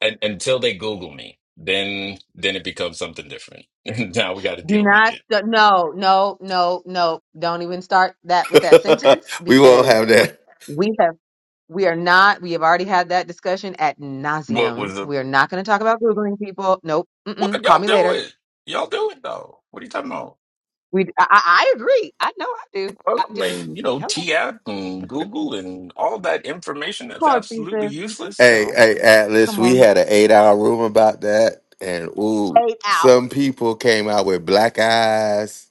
Speaker 13: un until they Google me, then then it becomes something different. now we got to
Speaker 9: Do
Speaker 13: deal with
Speaker 9: not.
Speaker 13: it.
Speaker 9: st- No, no, no, no. Don't even start that with that sentence
Speaker 2: we won't
Speaker 9: because.
Speaker 2: have that.
Speaker 9: We have we are not. We have already had that discussion at
Speaker 13: What
Speaker 9: nauseum.
Speaker 13: was the
Speaker 9: We are not going to talk about googling people. Nope. Mm-mm.
Speaker 13: what
Speaker 9: Call
Speaker 13: y'all
Speaker 9: me later.
Speaker 13: doing? Y'all doing though? What are you talking about?
Speaker 9: We. I, I I agree. I know I do.
Speaker 13: Well,
Speaker 9: I
Speaker 13: I
Speaker 9: j-
Speaker 13: mean, you know,
Speaker 9: hello.
Speaker 13: T app and Google and all that information that's
Speaker 9: Oh
Speaker 13: absolutely
Speaker 9: Jesus, you just
Speaker 13: useless.
Speaker 2: Hey,
Speaker 9: don't.
Speaker 2: hey, Atlas,
Speaker 9: Come
Speaker 2: we
Speaker 9: on.
Speaker 2: had an eight hour room about that. And ooh,
Speaker 9: Eight hours.
Speaker 2: some people came out with black eyes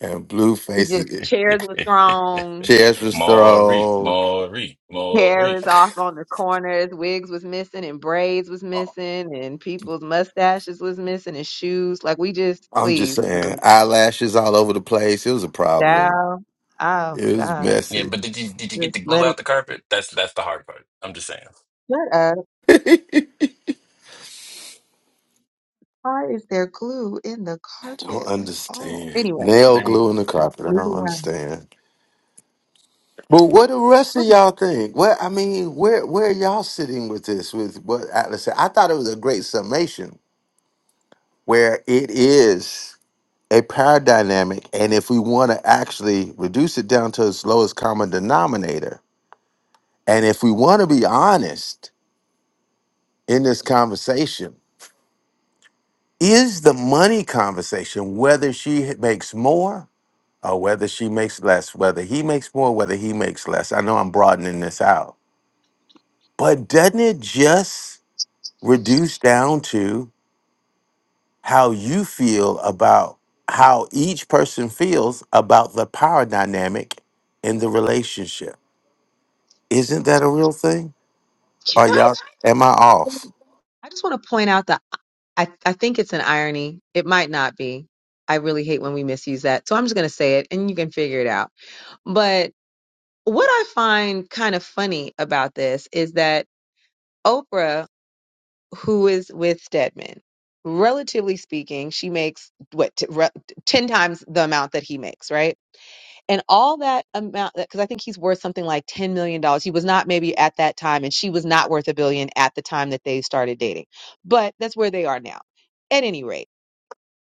Speaker 2: and blue
Speaker 9: It just
Speaker 2: faces.
Speaker 9: chairs was thrown.
Speaker 2: Chairs was
Speaker 13: Maury,
Speaker 2: thrown.
Speaker 13: Maury, Maury.
Speaker 9: Hair is off on the corners. Wigs was missing, and braids was missing, and people's mustaches was missing, and shoes. Like we just
Speaker 2: I'm just
Speaker 9: please, for
Speaker 2: saying,
Speaker 9: the-
Speaker 2: eyelashes all over the place. It was a problem.
Speaker 9: child. Oh
Speaker 2: It was
Speaker 9: God,
Speaker 13: Yeah,
Speaker 2: messy.
Speaker 13: but did you did you get to
Speaker 9: just
Speaker 13: glue
Speaker 9: let
Speaker 13: out
Speaker 9: it.
Speaker 13: the carpet? That's that's the hard part. I'm just saying.
Speaker 9: Shut up.
Speaker 2: I
Speaker 9: Why is there glue in the
Speaker 2: don't
Speaker 9: carpet at all?
Speaker 2: understand.
Speaker 9: Anyway,
Speaker 2: Nail
Speaker 13: I mean,
Speaker 2: glue in the carpet. I don't
Speaker 9: moving on.
Speaker 2: understand. But what the rest of
Speaker 9: Ooh,
Speaker 2: y'all think? Where I mean, where where y'all sitting with this? With what Atlas said? I thought it was a great summation. where it is a power dynamic. And if we want to actually reduce it down to its lowest common denominator, and if we want to be honest in this conversation, is the money conversation whether she makes more or whether she makes less, whether he makes more, whether he makes less? I know I'm broadening this out, but doesn't it just reduce down to? how you feel about how each person feels about the power dynamic in the relationship. Isn't that a real thing?
Speaker 9: Can
Speaker 2: Are
Speaker 9: I?
Speaker 2: y'all? Am I
Speaker 9: ju-
Speaker 2: off?
Speaker 9: I just want to point out that I I think it's an irony. It might not be. I really hate when we misuse that. So I'm just going to say it, and you can figure it out. But what I find kind of funny about this is that Oprah, who is with Stedman, relatively speaking, she makes what t- re- ten times the amount that he makes, right? and all that amount because i think he's worth something like $10 million dollars. he was not maybe at that time and she was not worth a billion at the time that they started dating but that's where they are now at any rate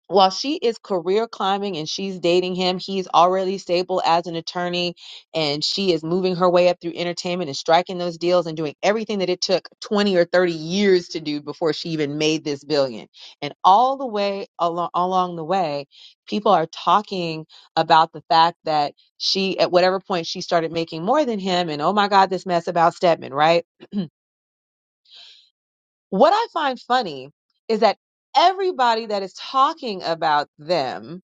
Speaker 9: while she is career climbing and she's dating him, he's already stable as an attorney and she is moving her way up through entertainment and striking those deals and doing everything that it took 20 or 30 years to do before she even made this billion. And all the way along along the way, people are talking about the fact that she at whatever point she started making more than him and oh my god this mess about Stedman, right? What I find funny is that everybody that is talking about them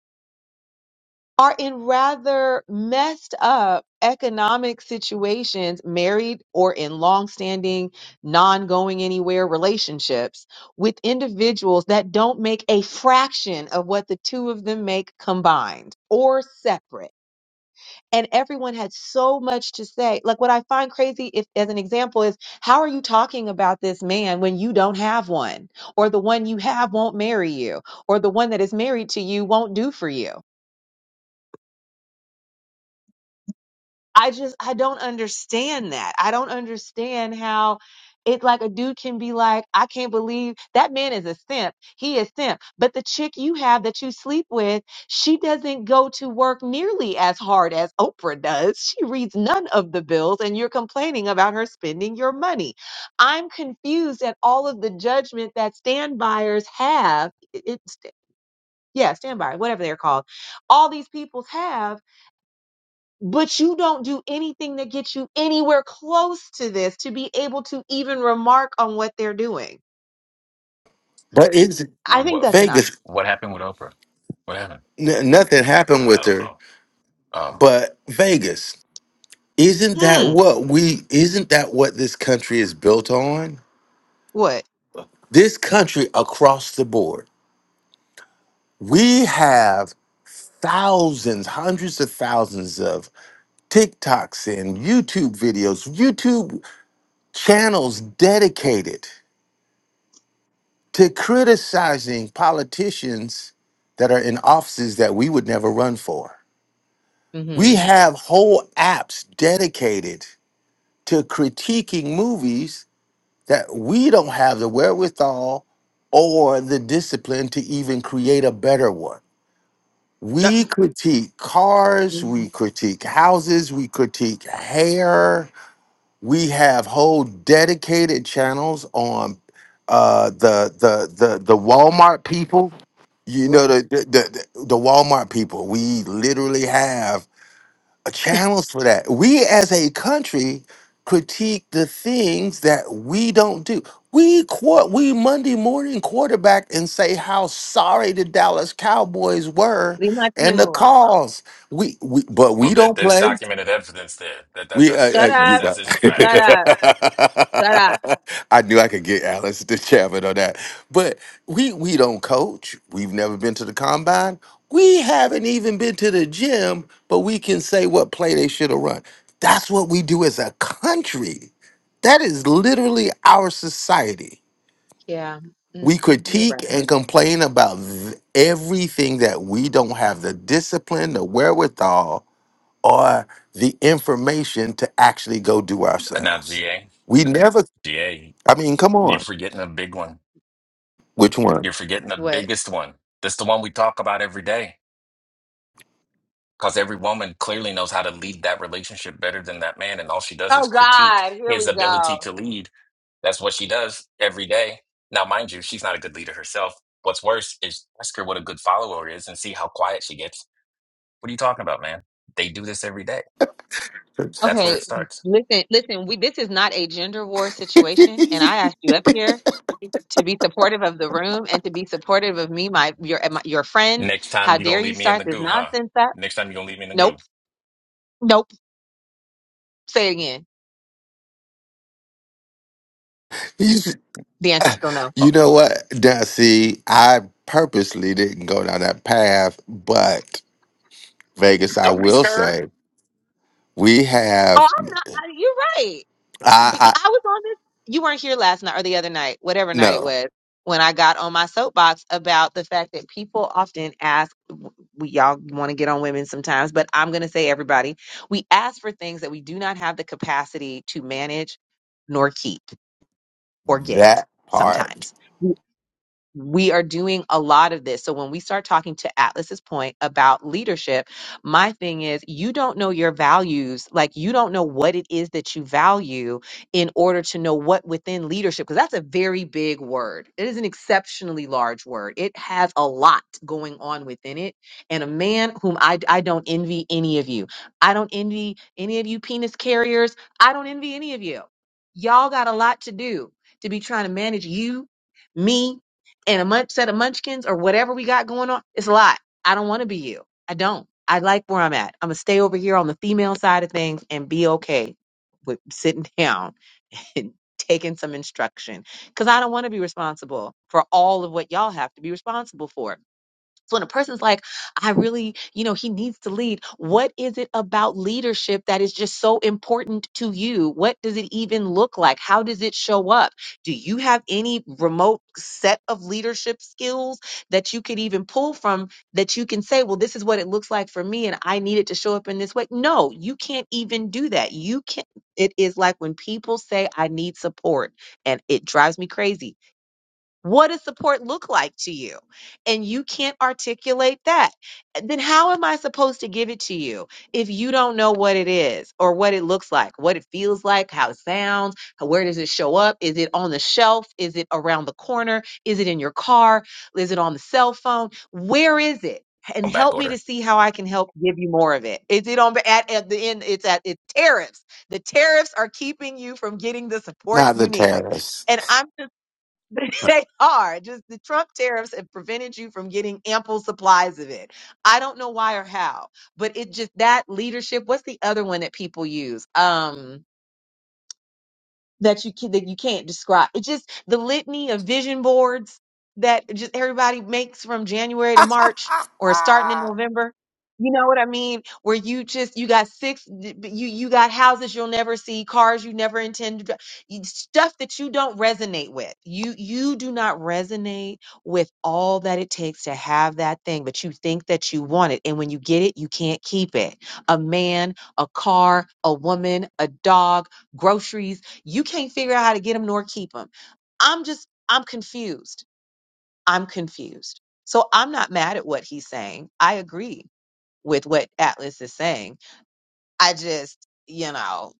Speaker 9: are in rather messed up economic situations, married or in long-standing, non-going anywhere relationships with individuals that don't make a fraction of what the two of them make combined or separate. And everyone had so much to say. Like what I find crazy if as an example is how are you talking about this man when you don't have one? Or the one you have won't marry you, or the one that is married to you won't do for you I just I don't understand that. I don't understand how it like a dude can be like, I can't believe that man is a simp. He is simp. But the chick you have that you sleep with, she doesn't go to work nearly as hard as Oprah does. She reads none of the bills and you're complaining about her spending your money. I'm confused at all of the judgment that stand buyers have. It's yeah, stand by, whatever they're called. All these people have but you don't do anything that gets you anywhere close to this to be able to even remark on what they're doing.
Speaker 2: But is
Speaker 9: I think
Speaker 13: what
Speaker 9: that's an I.
Speaker 2: Vegas?
Speaker 13: what happened with Oprah? What happened?
Speaker 2: N- nothing
Speaker 13: I, mean,
Speaker 2: happened
Speaker 13: I
Speaker 2: with
Speaker 13: don't
Speaker 2: her,
Speaker 13: know. Oh
Speaker 2: but Vegas. Isn't that
Speaker 9: Hmm.
Speaker 2: what we? Isn't that what this country is built on?
Speaker 9: What?
Speaker 2: This country across the board, we have thousands, hundreds of thousands of TikToks and YouTube videos, YouTube channels dedicated to criticizing politicians that are in offices that we would never run for. We
Speaker 9: Mm-hmm.
Speaker 2: have whole apps dedicated to critiquing movies that we don't have the wherewithal or the discipline to even create a better one. We critique cars,
Speaker 9: hmm
Speaker 2: we critique houses, we critique hair, We have whole dedicated channels on uh, the the the the Walmart people. You know
Speaker 9: Right.
Speaker 2: the the, the the Walmart people. We literally have a channels for that. We as a country critique the things that we don't do. We court we Monday morning quarterback and say how sorry the Dallas Cowboys were
Speaker 9: Leave my
Speaker 2: and
Speaker 9: team
Speaker 2: the
Speaker 9: alone.
Speaker 2: calls. We, we but
Speaker 13: well,
Speaker 2: we
Speaker 13: there,
Speaker 2: don't
Speaker 13: there's
Speaker 2: play.
Speaker 13: documented evidence there. That that
Speaker 2: We,
Speaker 13: that's
Speaker 2: uh,
Speaker 9: Shut
Speaker 2: uh,
Speaker 13: just,
Speaker 2: you
Speaker 13: just
Speaker 9: up.
Speaker 13: that's
Speaker 2: know,
Speaker 13: just a
Speaker 9: Shut
Speaker 13: fact.
Speaker 9: up. Shut up.
Speaker 2: I knew I could get Alice to Chapman on that, but we we don't coach. We've never been to the combine. We haven't even been to the gym, but we can say what play they should have run. That's what we do as a country. That is literally our society.
Speaker 9: Yeah.
Speaker 2: We
Speaker 9: Mm, you're
Speaker 2: critique
Speaker 9: right.
Speaker 2: and complain about th- everything that we don't have the discipline, the wherewithal or the information to actually go do
Speaker 13: And now,
Speaker 2: ourselves.
Speaker 13: GA,
Speaker 2: We never,
Speaker 13: GA,
Speaker 2: I mean, come
Speaker 13: you're
Speaker 2: on.
Speaker 13: forgetting a big one.
Speaker 2: Which one?
Speaker 13: You're forgetting the
Speaker 9: What?
Speaker 13: biggest one. That's the one we talk about every day. Because every woman clearly knows how to lead that relationship better than that man. And all she does
Speaker 9: Oh
Speaker 13: is critique
Speaker 9: God. Here we
Speaker 13: his
Speaker 9: go.
Speaker 13: ability to lead. That's what she does every day. Now, mind you, she's not a good leader herself. What's worse is ask her what a good follower is and see how quiet she gets. What are you talking about, man? They do this every day. That's where it
Speaker 9: Okay.
Speaker 13: starts.
Speaker 9: Listen. Listen. We. This is not a gender war
Speaker 2: you
Speaker 9: situation, and I asked you up here to be supportive of the room and to be supportive of me, my your my, your friend.
Speaker 13: Next time
Speaker 9: How
Speaker 13: you're going
Speaker 9: dare
Speaker 13: to
Speaker 9: you
Speaker 13: leave me in
Speaker 9: start
Speaker 13: the
Speaker 9: this
Speaker 13: goo, huh?
Speaker 9: nonsense up?
Speaker 13: Next time you're going to leave me in the
Speaker 9: Nope,
Speaker 13: goo.
Speaker 9: nope. Say it again. The answer's still no.
Speaker 2: you
Speaker 13: Oh,
Speaker 2: know what? Now, see, I purposely didn't go down that path, but Vegas, I
Speaker 13: don't be
Speaker 2: will
Speaker 13: scared.
Speaker 2: say, we have,
Speaker 9: Oh, I'm not. I- You're right. You-
Speaker 2: I,
Speaker 9: but you-
Speaker 2: I
Speaker 9: I was on this. You weren't here last night or the other night, whatever night it
Speaker 2: no,
Speaker 9: was, when I got on my soapbox about the fact that people often ask. We, y'all want to get on women sometimes, but I'm going to say everybody. We ask for things that we do not have the capacity to manage, nor keep, or get
Speaker 2: that part,
Speaker 9: sometimes we are doing a lot of this. So when we start talking to Atlas's point about leadership, my thing is you don't know your values, like you don't know what it is that you value in order to know what within leadership because that's a very big word. It is an exceptionally large word. It has a lot going on within it. And a man whom I I don't envy any of you. I don't envy any of you penis carriers. I don't envy any of you. Y'all got a lot to do to be trying to manage you, me, and a munch set of munchkins or whatever we got going on. It's a lot. I don't want to be you. I don't. I like where I'm at. I'm gonna stay over here on the female side of things and be okay with sitting down and taking some instruction because I don't want to be responsible for all of what y'all have to be responsible for. So when a person's like, I really, you know, he needs to lead, what is it about leadership that is just so important to you? What does it even look like? How does it show up? Do you have any remote set of leadership skills that you could even pull from that you can say, well, this is what it looks like for me and I need it to show up in this way? No, you can't even do that. You can't. It is like when people say, I need support, and it drives me crazy what does support look like to you? And you can't articulate that. Then how am I supposed to give it to you if you don't know what it is or what it looks like, what it feels like, how it sounds, where does it show up? Is it on the shelf? Is it around the corner? Is it in your car? Is it on the cell phone? Where is it? And
Speaker 13: I'm back
Speaker 9: help me to
Speaker 13: order.
Speaker 9: see how I can help give you more of it. Is it on at, at the end? It's at it's tariffs. The tariffs are keeping you from getting the support
Speaker 2: not the
Speaker 9: you need.
Speaker 2: terrace.
Speaker 9: And I'm just but they are just the Trump tariffs have prevented you from getting ample supplies of it. I don't know why or how, but it just that leadership. What's the other one that people use? Um, that you can, that you can't describe. It's just the litany of vision boards that just everybody makes from January to March or starting in November. You know what I mean? Where you just you got six you you got houses you'll never see, cars you never intend to dri- you- stuff that you don't resonate with. You you do not resonate with all that it takes to have that thing, but you think that you want it and when you get it, you can't keep it. A man, a car, a woman, a dog, groceries, you can't figure out how to get them nor keep them. I'm just, I'm confused. I'm confused. So I'm not mad at what he's saying. I agree with what Atlas is saying. I just, you know,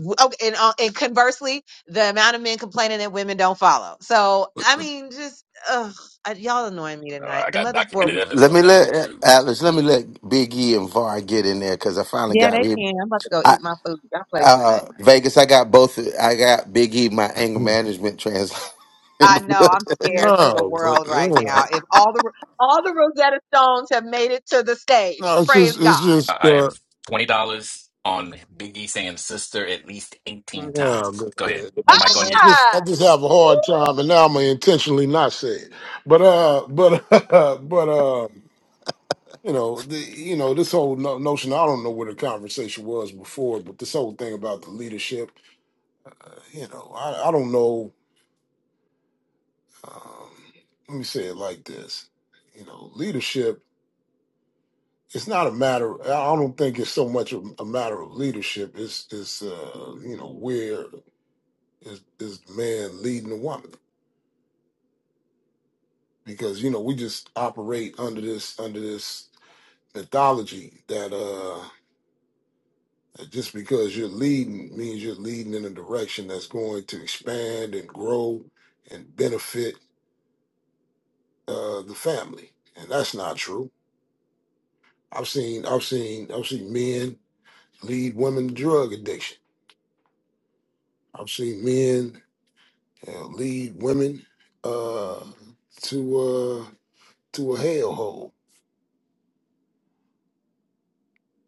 Speaker 9: okay, and, uh, and conversely, the amount of men complaining that women don't follow. So, I mean, just, ugh, I, y'all annoying me
Speaker 13: Oh,
Speaker 9: tonight.
Speaker 13: I
Speaker 9: The
Speaker 13: got
Speaker 9: mother's board.
Speaker 13: documented
Speaker 9: was-
Speaker 13: evidence
Speaker 2: let
Speaker 13: on
Speaker 2: me
Speaker 13: that one,
Speaker 2: let
Speaker 13: too.
Speaker 2: Atlas, let me let Big E and Var get in there because I finally
Speaker 9: Yeah,
Speaker 2: got
Speaker 9: they
Speaker 2: rid.
Speaker 9: can. I'm about to go eat my food. Y'all play too
Speaker 2: Uh,
Speaker 9: much.
Speaker 2: Vegas, I got both. I got Big E, my anger
Speaker 14: No,
Speaker 2: management translator in
Speaker 9: I
Speaker 2: the
Speaker 9: know I'm
Speaker 2: building.
Speaker 14: but
Speaker 9: scared for the world
Speaker 14: uh,
Speaker 9: right now. If all the all the Rosetta Stones have made it to the stage,
Speaker 14: no, it's
Speaker 9: praise
Speaker 14: just it's
Speaker 9: God.
Speaker 14: just
Speaker 13: I I
Speaker 14: uh
Speaker 13: have twenty dollars on Biggie saying sister at least eighteen
Speaker 14: no,
Speaker 13: times.
Speaker 14: go
Speaker 13: Go ahead.
Speaker 14: ahead.
Speaker 13: One mic on
Speaker 14: I
Speaker 13: you.
Speaker 14: just
Speaker 9: Ah!
Speaker 14: I just have a hard time and now I'm gonna intentionally not say it. But uh but but uh you know, the, you know this whole no- notion. I don't know what the conversation was before, but this whole thing about the leadership. You know, I, I don't know. Um, let me say it like this. You know, leadership. it's not a matter. I don't think it's so much a, a matter of leadership. It's it's uh, you know where is is the man leading the woman because you know we just operate under this under this mythology that uh that just because you're leading means you're leading in a direction that's going to expand and grow and benefit uh the family and that's not true. I've seen I've seen I've seen men lead women to drug addiction. I've seen men uh, lead women uh, to uh, to a hellhole.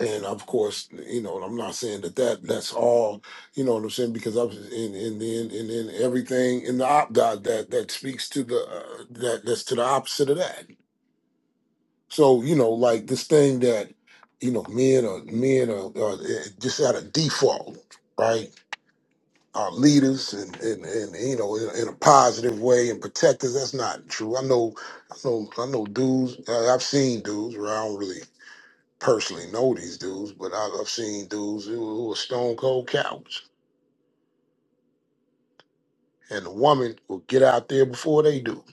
Speaker 14: And of course, you know, I'm not saying that, that that's all, you know what I'm saying, because I'm in in in in, in everything in the op God that that speaks to the uh, that that's to the opposite of that. So you know, like this thing that you know, men are men are, are eh, just at a default, right? our leaders and, and, and you know in, in a positive way and protect us. That's not true. I know, I know, I know dudes. I- I've seen dudes. Where I don't really personally know these dudes, but I- I've seen dudes who, who are stone cold cowards, and the woman will get out there before they do.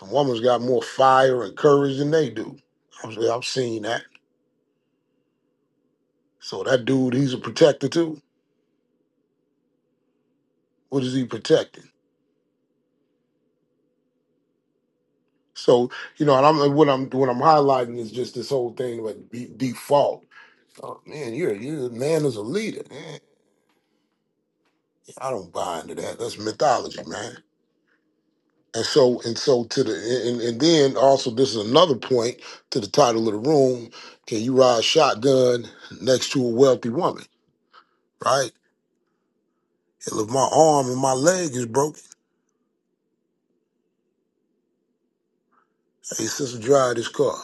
Speaker 14: The woman's got more fire and courage than they do. I've, I've seen that. So that dude, he's a protector too. What is he protecting? So you know, and I'm what I'm what I'm highlighting is just this whole thing like be, default. Oh man, you're you man is a leader. Eh, I don't buy into that. That's mythology, man. And so and so to the and, and then also this is another point to the title of the room. Can you ride shotgun next to a wealthy woman? Right? Hell, if my arm and my leg is broken, hey sister, drive this car.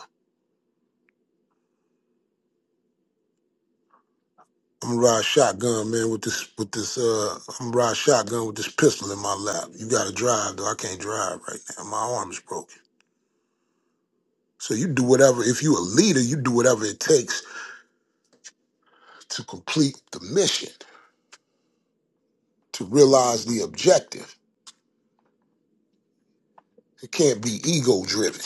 Speaker 14: I'm gonna ride shotgun, man, with this with this uh I'm gonna ride shotgun with this pistol in my lap. You gotta drive though. I can't drive right now. My arm is broken. So you do whatever if you a leader, you do whatever it takes to complete the mission, to realize the objective. It can't be ego driven.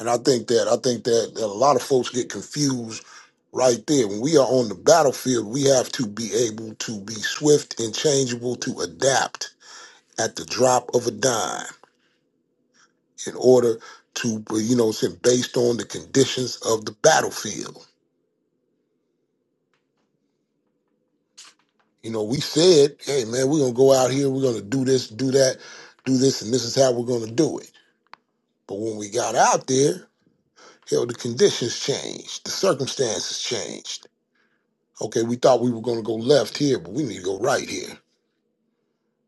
Speaker 14: And I think that I think that, that a lot of folks get confused right there. When we are on the battlefield, we have to be able to be swift and changeable to adapt at the drop of a dime in order to, uh, you know, say based on the conditions of the battlefield. You know, we said, hey, man, we're going to go out here, we're going to do this, do that, do this, and this is how we're going to do it. But when we got out there, hell, the conditions changed, the circumstances changed. Okay, we thought we were going to go left here, but we need to go right here.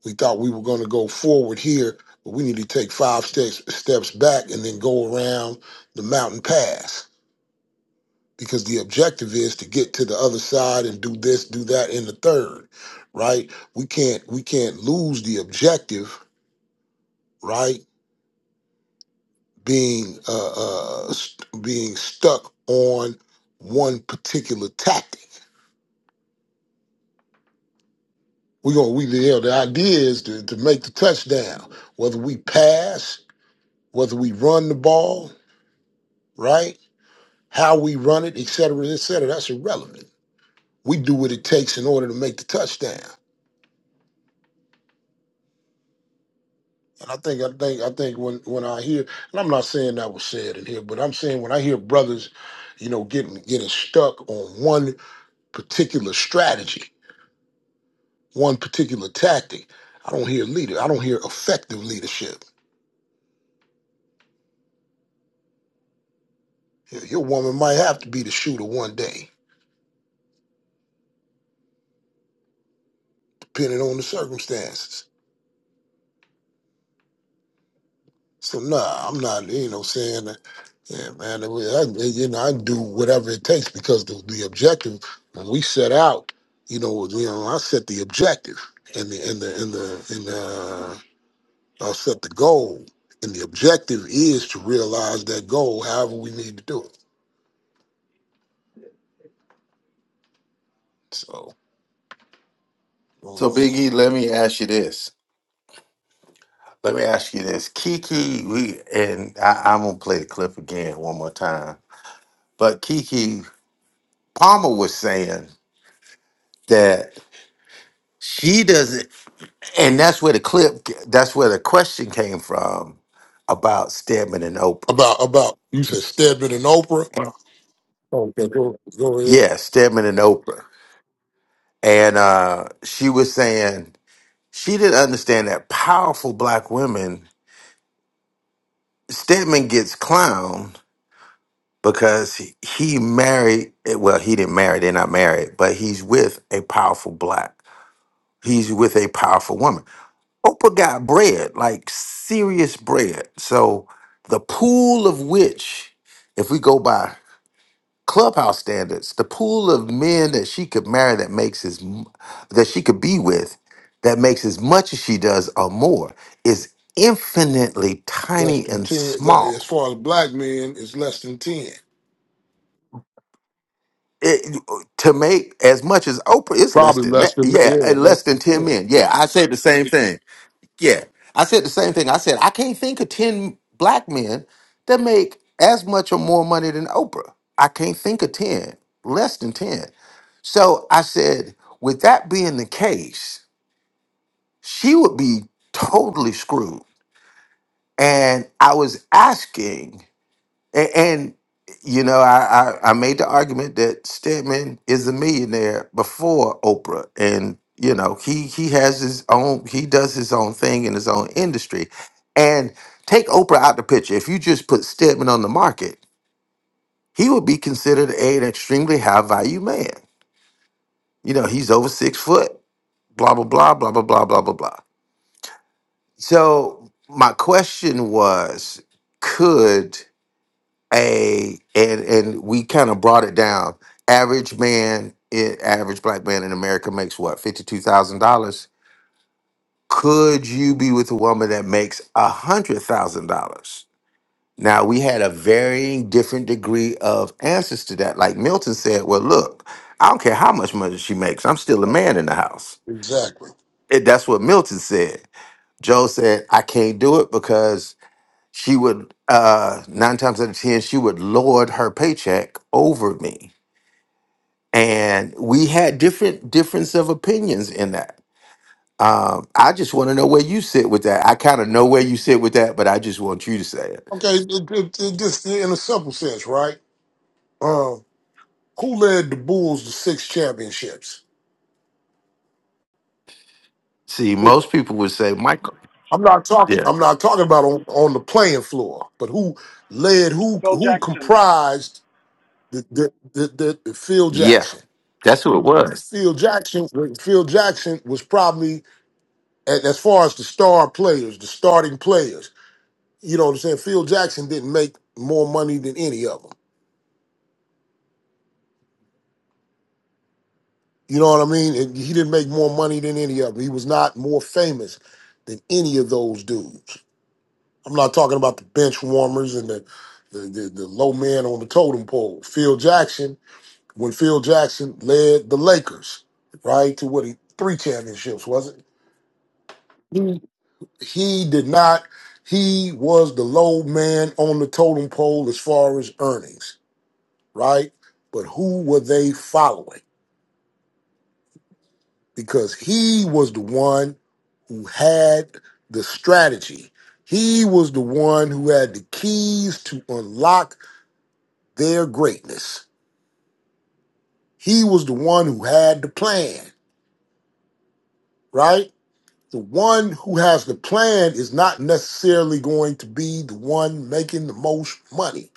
Speaker 14: We thought we were going to go forward here, but we need to take five steps steps back and then go around the mountain pass because the objective is to get to the other side and do this, do that in the third, right? We can't we can't lose the objective, right? Being uh, uh st- being stuck on one particular tactic. We're gonna we you know, the idea is to, to make the touchdown, whether we pass, whether we run the ball, right? How we run it, et cetera, et cetera, that's irrelevant. We do what it takes in order to make the touchdown. And I think I think I think when when I hear, and I'm not saying that was said in here, but I'm saying when I hear brothers, you know, getting getting stuck on one particular strategy, one particular tactic, I don't hear leader. I don't hear effective leadership. Your your woman might have to be the shooter one day, depending on the circumstances. So nah, I'm not. You know, saying, yeah, man. it was- I, you know, I do whatever it takes because the, the objective when we set out, you know, you know, I set the objective and the and the and the and the I set the goal, and the objective is to realize that goal. However, we need to do it. So
Speaker 2: So,
Speaker 14: well, I'm-
Speaker 2: Big E, let me ask you this. Let me ask you this. Kiki, we and I, I'm gonna play the clip again one more time. But Kiki Palmer was saying that she doesn't, and that's where the clip, that's where the question came from about Stedman and Oprah.
Speaker 14: about about you said Stedman and Oprah. Okay, go go ahead.
Speaker 2: Yeah, Stedman and Oprah, and uh, she was saying She didn't understand that powerful black women. Stedman gets clowned because he he married. eh, Well, he didn't marry. They're not married, but he's with a powerful black. He's with a powerful woman. Oprah got bread, like serious bread. So the pool of which, if we go by clubhouse standards the pool of men that she could marry that makes as m- that she could be with that makes as much as she does or more is infinitely
Speaker 14: Less
Speaker 2: tiny
Speaker 14: than
Speaker 2: and
Speaker 14: ten. le- As
Speaker 2: small
Speaker 14: far as black men, it's less than ten.
Speaker 2: It- to make as much as oprah it's less
Speaker 14: Probably
Speaker 2: than
Speaker 14: less
Speaker 2: that
Speaker 14: than
Speaker 2: yeah
Speaker 14: yeah,
Speaker 2: eh,
Speaker 14: less
Speaker 2: less than
Speaker 14: than
Speaker 2: 10
Speaker 14: ten.
Speaker 2: men yeah i said the same thing yeah i said the same thing i said i can't think of 10 black men that make as much or more money than oprah i can't think of 10 less than 10 So I said, with that being the case, she would be totally screwed. And I was asking, and, and you know, I, I I made the argument that Stedman is a millionaire before Oprah, and you know, he he has his own, he does his own thing in his own industry, and take Oprah out the picture. If you just put Stedman on the market, he would be considered a- an extremely high value man. You know, he's over six foot blah blah blah blah blah blah blah blah blah. So my question was, could a and and we kind of brought it down. Average man, i- average black man in America makes what fifty two thousand dollars. Could you be with a woman that makes a hundred thousand dollars? Now we had a varying different degree of answers to that. Like Milton said, well, look, I don't care how much money she makes, I'm still a
Speaker 14: Uh-huh.
Speaker 2: man in the house.
Speaker 14: Exactly.
Speaker 2: And that's what Milton said. Joe said, I can't do it because she would, uh, nine times out of 10, she would lord her paycheck over me. And we had different difference of opinions in that. Um, I just want to know where you sit with that. I kind of know where you sit with that, but I just want you to say it.
Speaker 14: Okay, it, it, it just in a simple sense, right? Um, who led the Bulls to six championships?
Speaker 2: See,
Speaker 14: Who?
Speaker 2: most people would say, Michael.
Speaker 14: I'm not talking.
Speaker 2: Yeah.
Speaker 14: I'm not talking about on, on the playing floor, but who led? Who
Speaker 7: Phil
Speaker 14: who
Speaker 7: Jackson.
Speaker 14: comprised the the, the, the, the Phil
Speaker 2: Yeah.
Speaker 14: Jackson?
Speaker 2: That's who it was.
Speaker 14: Phil Jackson. uh, Phil Jackson was probably a- as far as the star players, the starting players. You know what I'm saying? Phil Jackson didn't make more money than any of them. You know what I mean? And he didn't make more money than any of them. He was not more famous than any of those dudes. I'm not talking about the bench warmers and the the, the, the low man on the totem pole. Phil Jackson, when Phil Jackson led the Lakers, right, to what he three championships, was it? Mhm. He did not he was the low man on the totem pole as far as earnings, right? But who were they following? because he was the one who had the strategy. He was the one who had the keys to unlock their greatness. He was the one who had the plan, right? The one who has the plan is not necessarily going to be the one making the most money.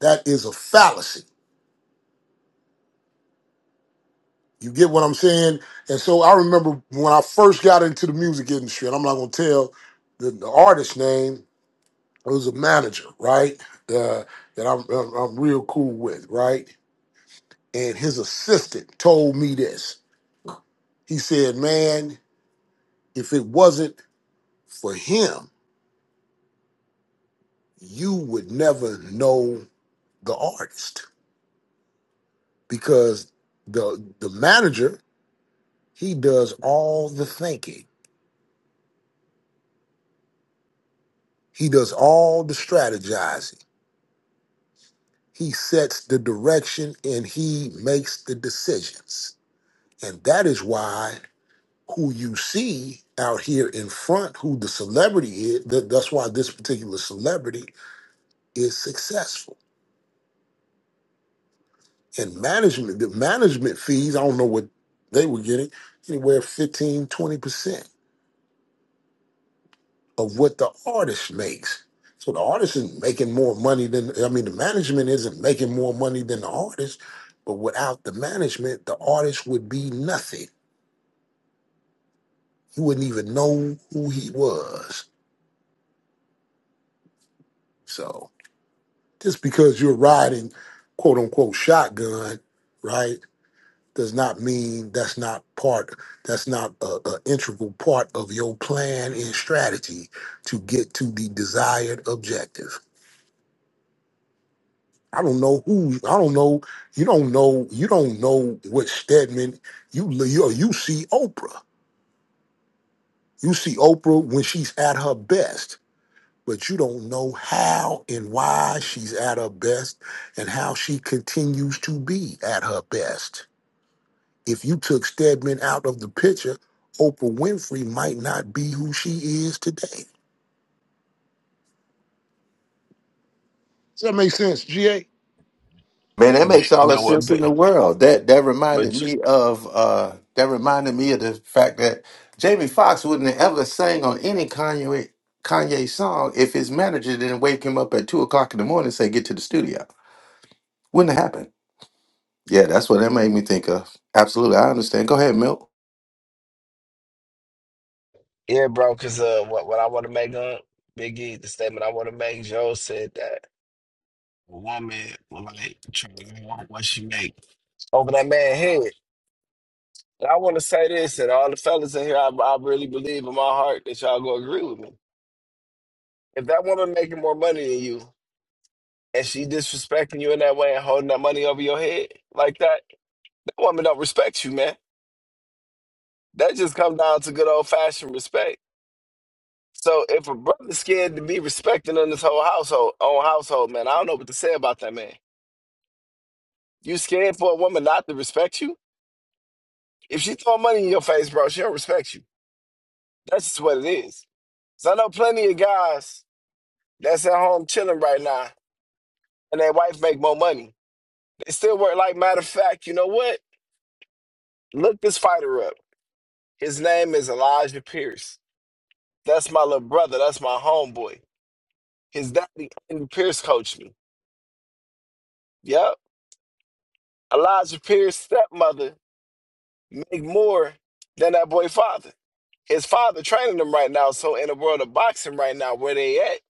Speaker 14: That is a fallacy. You get what I'm saying? And so I remember when I first got into the music industry, and I'm not going to tell the, the artist name, was a manager, right? Uh, that I'm, I'm I'm real cool with, right? And his assistant told me this. He said, "Man, if it wasn't for him, you would never know the artist because the the manager he does all the thinking, he does all the strategizing, he sets the direction, and he makes the decisions. And that is why." who you see out here in front, who the celebrity is. That, that's why this particular celebrity is successful. And management, the management fees, I don't know what they were getting, anywhere fifteen, twenty percent of what the artist makes. So the artist is not making more money than, I mean, the management isn't making more money than the artist, but without the management, the artist would be nothing. He wouldn't even know who he was. So. Just because you're riding quote unquote shotgun, right, does not mean that's not part, that's not a, a integral part of your plan and strategy to get to the desired objective. I don't know who, I don't know, you don't know, you don't know what Stedman, you, you, you see Oprah. You see Oprah when she's at her best, but you don't know how and why she's at her best and how she continues to be at her best. If you took Stedman out of the picture, Oprah Winfrey might not be who she is today. Does that make sense, GA?
Speaker 2: Man, that
Speaker 5: And you,
Speaker 2: makes
Speaker 5: you
Speaker 2: all the
Speaker 5: know what,
Speaker 2: sense in
Speaker 5: but,
Speaker 2: the world. That that reminded
Speaker 5: but
Speaker 2: me of uh that reminded me of the fact that Jamie Foxx wouldn't have ever sang on any Kanye Kanye song if his manager didn't wake him up at two o'clock in the morning and say, get to the studio. Wouldn't have happened. Yeah, that's what that made me think of. Absolutely. I understand. Go ahead, Milt.
Speaker 5: yeah, bro, because uh, what what I want to make on Biggie, the statement I want to make, Joe said that a woman will like try to want what she make over that man head. And I want to say this, and all the fellas in here, I, I really believe in my heart that y'all gonna agree with me. If that woman making more money than you, and she disrespecting you in that way and holding that money over your head like that. woman don't respect you, man. That just comes down to good old fashioned respect. So if a brother's scared to be respected in this whole household, own household, man, I don't know what to say about that man. You scared for a woman not to respect you? If she throw money in your face, bro, she don't respect you. That's just what it is. So I know plenty of guys that's at home chilling right now, and their wife make more money. They still work. Like matter of fact, you know what? Look this fighter up. His name is Elijah Pierce. That's my little brother. That's my homeboy. His daddy, Andy Pierce, coached me. Yep. Elijah Pierce's stepmother make more than that boy father. His father training them right now. So in the world of boxing right now, where they at,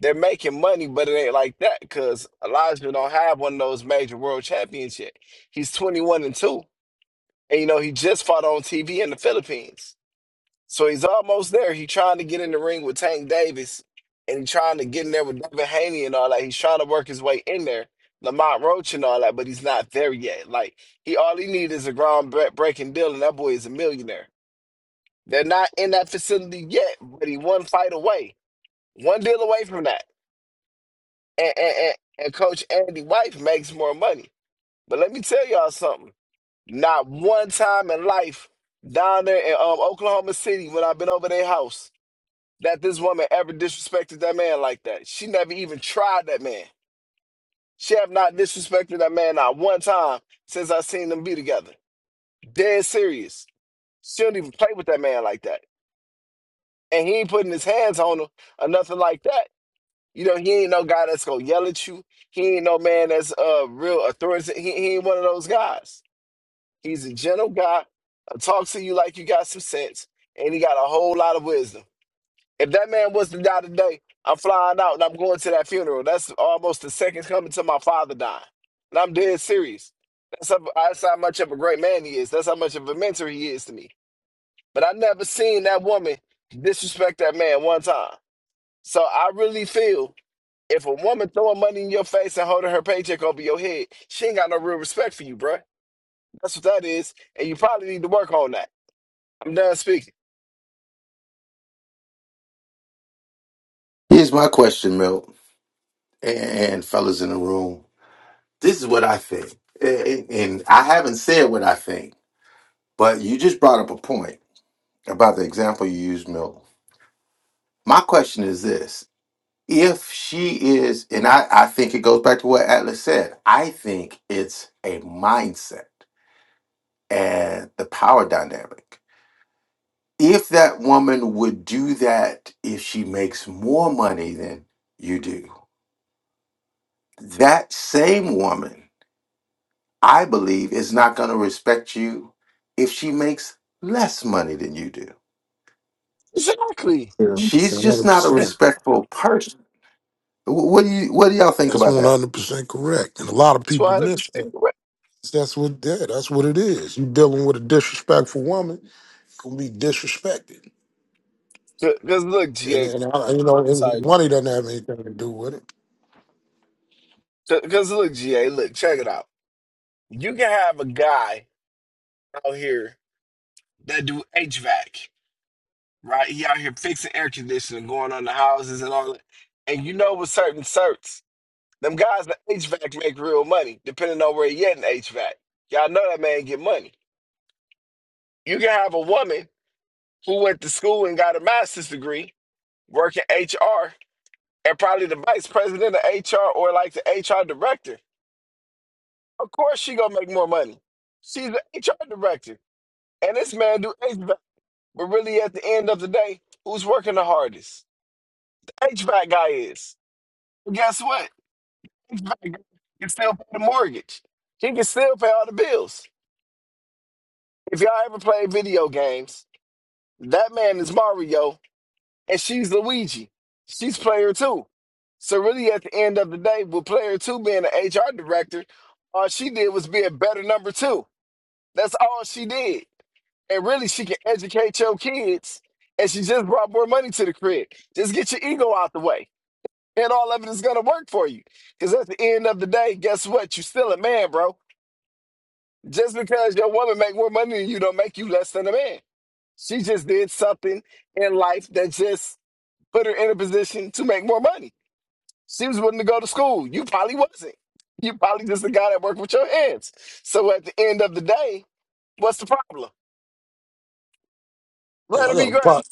Speaker 5: they're making money, but it ain't like that because Elijah don't have one of those major world championships. He's 21 and 2. And you know, he just fought on TV in the Philippines. So he's almost there. He's trying to get in the ring with Tank Davis and he's trying to get in there with Devin Haney and all that. He's trying to work his way in there. Lamont Roach and all that, but he's not there yet. Like he all he needs is a ground breaking deal, and that boy is a millionaire. They're not in that facility yet, but he one fight away, one deal away from that. And, and, and, and Coach Andy White makes more money. But let me tell y'all something. Not one time in life down there in um, Oklahoma City when I've been over their house. that this woman ever disrespected that man like that. She never even tried that man. She have not disrespected that man not one time since I seen them be together. Dead serious. She don't even play with that man like that. And he ain't putting his hands on her or nothing like that. You know, he ain't no guy that's gonna yell at you. He ain't no man that's uh real authority. He, he ain't one of those guys. He's a gentle guy, uh, talks to you like you got some sense, and he got a whole lot of wisdom. If that man was to die today, I'm flying out and I'm going to that funeral. That's almost the second coming to my father dying. And I'm dead serious. That's how, that's how much of a great man he is. That's how much of a mentor he is to me. But I never seen that woman disrespect that man one time. So I really feel if a woman throwing money in your face and holding her paycheck over your head, she ain't got no real respect for you, bruh. That's what that is. And you probably need to work on that. I'm done speaking.
Speaker 2: Here's my question, Milt. And fellas in the room. This is what I think. And and I haven't said what I think, but you just brought up a point about the example you used, Milt My question is this. If she is, and I, I think it goes back to what Atlas said, I think it's a mindset and the power dynamic. If that woman would do that if she makes more money than you do, that same woman, I believe, is not going to respect you if she makes less money than you do. Sh-
Speaker 5: Exactly.
Speaker 14: Yeah.
Speaker 2: She's just not a
Speaker 14: 100%.
Speaker 2: respectful person. Wh- What do you what do y'all think
Speaker 14: That's
Speaker 2: about that?
Speaker 14: 100% correct. And a lot of
Speaker 5: That's
Speaker 14: people
Speaker 5: 100%
Speaker 14: miss that.
Speaker 5: correct.
Speaker 14: That's what yeah, that's what it is. You dealing with a disrespectful woman, gonna be disrespected.
Speaker 5: Because look,
Speaker 14: And,
Speaker 5: GA,
Speaker 14: and I, you know,
Speaker 5: Sorry.
Speaker 14: and money doesn't have anything to do with it.
Speaker 5: Because look, GA, look, check it out. You can have a guy out here that do HVAC, right? He out here fixing air conditioning, going on the houses and all that. And you know with certain certs, them guys that HVAC make real money, depending on where you get in HVAC. Y'all know that man get money. You can have a woman who went to school and got a master's degree, working HR, and probably the vice president of HR or like the HR director. Of course she gonna make more money. She's the HR director. And this man do HVAC, but really at the end of the day, who's working the hardest? The HVAC guy is. But guess what? HVAC guy can still pay the mortgage. He can still pay all the bills. If y'all ever play video games, that man is Mario and she's Luigi. She's player two. So really at the end of the day, with player two being an HR director, all she did was be a better number two. That's all she did. And really, she can educate your kids. And she just brought more money to the crib. Just get your ego out the way. And all of it is going to work for you. Because at the end of the day, guess what? You're still a man, bro. Just because your woman make more money than you don't make you less than a man. She just did something in life that just put her in a position to make more money. She was willing to go to school. You probably wasn't. You probably just a guy that worked with your hands. So at the end of the day, what's the problem?
Speaker 14: Yeah,
Speaker 5: Let
Speaker 14: I
Speaker 5: her be
Speaker 14: got a
Speaker 5: great.
Speaker 14: part,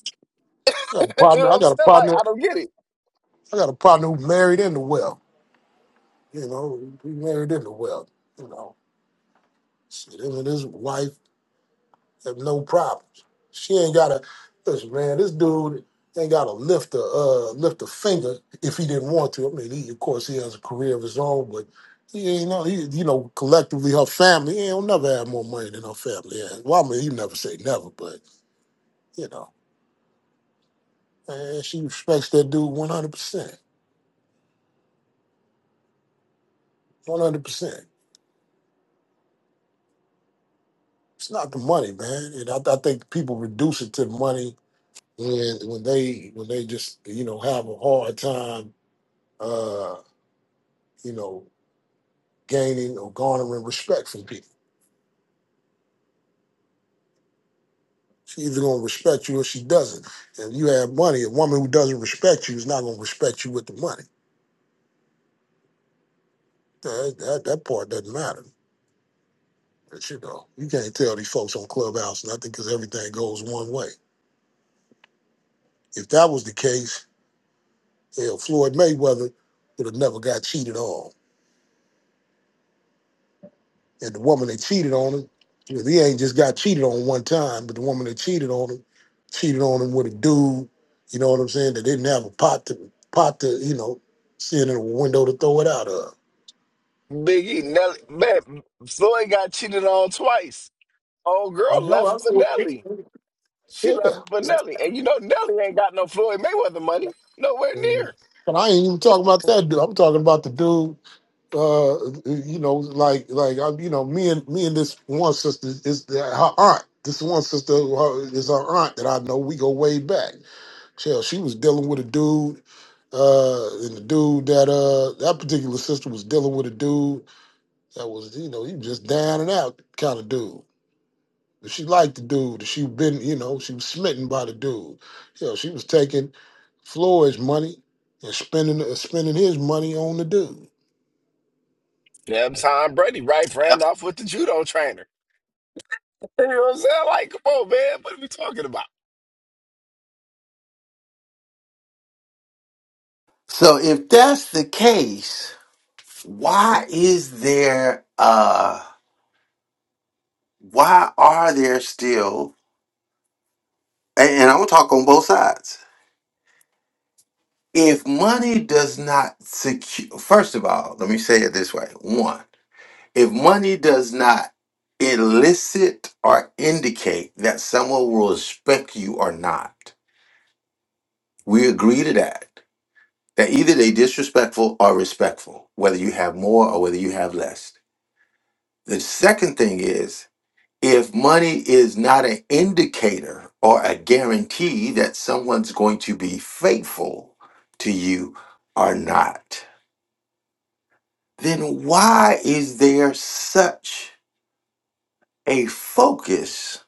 Speaker 14: I got
Speaker 5: you
Speaker 14: a
Speaker 5: know
Speaker 14: partner,
Speaker 5: what
Speaker 14: I
Speaker 5: I'm
Speaker 14: got a
Speaker 5: saying? Like,
Speaker 14: partner,
Speaker 5: I don't get it.
Speaker 14: I got a partner who married into wealth. You know, he married into wealth. You know, shit, him and his wife have no problems. She ain't gotta listen, man. This dude ain't gotta lift a uh, lift a finger if he didn't want to. I mean, he, of course, he has a career of his own, but he ain't know. He, you know, collectively, her family he will never have more money than her family. Yeah, well, I mean, you never say never, but you know, man, she respects that dude one hundred percent, one hundred percent. It's not the money, man. And I, I think people reduce it to the money when when they when they just you know have a hard time. Uh, you know, gaining or garnering respect from people. She either gonna respect you or she doesn't. And you have money. A woman who doesn't respect you is not gonna respect you with the money. That, that, that part doesn't matter. But you know, you can't tell these folks on Clubhouse nothing because everything goes one way. If that was the case, hell, Floyd Mayweather would have never got cheated on. And the woman that cheated on him, because he ain't just got cheated on one time, but the woman that cheated on him, cheated on him with a dude, you know what I'm saying, that didn't have a pot to pot to, you know, sit in a window to throw it out of.
Speaker 5: Biggie, Nelly, man, Floyd got cheated on twice. Old
Speaker 14: I
Speaker 5: girl
Speaker 14: know,
Speaker 5: left him
Speaker 14: I
Speaker 5: for
Speaker 14: know.
Speaker 5: Nelly. She
Speaker 14: Yeah.
Speaker 5: left him for Nelly. And you know, Nelly ain't got no Floyd Mayweather money. Nowhere
Speaker 14: And
Speaker 5: near.
Speaker 14: But I ain't even talking about that dude. I'm talking about the dude, uh, you know, like like I, you know, me and me and this one sister is her aunt. This one sister her, is her aunt that I know. We go way back. Hell, she was dealing with a dude, uh, and the dude that uh that particular sister was dealing with a dude that was, you know, he was just down and out kind of dude. But she liked the dude. She been, you know, she was smitten by the dude. You know, she was taking Floyd's money and spending uh, spending his money on the dude.
Speaker 5: Yeah, Tom Brady, right?
Speaker 14: Yep.
Speaker 5: Ran off with the judo trainer. You know what I'm saying? Like, come on, man. What are we talking about?
Speaker 2: So if that's the case, why is there uh why are there still and, and I'm gonna talk on both sides. If money does not secure first of all, let me say it this way. One, if money does not elicit or indicate that someone will respect you or not, we agree to that. That either they disrespectful or respectful, whether you have more or whether you have less. The second thing is if money is not an indicator or a guarantee that someone's going to be faithful to you or not, then why is there such a focus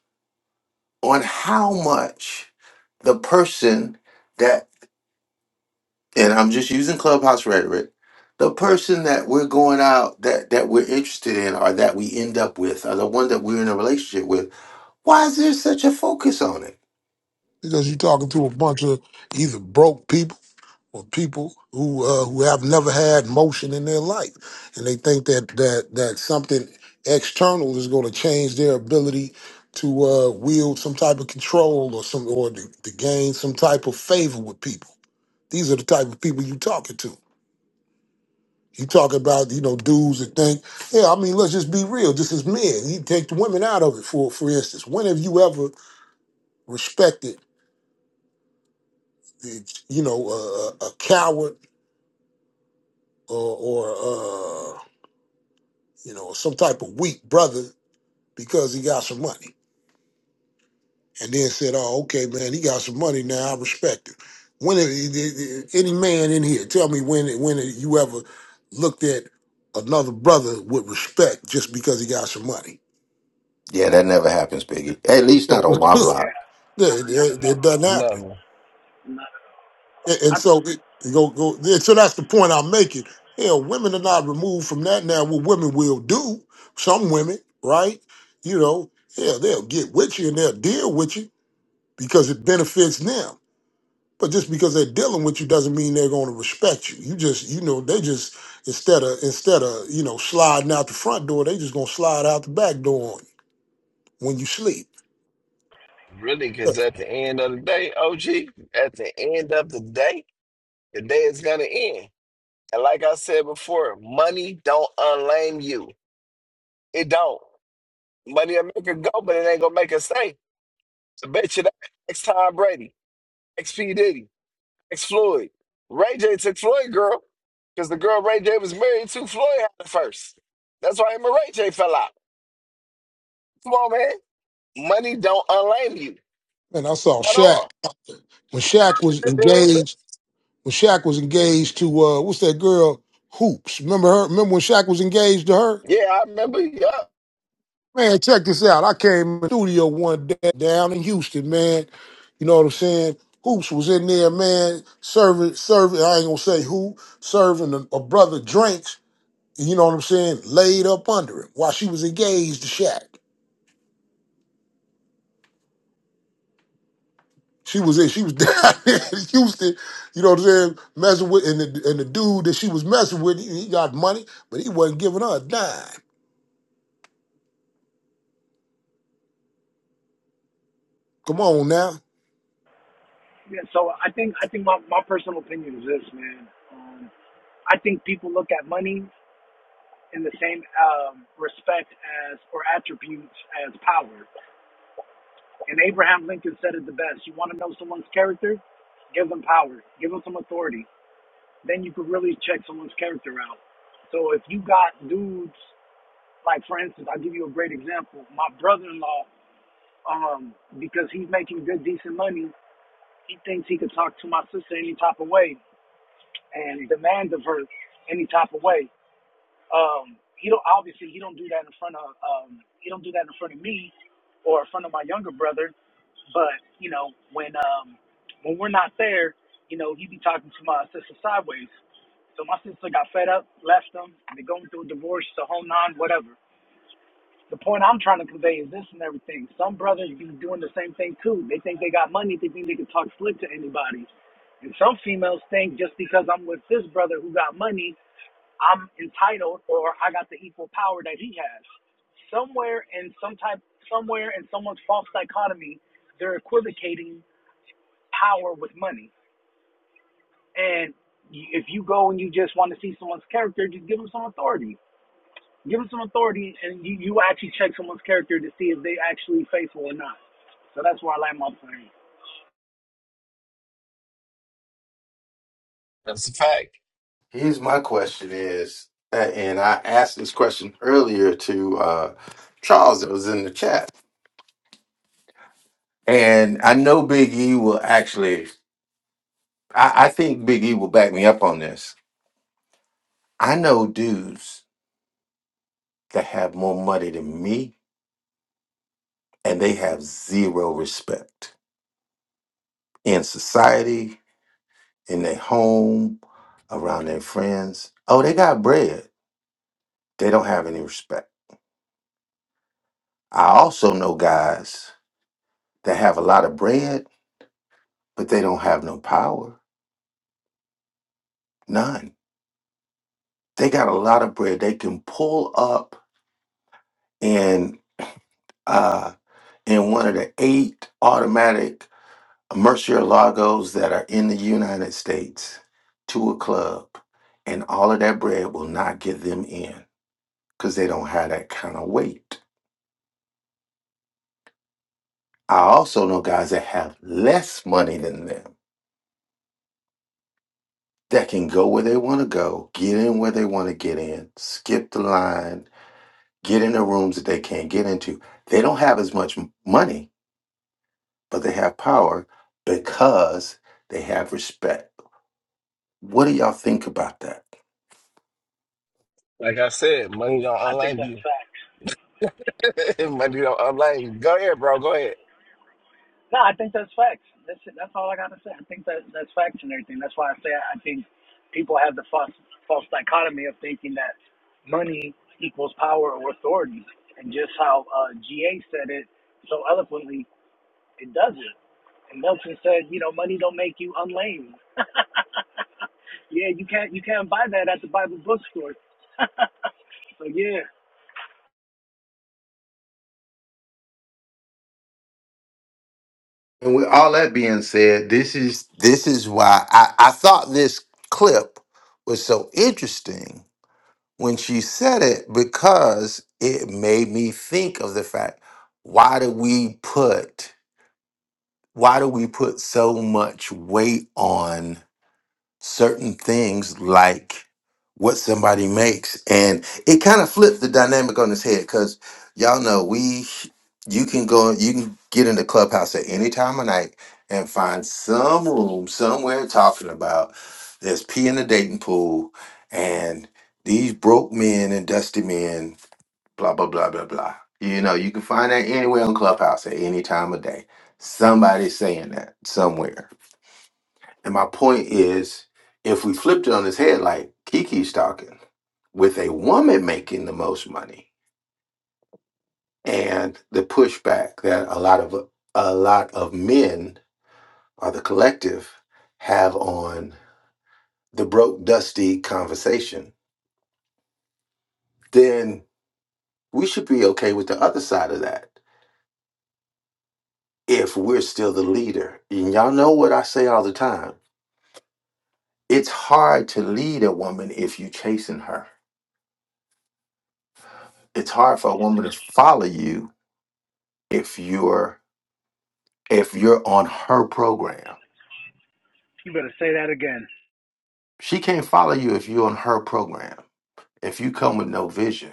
Speaker 2: on how much the person that, and I'm just using clubhouse rhetoric, the person that we're going out that, that we're interested in or that we end up with or the one that we're in a relationship with, why is there such a focus on it?
Speaker 14: Because you're talking to a bunch of either broke people or people who uh, who have never had motion in their life, and they think that that that something external is going to change their ability to uh, wield some type of control or some or to, to gain some type of favor with people. These are the type of people you talking to. You talk about you know dudes that think, yeah, I mean, let's just be real. This is men. You take the women out of it. For for instance, when have you ever respected, you know, a, a a coward or or uh, you know, some type of weak brother because he got some money. And then said, oh, okay, man, he got some money now. I respect him. When it- any man in here, tell me when when you ever looked at another brother with respect just because he got some money?
Speaker 2: Yeah, that never happens, Biggie. At least not
Speaker 14: So
Speaker 2: on my
Speaker 5: It's-
Speaker 2: block.
Speaker 7: Yeah,
Speaker 14: it,
Speaker 7: no, not at
Speaker 14: it, it
Speaker 7: all.
Speaker 14: doesn't happen.
Speaker 5: No,
Speaker 7: Not at
Speaker 14: And
Speaker 7: all.
Speaker 14: and
Speaker 7: I
Speaker 14: so it, you go go. and So that's the point I'm making. Hell, women are not removed from that now. What women will do, some women, right? You know, hell, they'll get with you and they'll deal with you because it benefits them. But just because they're dealing with you doesn't mean they're going to respect you. You just, you know, they just instead of instead of you know sliding out the front door, they just gonna slide out the back door on you when you sleep.
Speaker 5: really,
Speaker 14: Yeah.
Speaker 5: because at the end of the day, OG, at the end of the day, the day is going to end. And like I said before, money don't unlame you. It don't. Money'll make it go, but it ain't gonna make it stay. I bet you that. Ex Tom Brady, ex P Diddy, ex Floyd. Ray J took Floyd girl, because the girl Ray J was married to, Floyd had it first. That's why him and Ray J fell out. Come on, man. Money don't unlame you
Speaker 14: And I saw
Speaker 5: at
Speaker 14: Shaq
Speaker 5: all.
Speaker 14: when Shaq was
Speaker 5: You know what I'm saying?
Speaker 14: engaged. When Shaq was engaged to uh, what's that girl Hoops? Remember her? Remember when Shaq was engaged to her?
Speaker 5: Yeah, I remember. Yeah,
Speaker 14: Man, check this out. I came in the studio one day down in Houston, man. You know what I'm saying? Hoops was in there, man, serving, serving, I ain't gonna say who, serving a, a brother drinks, and you know what I'm saying, laid up under him while she was engaged to Shaq. She was in, she was down there in Houston, you know what I'm saying, messing with, and the, and the dude that she was messing with, he, he got money, but he wasn't giving her a dime. Come on now.
Speaker 7: yeah, so I think I think my, my personal opinion is this, man. Um, I think people look at money in the same um, respect as or attributes as power. And Abraham Lincoln said it the best. You want to know someone's character? Give them power. Give them some authority. Then you could really check someone's character out. So if you got dudes like, for instance, I'll give you a great example. My brother-in-law, um, because he's making good, decent money, He thinks he could talk to my sister any type of way and demand of her any type of way. Um, he don't obviously he don't do that in front of um, he don't do that in front of me or in front of my younger brother. But you know when um, when we're not there, you know he be talking to my sister sideways. So my sister got fed up, left him. They're going through a divorce, the whole nine, whatever. The point I'm trying to convey is this and everything. Some brothers be doing the same thing too. They think they got money, they think they can talk slick to anybody. And some females think just because I'm with this brother who got money, I'm entitled or I got the equal power that he has. Somewhere in some type somewhere in someone's false dichotomy, they're equivocating power with money. And y- if you go and you just want to see someone's character, just give them some authority Give them some authority, and you, you actually check someone's character to see if they actually faithful or not. So that's where I land my plane.
Speaker 5: that's a fact.
Speaker 2: Here's my question is, a- and I asked this question earlier to uh, Charles that was in the chat. And I know Big E will actually, I, I think Big E will back me up on this. I know dudes that have more money than me, and they have zero respect in society, in their home, around their friends. Oh, they got bread. They don't have any respect. I also know guys That have a lot of bread, but they don't have no power. None. They got a lot of bread. They can pull up in uh in one of the eight automatic Murcielagos that are in the United States to a club, and all of that bread will not get them in because they don't have that kind of weight. I also know guys that have less money than them that can go where they want to go, get in where they want to get in, skip the line, get into rooms that they can't get into. They don't have as much m- money, but they have power because they have respect. What do y'all think about that?
Speaker 5: Like I said, money don't
Speaker 7: I think
Speaker 5: unlame
Speaker 7: that's facts.
Speaker 5: you. money don't unlame you. Go ahead, bro. Go ahead.
Speaker 7: No, I think that's facts. That's it. That's all I gotta say. I think that that's facts and everything. That's why I say I think people have the false false dichotomy of thinking that money equals power or authority, and just how uh, GA said it so eloquently, it doesn't. And Nelson said, you know, money don't make you unlame. Yeah, you can't you can't buy that at the Bible bookstore. So yeah,
Speaker 2: And with all that being said, this is this is why I, I thought this clip was so interesting when she said it because it made me think of the fact why do we put why do we put so much weight on certain things like what somebody makes and it kind of flipped the dynamic on its head because y'all know we you can go you can get into clubhouse at any time of night and find some room somewhere talking about there's pee in the dating pool and these broke men and dusty men blah blah blah blah blah you know you can find that anywhere on clubhouse at any time of day somebody's saying that somewhere and my point is, if we flipped it on his head, like Kiki's talking, with a woman making the most money, and the pushback that a lot of a lot of men or the collective have on the broke, dusty conversation, then we should be okay with the other side of that if we're still the leader. And y'all know what I say all the time. It's hard to lead a woman if you're chasing her. It's hard for a woman to follow you if you're if you're on her program.
Speaker 7: You better say that again.
Speaker 2: She can't follow you if you're on her program. If you come with no vision,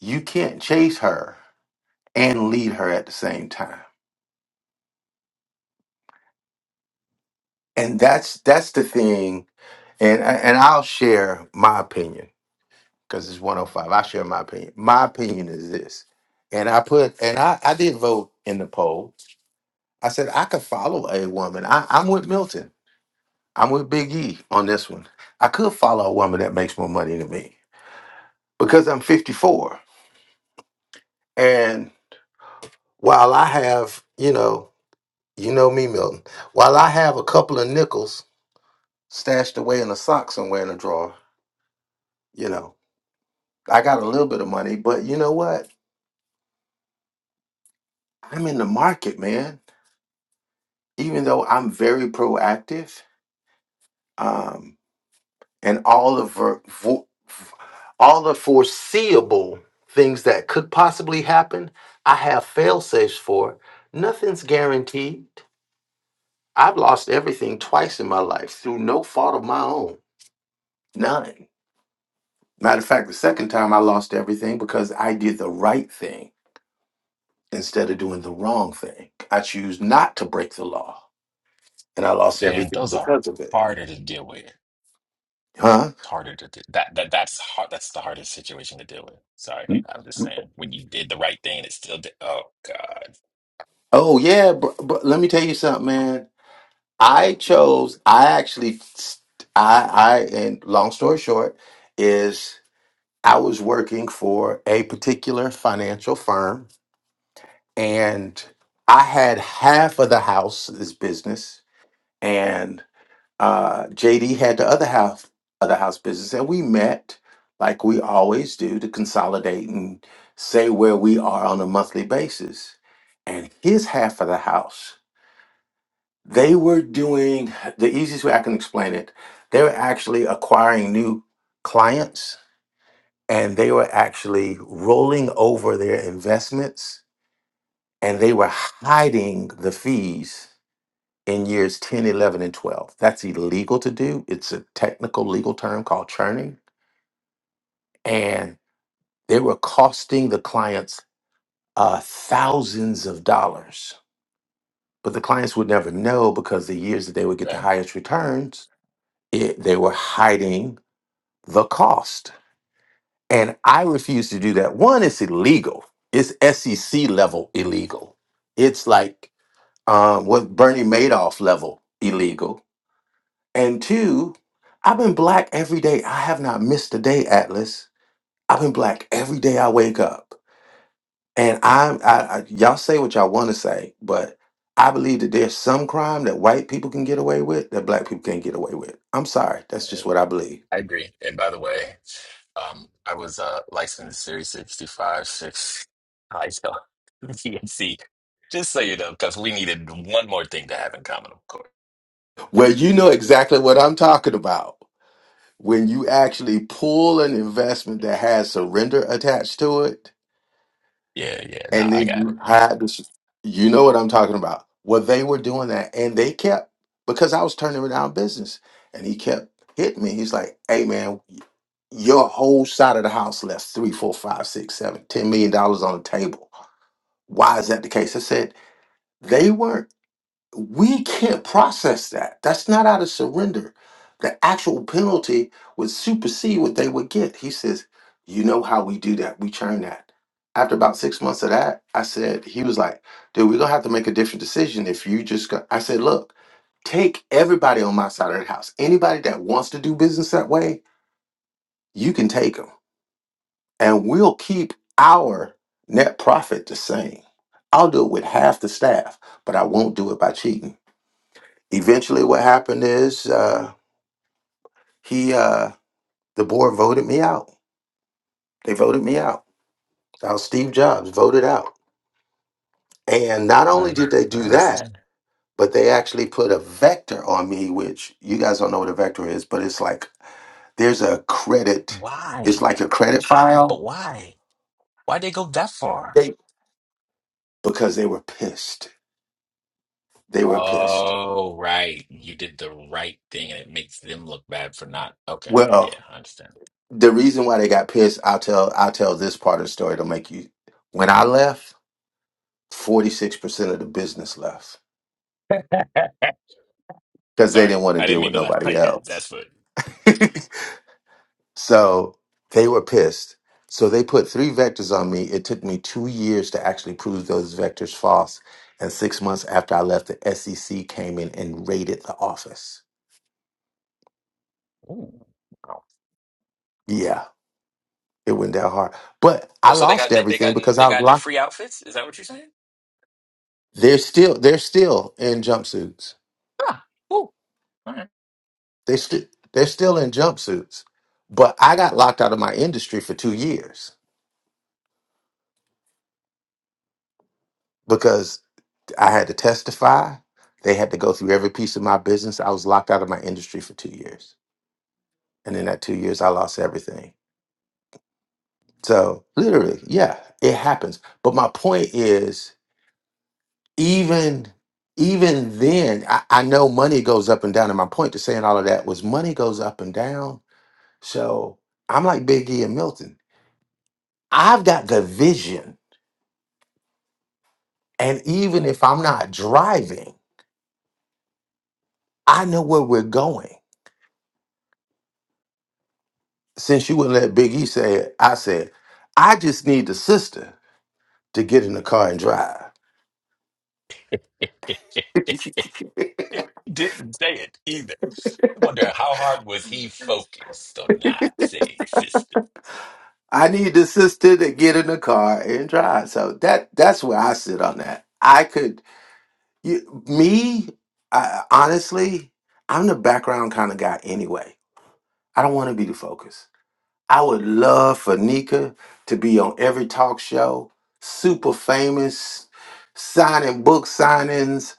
Speaker 2: you can't chase her and lead her at the same time. And that's that's the thing. And and I'll share my opinion because it's 105. I share my opinion. My opinion is this. And I put and I, I did vote in the poll. I said I could follow a woman. I, I'm with Milton. I'm with Big E on this one. I could follow a woman that makes more money than me because I'm 54. And while I have, you know, you know me, Milton, while I have a couple of nickels stashed away in a sock somewhere in a drawer, you know, I got a little bit of money, but you know what? I'm in the market, man. Even though I'm very proactive, um, and all of ver- vo- all the foreseeable things that could possibly happen, I have fail safes for. Nothing's guaranteed. I've lost everything twice in my life through no fault of my own None. Matter of fact, the second time I lost everything because I did the right thing instead of doing the wrong thing. I choose not to break the law, and I lost
Speaker 13: Man,
Speaker 2: everything
Speaker 13: those are
Speaker 2: because of it.
Speaker 13: harder to deal with. It's
Speaker 2: Huh?
Speaker 13: harder to do. that that that's hard. That's the hardest situation to deal with. Sorry,
Speaker 2: Mm.
Speaker 13: I'm just saying. When you did the right thing, it still did. Oh God,
Speaker 2: Oh yeah, but, but let me tell you something, man. I chose. I actually, I, I, and long story short, is I was working for a particular financial firm, and I had half of the house, this business, and. uh, JD had the other half of the house business, and we met like we always do to consolidate and say where we are on a monthly basis. And his half of the house, they were doing the easiest way I can explain it. They were actually acquiring new clients, and they were actually rolling over their investments, and they were hiding the fees in years 10, 11, and 12. That's illegal to do. It's a technical legal term called churning. And they were costing the clients uh, thousands of dollars. But the clients would never know because the years that they would get the
Speaker 13: Right.
Speaker 2: highest returns, it, they were hiding the cost. And I refuse to do that. One, it's illegal, it's SEC level illegal. It's like um, what Bernie Madoff level illegal And two, I've been black every day. I have not missed a day, Atlas. I've been black every day I wake up. And I'm, I, I y'all say what y'all want to say, but I believe that there's some crime that white people can get away with that black people can't get away with. I'm sorry. That's just what I believe.
Speaker 13: I agree. And by the way, um, I was uh licensed Series sixty five six High school, GNC. Just so you know, because we needed one more thing to have in common, of course.
Speaker 2: Well, you know exactly what I'm talking about. When you actually pull an investment that has surrender attached to it,
Speaker 13: Yeah, yeah. No,
Speaker 2: and
Speaker 13: I
Speaker 2: then
Speaker 13: got it.
Speaker 2: you had this you know what i'm talking about well they were doing that and they kept because i was turning them down business and he kept hitting me he's like hey man your whole side of the house left three four five six seven ten million dollars on the table why is that the case i said they weren't we can't process that. That's not out of surrender. The actual penalty would supersede what they would get. He says, You know how we do that. We churn that. After about six months of that, I said, He was like, Dude, we're going to have to make a different decision if you just go. I said, Look, take everybody on my side of the house. Anybody that wants to do business that way, you can take them. And we'll keep our net profit the same. I'll do it with half the staff, but I won't do it by cheating. Eventually, what happened is uh, he, uh, the board voted me out. They voted me out. I was Steve Jobs voted out. And not only
Speaker 13: Well,
Speaker 2: did they
Speaker 13: I
Speaker 2: do that,
Speaker 13: understand.
Speaker 2: but they actually put a vector on me, which you guys don't know what a vector is, but it's like there's a credit. It's
Speaker 13: why?
Speaker 2: like a credit
Speaker 13: But
Speaker 2: file.
Speaker 13: why? Why'd they go that far?
Speaker 2: They because they were pissed. They were pissed.
Speaker 13: Oh, right. You did the right thing and it makes them look bad for not. Okay. Yeah,
Speaker 2: Well,
Speaker 13: I understand.
Speaker 2: the reason why they got pissed, I'll tell. I'll tell this part of the story to make you. When I left, forty six percent of the business left. because they
Speaker 13: Sorry.
Speaker 2: didn't want to
Speaker 13: I didn't
Speaker 2: deal
Speaker 13: mean
Speaker 2: with
Speaker 13: to laugh
Speaker 2: nobody
Speaker 13: like that.
Speaker 2: else.
Speaker 13: That's what.
Speaker 2: so they were pissed. So they put three vectors on me. It took me two years to actually prove those vectors false. And six months after I left, the SEC came in and raided the office.
Speaker 13: Ooh. Oh,
Speaker 2: Yeah, it went down hard. But
Speaker 13: Oh,
Speaker 2: I
Speaker 13: so they
Speaker 2: lost
Speaker 13: got they, they
Speaker 2: everything
Speaker 13: got
Speaker 2: because
Speaker 13: they
Speaker 2: I was
Speaker 13: got new
Speaker 2: locked.
Speaker 13: free outfits? Is that what you're saying?
Speaker 2: They're still they're still in jumpsuits.
Speaker 13: Ah, ooh. All right.
Speaker 2: They st- they're still in jumpsuits. But I got locked out of my industry for two years because. I had to testify. They had to go through every piece of my business. I was locked out of my industry for two years. And in that two years, I lost everything. So literally, yeah, it happens. But my point is, even even then, I, I know money goes up and down. And my point to saying all of that was money goes up and down. So I'm like Big E and Milton. I've got the vision. And even if I'm not driving, I know where we're going. since you wouldn't let Big E say it, I said, I just need the sister to get in the car and drive.
Speaker 13: Didn't say it either. Wonder how hard was he focused on not saying
Speaker 2: I need the sister to get in the car and drive. So that that's where I sit on that. I could you, me I, honestly, I'm the background kind of guy anyway. I don't want to be the focus. I would love for Nika to be on every talk show, super famous, signing book signings.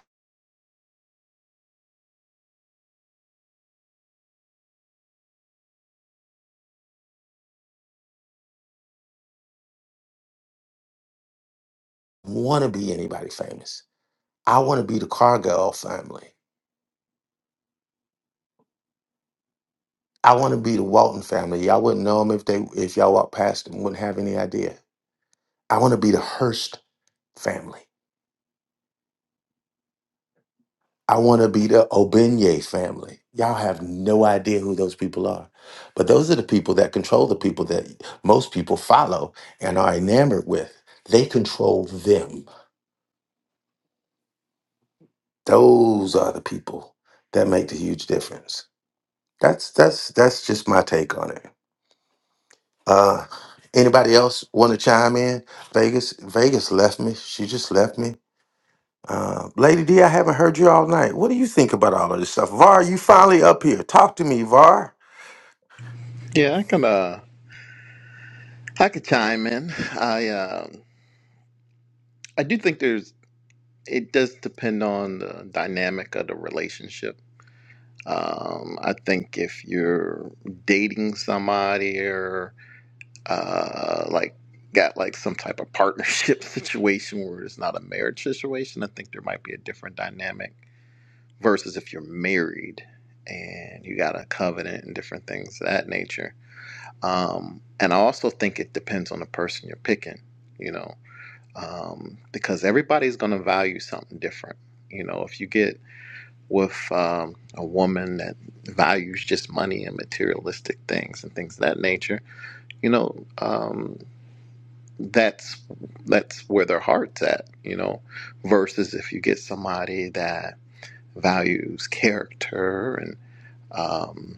Speaker 2: Want to be anybody famous? I want to be the Cargill family. I want to be the Walton family. Y'all wouldn't know them if they if y'all walked past them, wouldn't have any idea. I want to be the Hearst family. I want to be the Obenye family. Y'all have no idea who those people are. But those are the people that control the people that most people follow and are enamored with. They control them. Those are the people that make the huge difference. That's that's that's just my take on it. Uh, anybody else want to chime in? Vegas, Vegas left me. She just left me. Uh, Lady D, I haven't heard you all night. What do you think about all of this stuff? Var, you finally up here. Talk to me, Var.
Speaker 15: Yeah, I can uh I could chime in. I um I do think there's it does depend on the dynamic of the relationship. Um, I think if you're dating somebody or uh like got like some type of partnership situation where it's not a marriage situation, I think there might be a different dynamic versus if you're married and you got a covenant and different things of that nature. Um, and I also think it depends on the person you're picking, you know um, because everybody's going to value something different. You know, if you get with um, a woman that values just money and materialistic things and things of that nature, you know, um, that's that's where their heart's at. You know, versus if you get somebody that values character and um,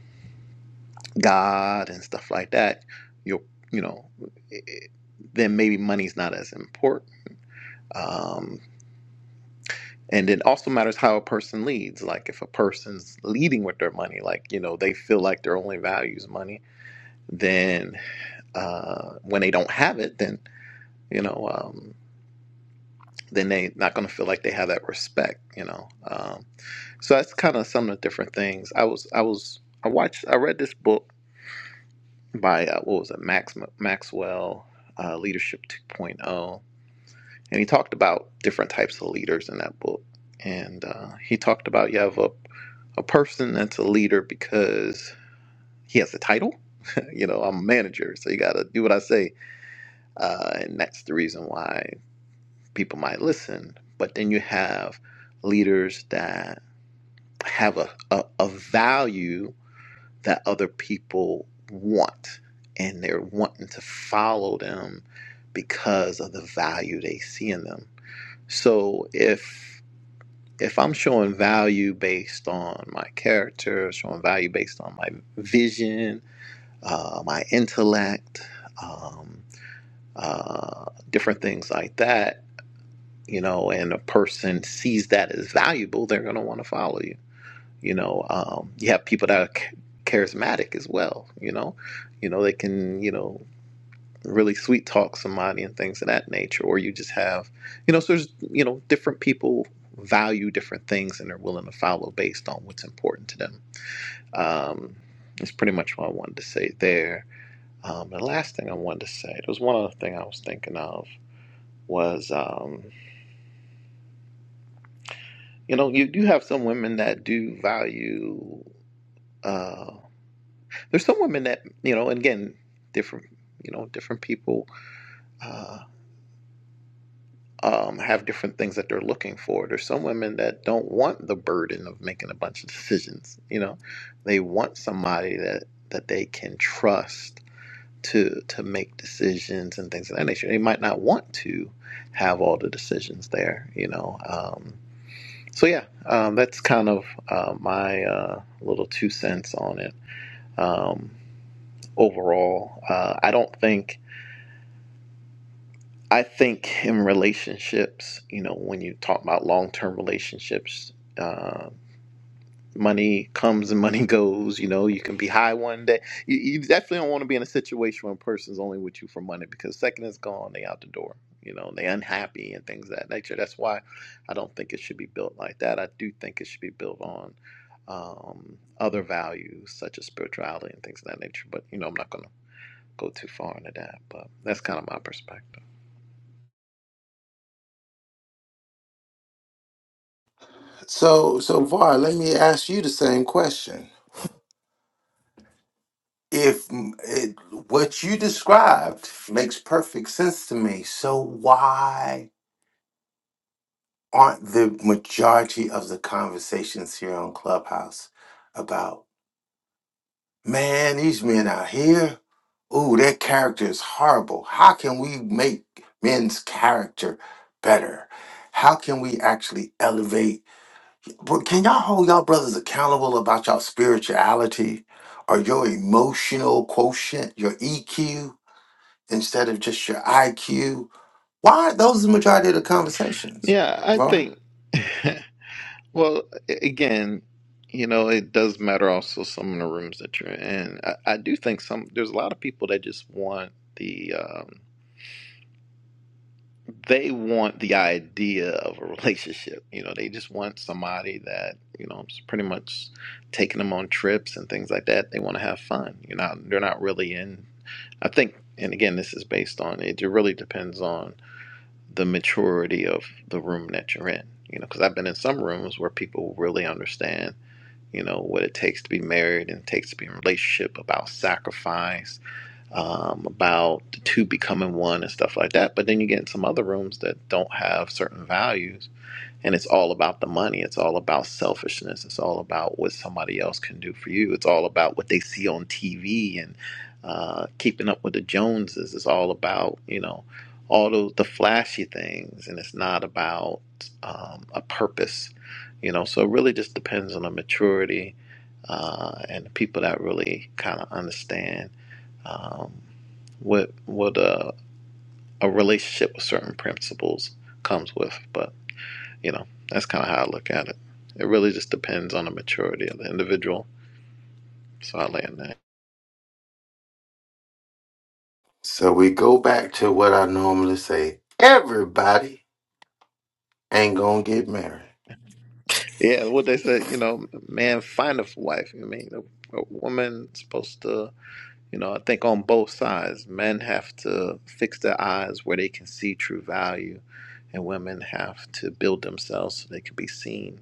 Speaker 15: God and stuff like that, you'll you know, it, then maybe money's not as important. Um, and it also matters how a person leads like if a person's leading with their money like you know they feel like their only value is money then uh, when they don't have it then you know um, then they not going to feel like they have that respect you know um, so that's kind of some of the different things i was i was i watched i read this book by uh, what was it max maxwell uh, leadership 2.0 and he talked about different types of leaders in that book. And uh, he talked about you have a, a person that's a leader because he has a title. you know, I'm a manager, so you got to do what I say. Uh, and that's the reason why people might listen. But then you have leaders that have a, a, a value that other people want, and they're wanting to follow them because of the value they see in them. So if if I'm showing value based on my character, showing value based on my vision, uh, my intellect, um, uh, different things like that, you know, and a person sees that as valuable, they're going to want to follow you. You know, um, you have people that are ch- charismatic as well. You know, you know they can. You know, really sweet talk somebody and things of that nature or you just have you know so there's you know different people value different things and they're willing to follow based on what's important to them um that's pretty much what i wanted to say there um the last thing i wanted to say there was one other thing i was thinking of was um you know you do have some women that do value uh there's some women that you know and again different you know different people uh, um, have different things that they're looking for. There's some women that don't want the burden of making a bunch of decisions. You know, they want somebody that that they can trust to to make decisions and things of that nature. They might not want to have all the decisions there. You know, um, so yeah, um, that's kind of uh, my uh, little two cents on it. Um, overall, uh, I don't think. I think in relationships, you know, when you talk about long term relationships, uh, money comes and money goes. You know, you can be high one day. You, you definitely don't want to be in a situation where a person's only with you for money because second is gone, they out the door. You know, they unhappy and things of that nature. That's why I don't think it should be built like that. I do think it should be built on um, other values such as spirituality and things of that nature. But you know, I'm not going to go too far into that. But that's kind of my perspective.
Speaker 2: So, so Var, let me ask you the same question. If mm, it, what you described makes perfect sense to me, so why aren't the majority of the conversations here on Clubhouse about, man, these men out here? Ooh, their character is horrible. How can we make men's character better? How can we actually elevate? Bro, Can y'all hold y'all brothers accountable about y'all spirituality or your emotional quotient, your EQ, instead of just your IQ? Why aren't those the majority of the conversations,
Speaker 15: Yeah, I
Speaker 2: Var?
Speaker 15: think, well, a- again, you know, it does matter also some of the rooms that you're in. I, I do think some, there's a lot of people that just want the, um, they want the idea of a relationship. You know, they just want somebody that, you know, is pretty much taking them on trips and things like that. They want to have fun. You're not, they're not really in, I think, and again, this is based on, it It really depends on the maturity of the room that you're in. You know, because I've been in some rooms where people really understand, you know, what it takes to be married and it takes to be in a relationship, about sacrifice, um, about the two becoming one and stuff like that. But then you get in some other rooms that don't have certain values and it's all about the money it's all about selfishness it's all about what somebody else can do for you it's all about what they see on tv and uh, keeping up with the joneses it's all about you know all those the flashy things and it's not about um, a purpose you know so it really just depends on the maturity uh, and the people that really kind of understand um, what what a, a relationship with certain principles comes with but. You know, that's kind of how I look at it. It really just depends on the maturity of the individual. So I land that.
Speaker 2: So we go back to what I normally say everybody ain't gonna get married.
Speaker 15: Yeah, what they said, you know, man, find a wife. I mean, a, a woman supposed to, you know, I think on both sides, men have to fix their eyes where they can see true value, and women have to build themselves so they can be seen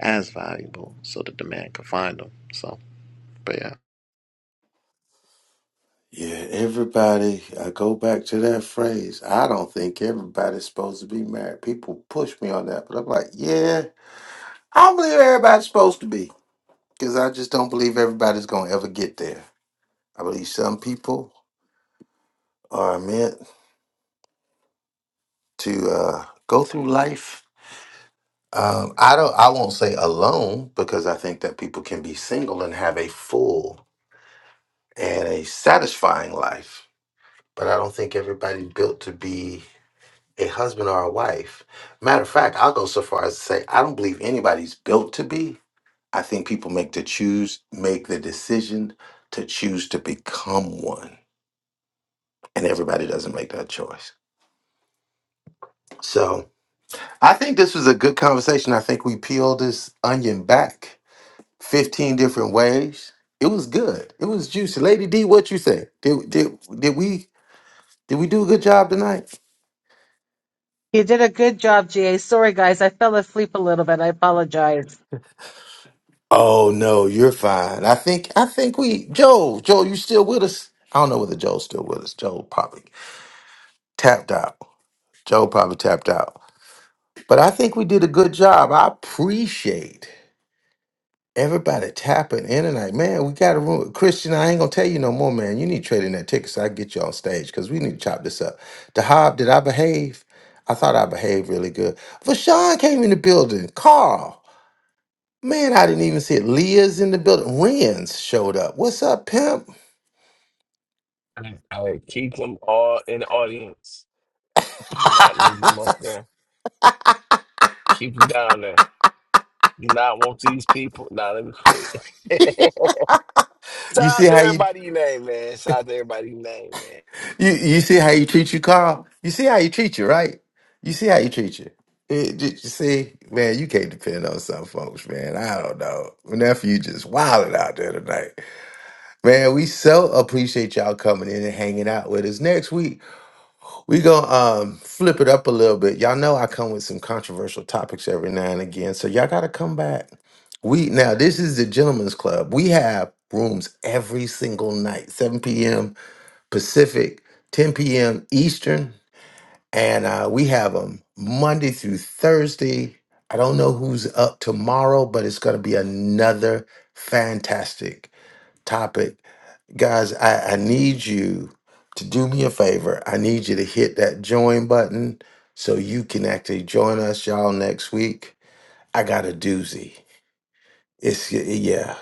Speaker 15: as valuable so that the man can find them. So, but yeah.
Speaker 2: Yeah, everybody, I go back to that phrase. I don't think everybody's supposed to be married. People push me on that, but I'm like, yeah, I don't believe everybody's supposed to be because I just don't believe everybody's going to ever get there. I believe some people are meant to uh, go through life. Um, I don't. I won't say alone because I think that people can be single and have a full and a satisfying life. But I don't think everybody's built to be a husband or a wife. Matter of fact, I'll go so far as to say I don't believe anybody's built to be. I think people make the choose, make the decision to choose to become one, and everybody doesn't make that choice. So I think this was a good conversation. I think we peeled this onion back 15 different ways. It was good. It was juicy. Lady D, what you say? Did did did we did we do a good job tonight?
Speaker 16: You did a good job, Ga. Sorry, guys, I fell asleep a little bit. I apologize.
Speaker 2: Oh no, you're fine. I think I think we Joe, Joe, you still with us? I don't know whether Joe's still with us. Joe probably tapped out. Joe probably tapped out. But I think we did a good job. I appreciate everybody tapping in tonight. Man, we got a room. Christian, I ain't gonna tell you no more, man. You need trading that ticket so I can get you on stage because we need to chop this up. The Hob, did I behave? I thought I behaved really good. Vashawn came in the building. Carl. Man, I didn't even see it. Leah's in the building. Ren's showed up. What's up, pimp?
Speaker 5: I, I keep them all in the audience. Do Not leave them up there. Keep them down there. You not want these people. Nah, let me quit. Shout
Speaker 2: you see
Speaker 5: out to
Speaker 2: how you,
Speaker 5: everybody you name, man. Shout out to everybody you name, man.
Speaker 2: you you see how you treat you, Carl? You see how you treat you, right? You see how you treat you. It, you see, man, you can't depend on some folks, man. I don't know. Nephew, just wilding out there tonight. Man, we so appreciate y'all coming in and hanging out with us. Next week, We're gonna um, flip it up a little bit. Y'all know I come with some controversial topics every now and again, so y'all gotta come back. We now this is the gentlemen's club. We have rooms every single night, 7 p.m. Pacific, 10 p.m. Eastern, and uh, we have them Monday through Thursday. I don't know who's up tomorrow, but it's gonna be another fantastic topic Guys, I, I need you to do me a favor. I need you to hit that join button so you can actually join us, y'all, next week. I got a doozy. It's yeah,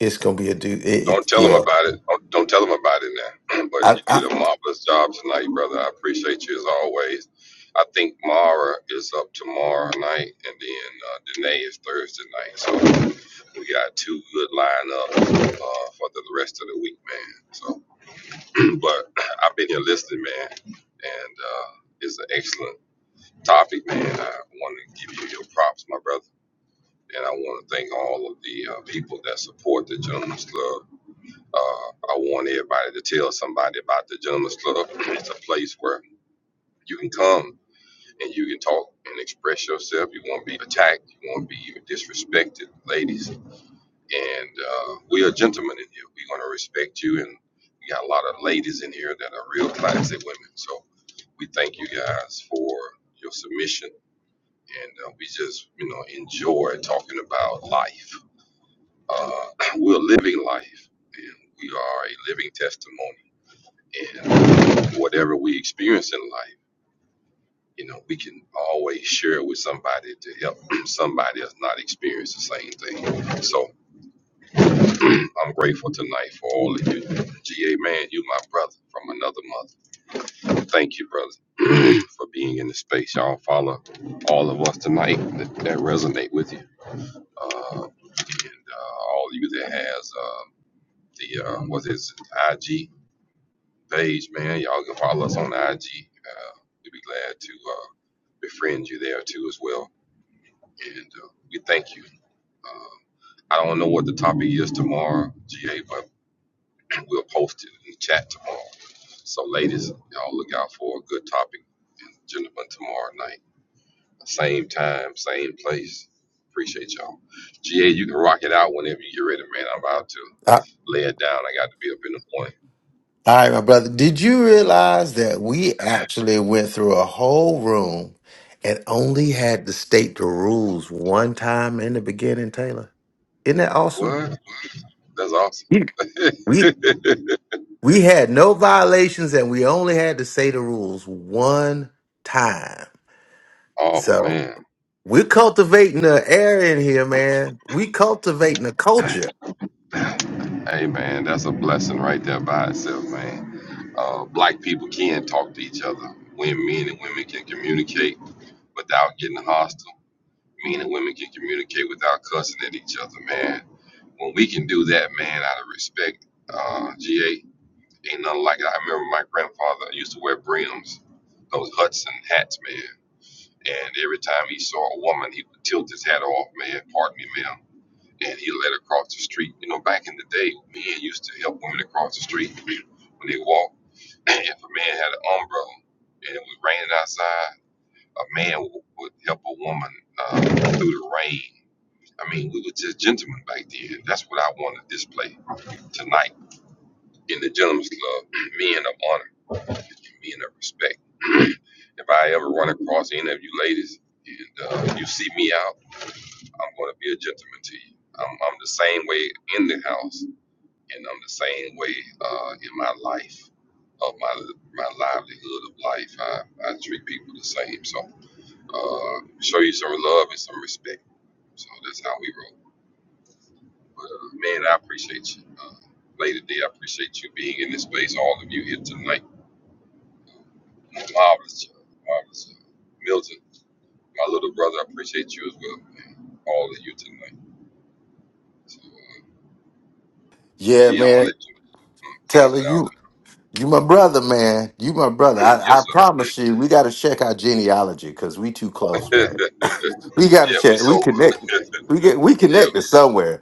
Speaker 2: it's gonna be a do. It,
Speaker 10: Don't
Speaker 2: it
Speaker 10: tell them
Speaker 2: yeah.
Speaker 10: about it. Don't, don't tell them about it now. but
Speaker 2: I,
Speaker 10: you
Speaker 2: I,
Speaker 10: did a marvelous job tonight, brother. I appreciate you as always. I think Mara is up tomorrow night, and then uh, Danae is Thursday night. So we got two good lineups uh, for the rest of the week, man. So, but I've been here listening, man, and uh, it's an excellent topic, man. I want to give you your props, my brother, and I want to thank all of the uh, people that support the Gentleman's Club uh, I want everybody to tell somebody about the Gentleman's Club. it's a place where you can come and you can talk and express yourself. You won't be attacked. You won't be disrespected, ladies. And uh, we are gentlemen in here. We're going to respect you. And we got a lot of ladies in here that are real classy women. So we thank you guys for your submission. And uh, we just, you know, enjoy talking about life. Uh, we're living life. And we are a living testimony and whatever we experience in life, you know, we can always share it with somebody to help somebody that's not experienced the same thing. So I'm grateful tonight for all of you. GA man, you my brother from another mother. Thank you, brother, for being in the space. Y'all follow all of us tonight that, that resonate with you. Uh, and uh, all of you that has uh, the, uh, what is it, IG? page, man. Y'all can follow us on IG. Uh, we'd be glad to uh, befriend you there too as well. And uh, we thank you. Um, I don't know what the topic is tomorrow, GA, but we'll post it in the chat tomorrow. So, ladies, y'all look out for a good topic, and gentlemen, tomorrow night, same time, same place. Appreciate y'all. GA, you can rock it out whenever you get ready, man. I'm about to
Speaker 2: I, all
Speaker 10: lay it down. I got to be up in the morning.
Speaker 2: right, my brother. Did you realize that we actually went through a whole room and only had to state the rules one time in the beginning, Taylor? Isn't that awesome?
Speaker 10: What? That's
Speaker 2: Yeah. We
Speaker 10: awesome.
Speaker 2: We had no violations and we only had to say the rules one time.
Speaker 10: Oh
Speaker 2: So
Speaker 10: man,
Speaker 2: we're cultivating the air in here, man. We cultivating the culture.
Speaker 10: hey man, that's a blessing right there by itself, man. Uh, black people can talk to each other. When men and women can communicate without getting hostile. Men and women can communicate without cussing at each other, man. When we can do that, man, out of respect, uh, GA ain't nothing like it. I remember my grandfather used to wear brims, those Hudson hats, man. And every time he saw a woman, he would tilt his hat off, man. Pardon me, ma'am and he let her cross the street. You know, back in the day, men used to help women across the street when they walked. if a man had an umbrella and it was raining outside, a man w- would help a woman uh, through the rain. I mean, we were just gentlemen back then. That's what I want to display tonight in the Gentlemen's Club. Men of honor, men of respect. if I ever run across any of you ladies and uh, you see me out, I'm going to be a gentleman to you. I'm, I'm the same way in the house And I'm the same way uh, in my life, of my my livelihood of life. I, I treat people the same. So uh, show you some love and some respect. So that's how we roll. But uh, man, I appreciate you. Uh, Lady D, I appreciate you being in this space. All of you here tonight. Marvelous job. Marvelous job. Milton, my little brother, I appreciate you as well, man. All of you tonight. So, uh,
Speaker 2: Yeah,
Speaker 10: gee, I'm going
Speaker 2: man.
Speaker 10: to let you uh, close
Speaker 2: Telling you,
Speaker 10: it
Speaker 2: you my brother, man. You my brother.
Speaker 10: out.
Speaker 2: I,
Speaker 10: yes,
Speaker 2: I
Speaker 10: sir.
Speaker 2: promise you, we gotta check our genealogy because we too close, man. We gotta
Speaker 10: yeah, we
Speaker 2: check. We
Speaker 10: sold.
Speaker 2: connect. We
Speaker 10: yeah,
Speaker 2: get we connected somewhere.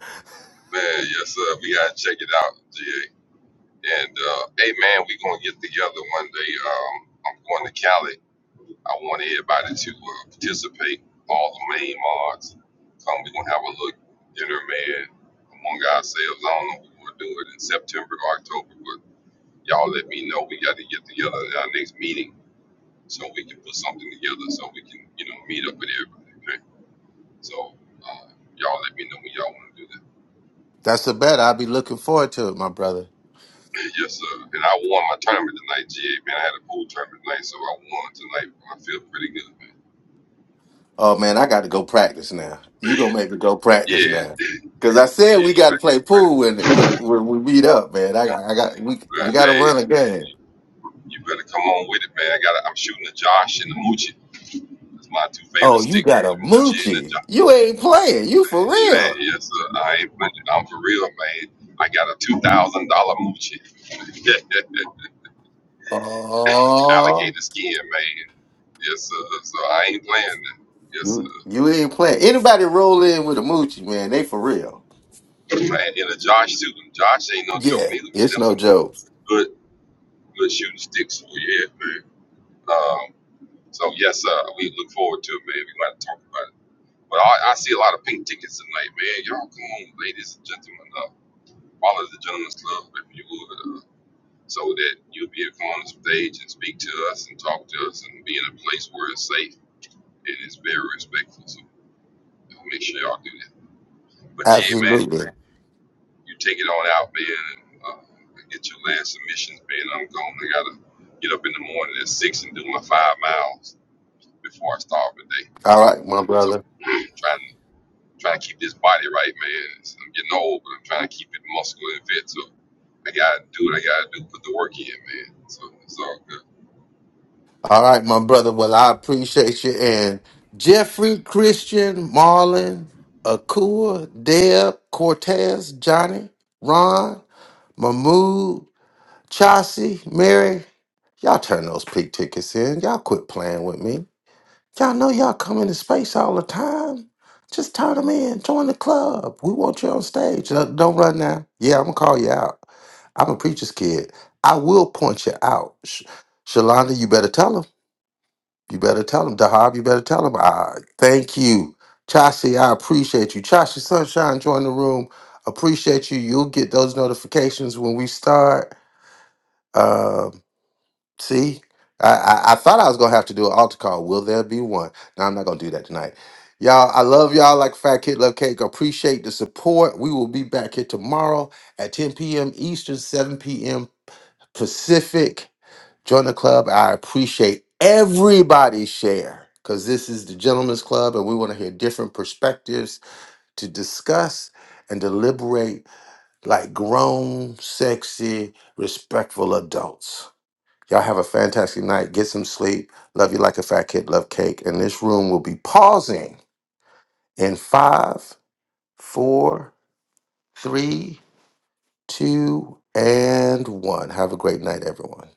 Speaker 10: man, yes sir. We gotta check it out, GA. And uh, hey, man, we gonna get together one day. Um, I'm going to Cali. I want everybody to uh, participate. All the main mods come. We're gonna have a little dinner, man, among ourselves. I don't know if we're gonna do it in September or October, but y'all let me know. We got to get together at our next meeting so we can put something together so we can, you know, meet up with everybody. Okay? So uh, y'all let me know when y'all want to do that.
Speaker 2: That's the bet. I'll be looking forward to it, my brother.
Speaker 10: yes, sir. And I won my tournament tonight, GA, man. I had a pool tournament tonight, so I won tonight. I feel pretty good, man.
Speaker 2: Oh man, I got to go practice now. You gonna make me go practice now?
Speaker 10: Yeah,
Speaker 2: Cause I said
Speaker 10: yeah,
Speaker 2: we
Speaker 10: you
Speaker 2: got to
Speaker 10: better,
Speaker 2: play pool when, when when we meet up, man. I I got we we
Speaker 10: man,
Speaker 2: got to
Speaker 10: hey,
Speaker 2: run a game.
Speaker 10: you better come on with it, man. I got, I'm shooting the Josh and the Moochie. That's my two favorite
Speaker 2: Oh, you
Speaker 10: sticks, the
Speaker 2: got a
Speaker 10: Moochie and the
Speaker 2: moochie. You
Speaker 10: Josh.
Speaker 2: ain't playing. You for
Speaker 10: Man,
Speaker 2: real?
Speaker 10: yes, sir. I ain't playing. I'm for real, man. I got a two thousand dollar Moochie. Hey,
Speaker 2: Oh,
Speaker 10: alligator skin, man. Yes, sir. So I ain't playing that. Yes,
Speaker 2: you
Speaker 10: sir.
Speaker 2: you ain't playing. Anybody roll in with a moochie, man? They for real.
Speaker 10: Man, in a Josh shooting. Josh ain't no joke
Speaker 2: Yeah,
Speaker 10: neither, man.
Speaker 2: it's
Speaker 10: Them
Speaker 2: no
Speaker 10: some
Speaker 2: joke.
Speaker 10: good, good shooting sticks for you. yeah, man. Um, so yes, sir. We look forward to it, man. We might talk about it. But I, I see a lot of pink tickets tonight, man. Y'all come on, ladies and gentlemen. Uh, follow the Gentlemen's Club if you would, uh, so that you'll be able to come on the stage and speak to us and talk to us and be in a place where it's safe and it's very respectful. So y'all make sure y'all do that. But yeah, man,
Speaker 2: Absolutely.
Speaker 10: you take it on out, man, and uh, get your last submissions, man. I'm going. I gotta get up in the morning at six and do my five miles before I start the day.
Speaker 2: All right, my
Speaker 10: So
Speaker 2: brother.
Speaker 10: trying to trying to keep this body right, man. It's- I'm getting old, but I'm trying to keep it muscular and fit. So I gotta do what I gotta do. Put the work in, man. So it's all good.
Speaker 2: All right, my brother. Well, I appreciate you. And Jeffrey, Christian, Marlon, Akua, Deb, Cortez, Johnny, Ron, Mahmood, Chauncey, Mary. Y'all turn those pig tickets in. Y'all quit playing with me. Y'all know y'all come into space all the time. Just turn them in. Join the club. We want you on stage. Uh, Don't run now. Yeah, I'm gonna call you out. I'm a preacher's kid. I will point you out. Sh- Shalonda, you better tell 'em. You better tell him, Dahab. You better tell him. I thank you, Chashi. I appreciate you, Chashi Sunshine. Join the room. Appreciate you. You'll get those notifications when we start. Um, see, I, I I thought I was gonna have to do an altar call. Will there be one? No, I'm not gonna do that tonight. Y'all, I love y'all like Fat Kid Love Cake. Appreciate the support. We will be back here tomorrow at 10 p.m. Eastern, 7 p.m. Pacific. Join the club. I appreciate everybody's share because this is the Gentlemen's Club and we want to hear different perspectives to discuss and deliberate like grown, sexy, respectful adults. Y'all have a fantastic night. Get some sleep. Love you like a fat kid. Love cake. And this room will be pausing in five, four, three, two, and one. Have a great night, everyone.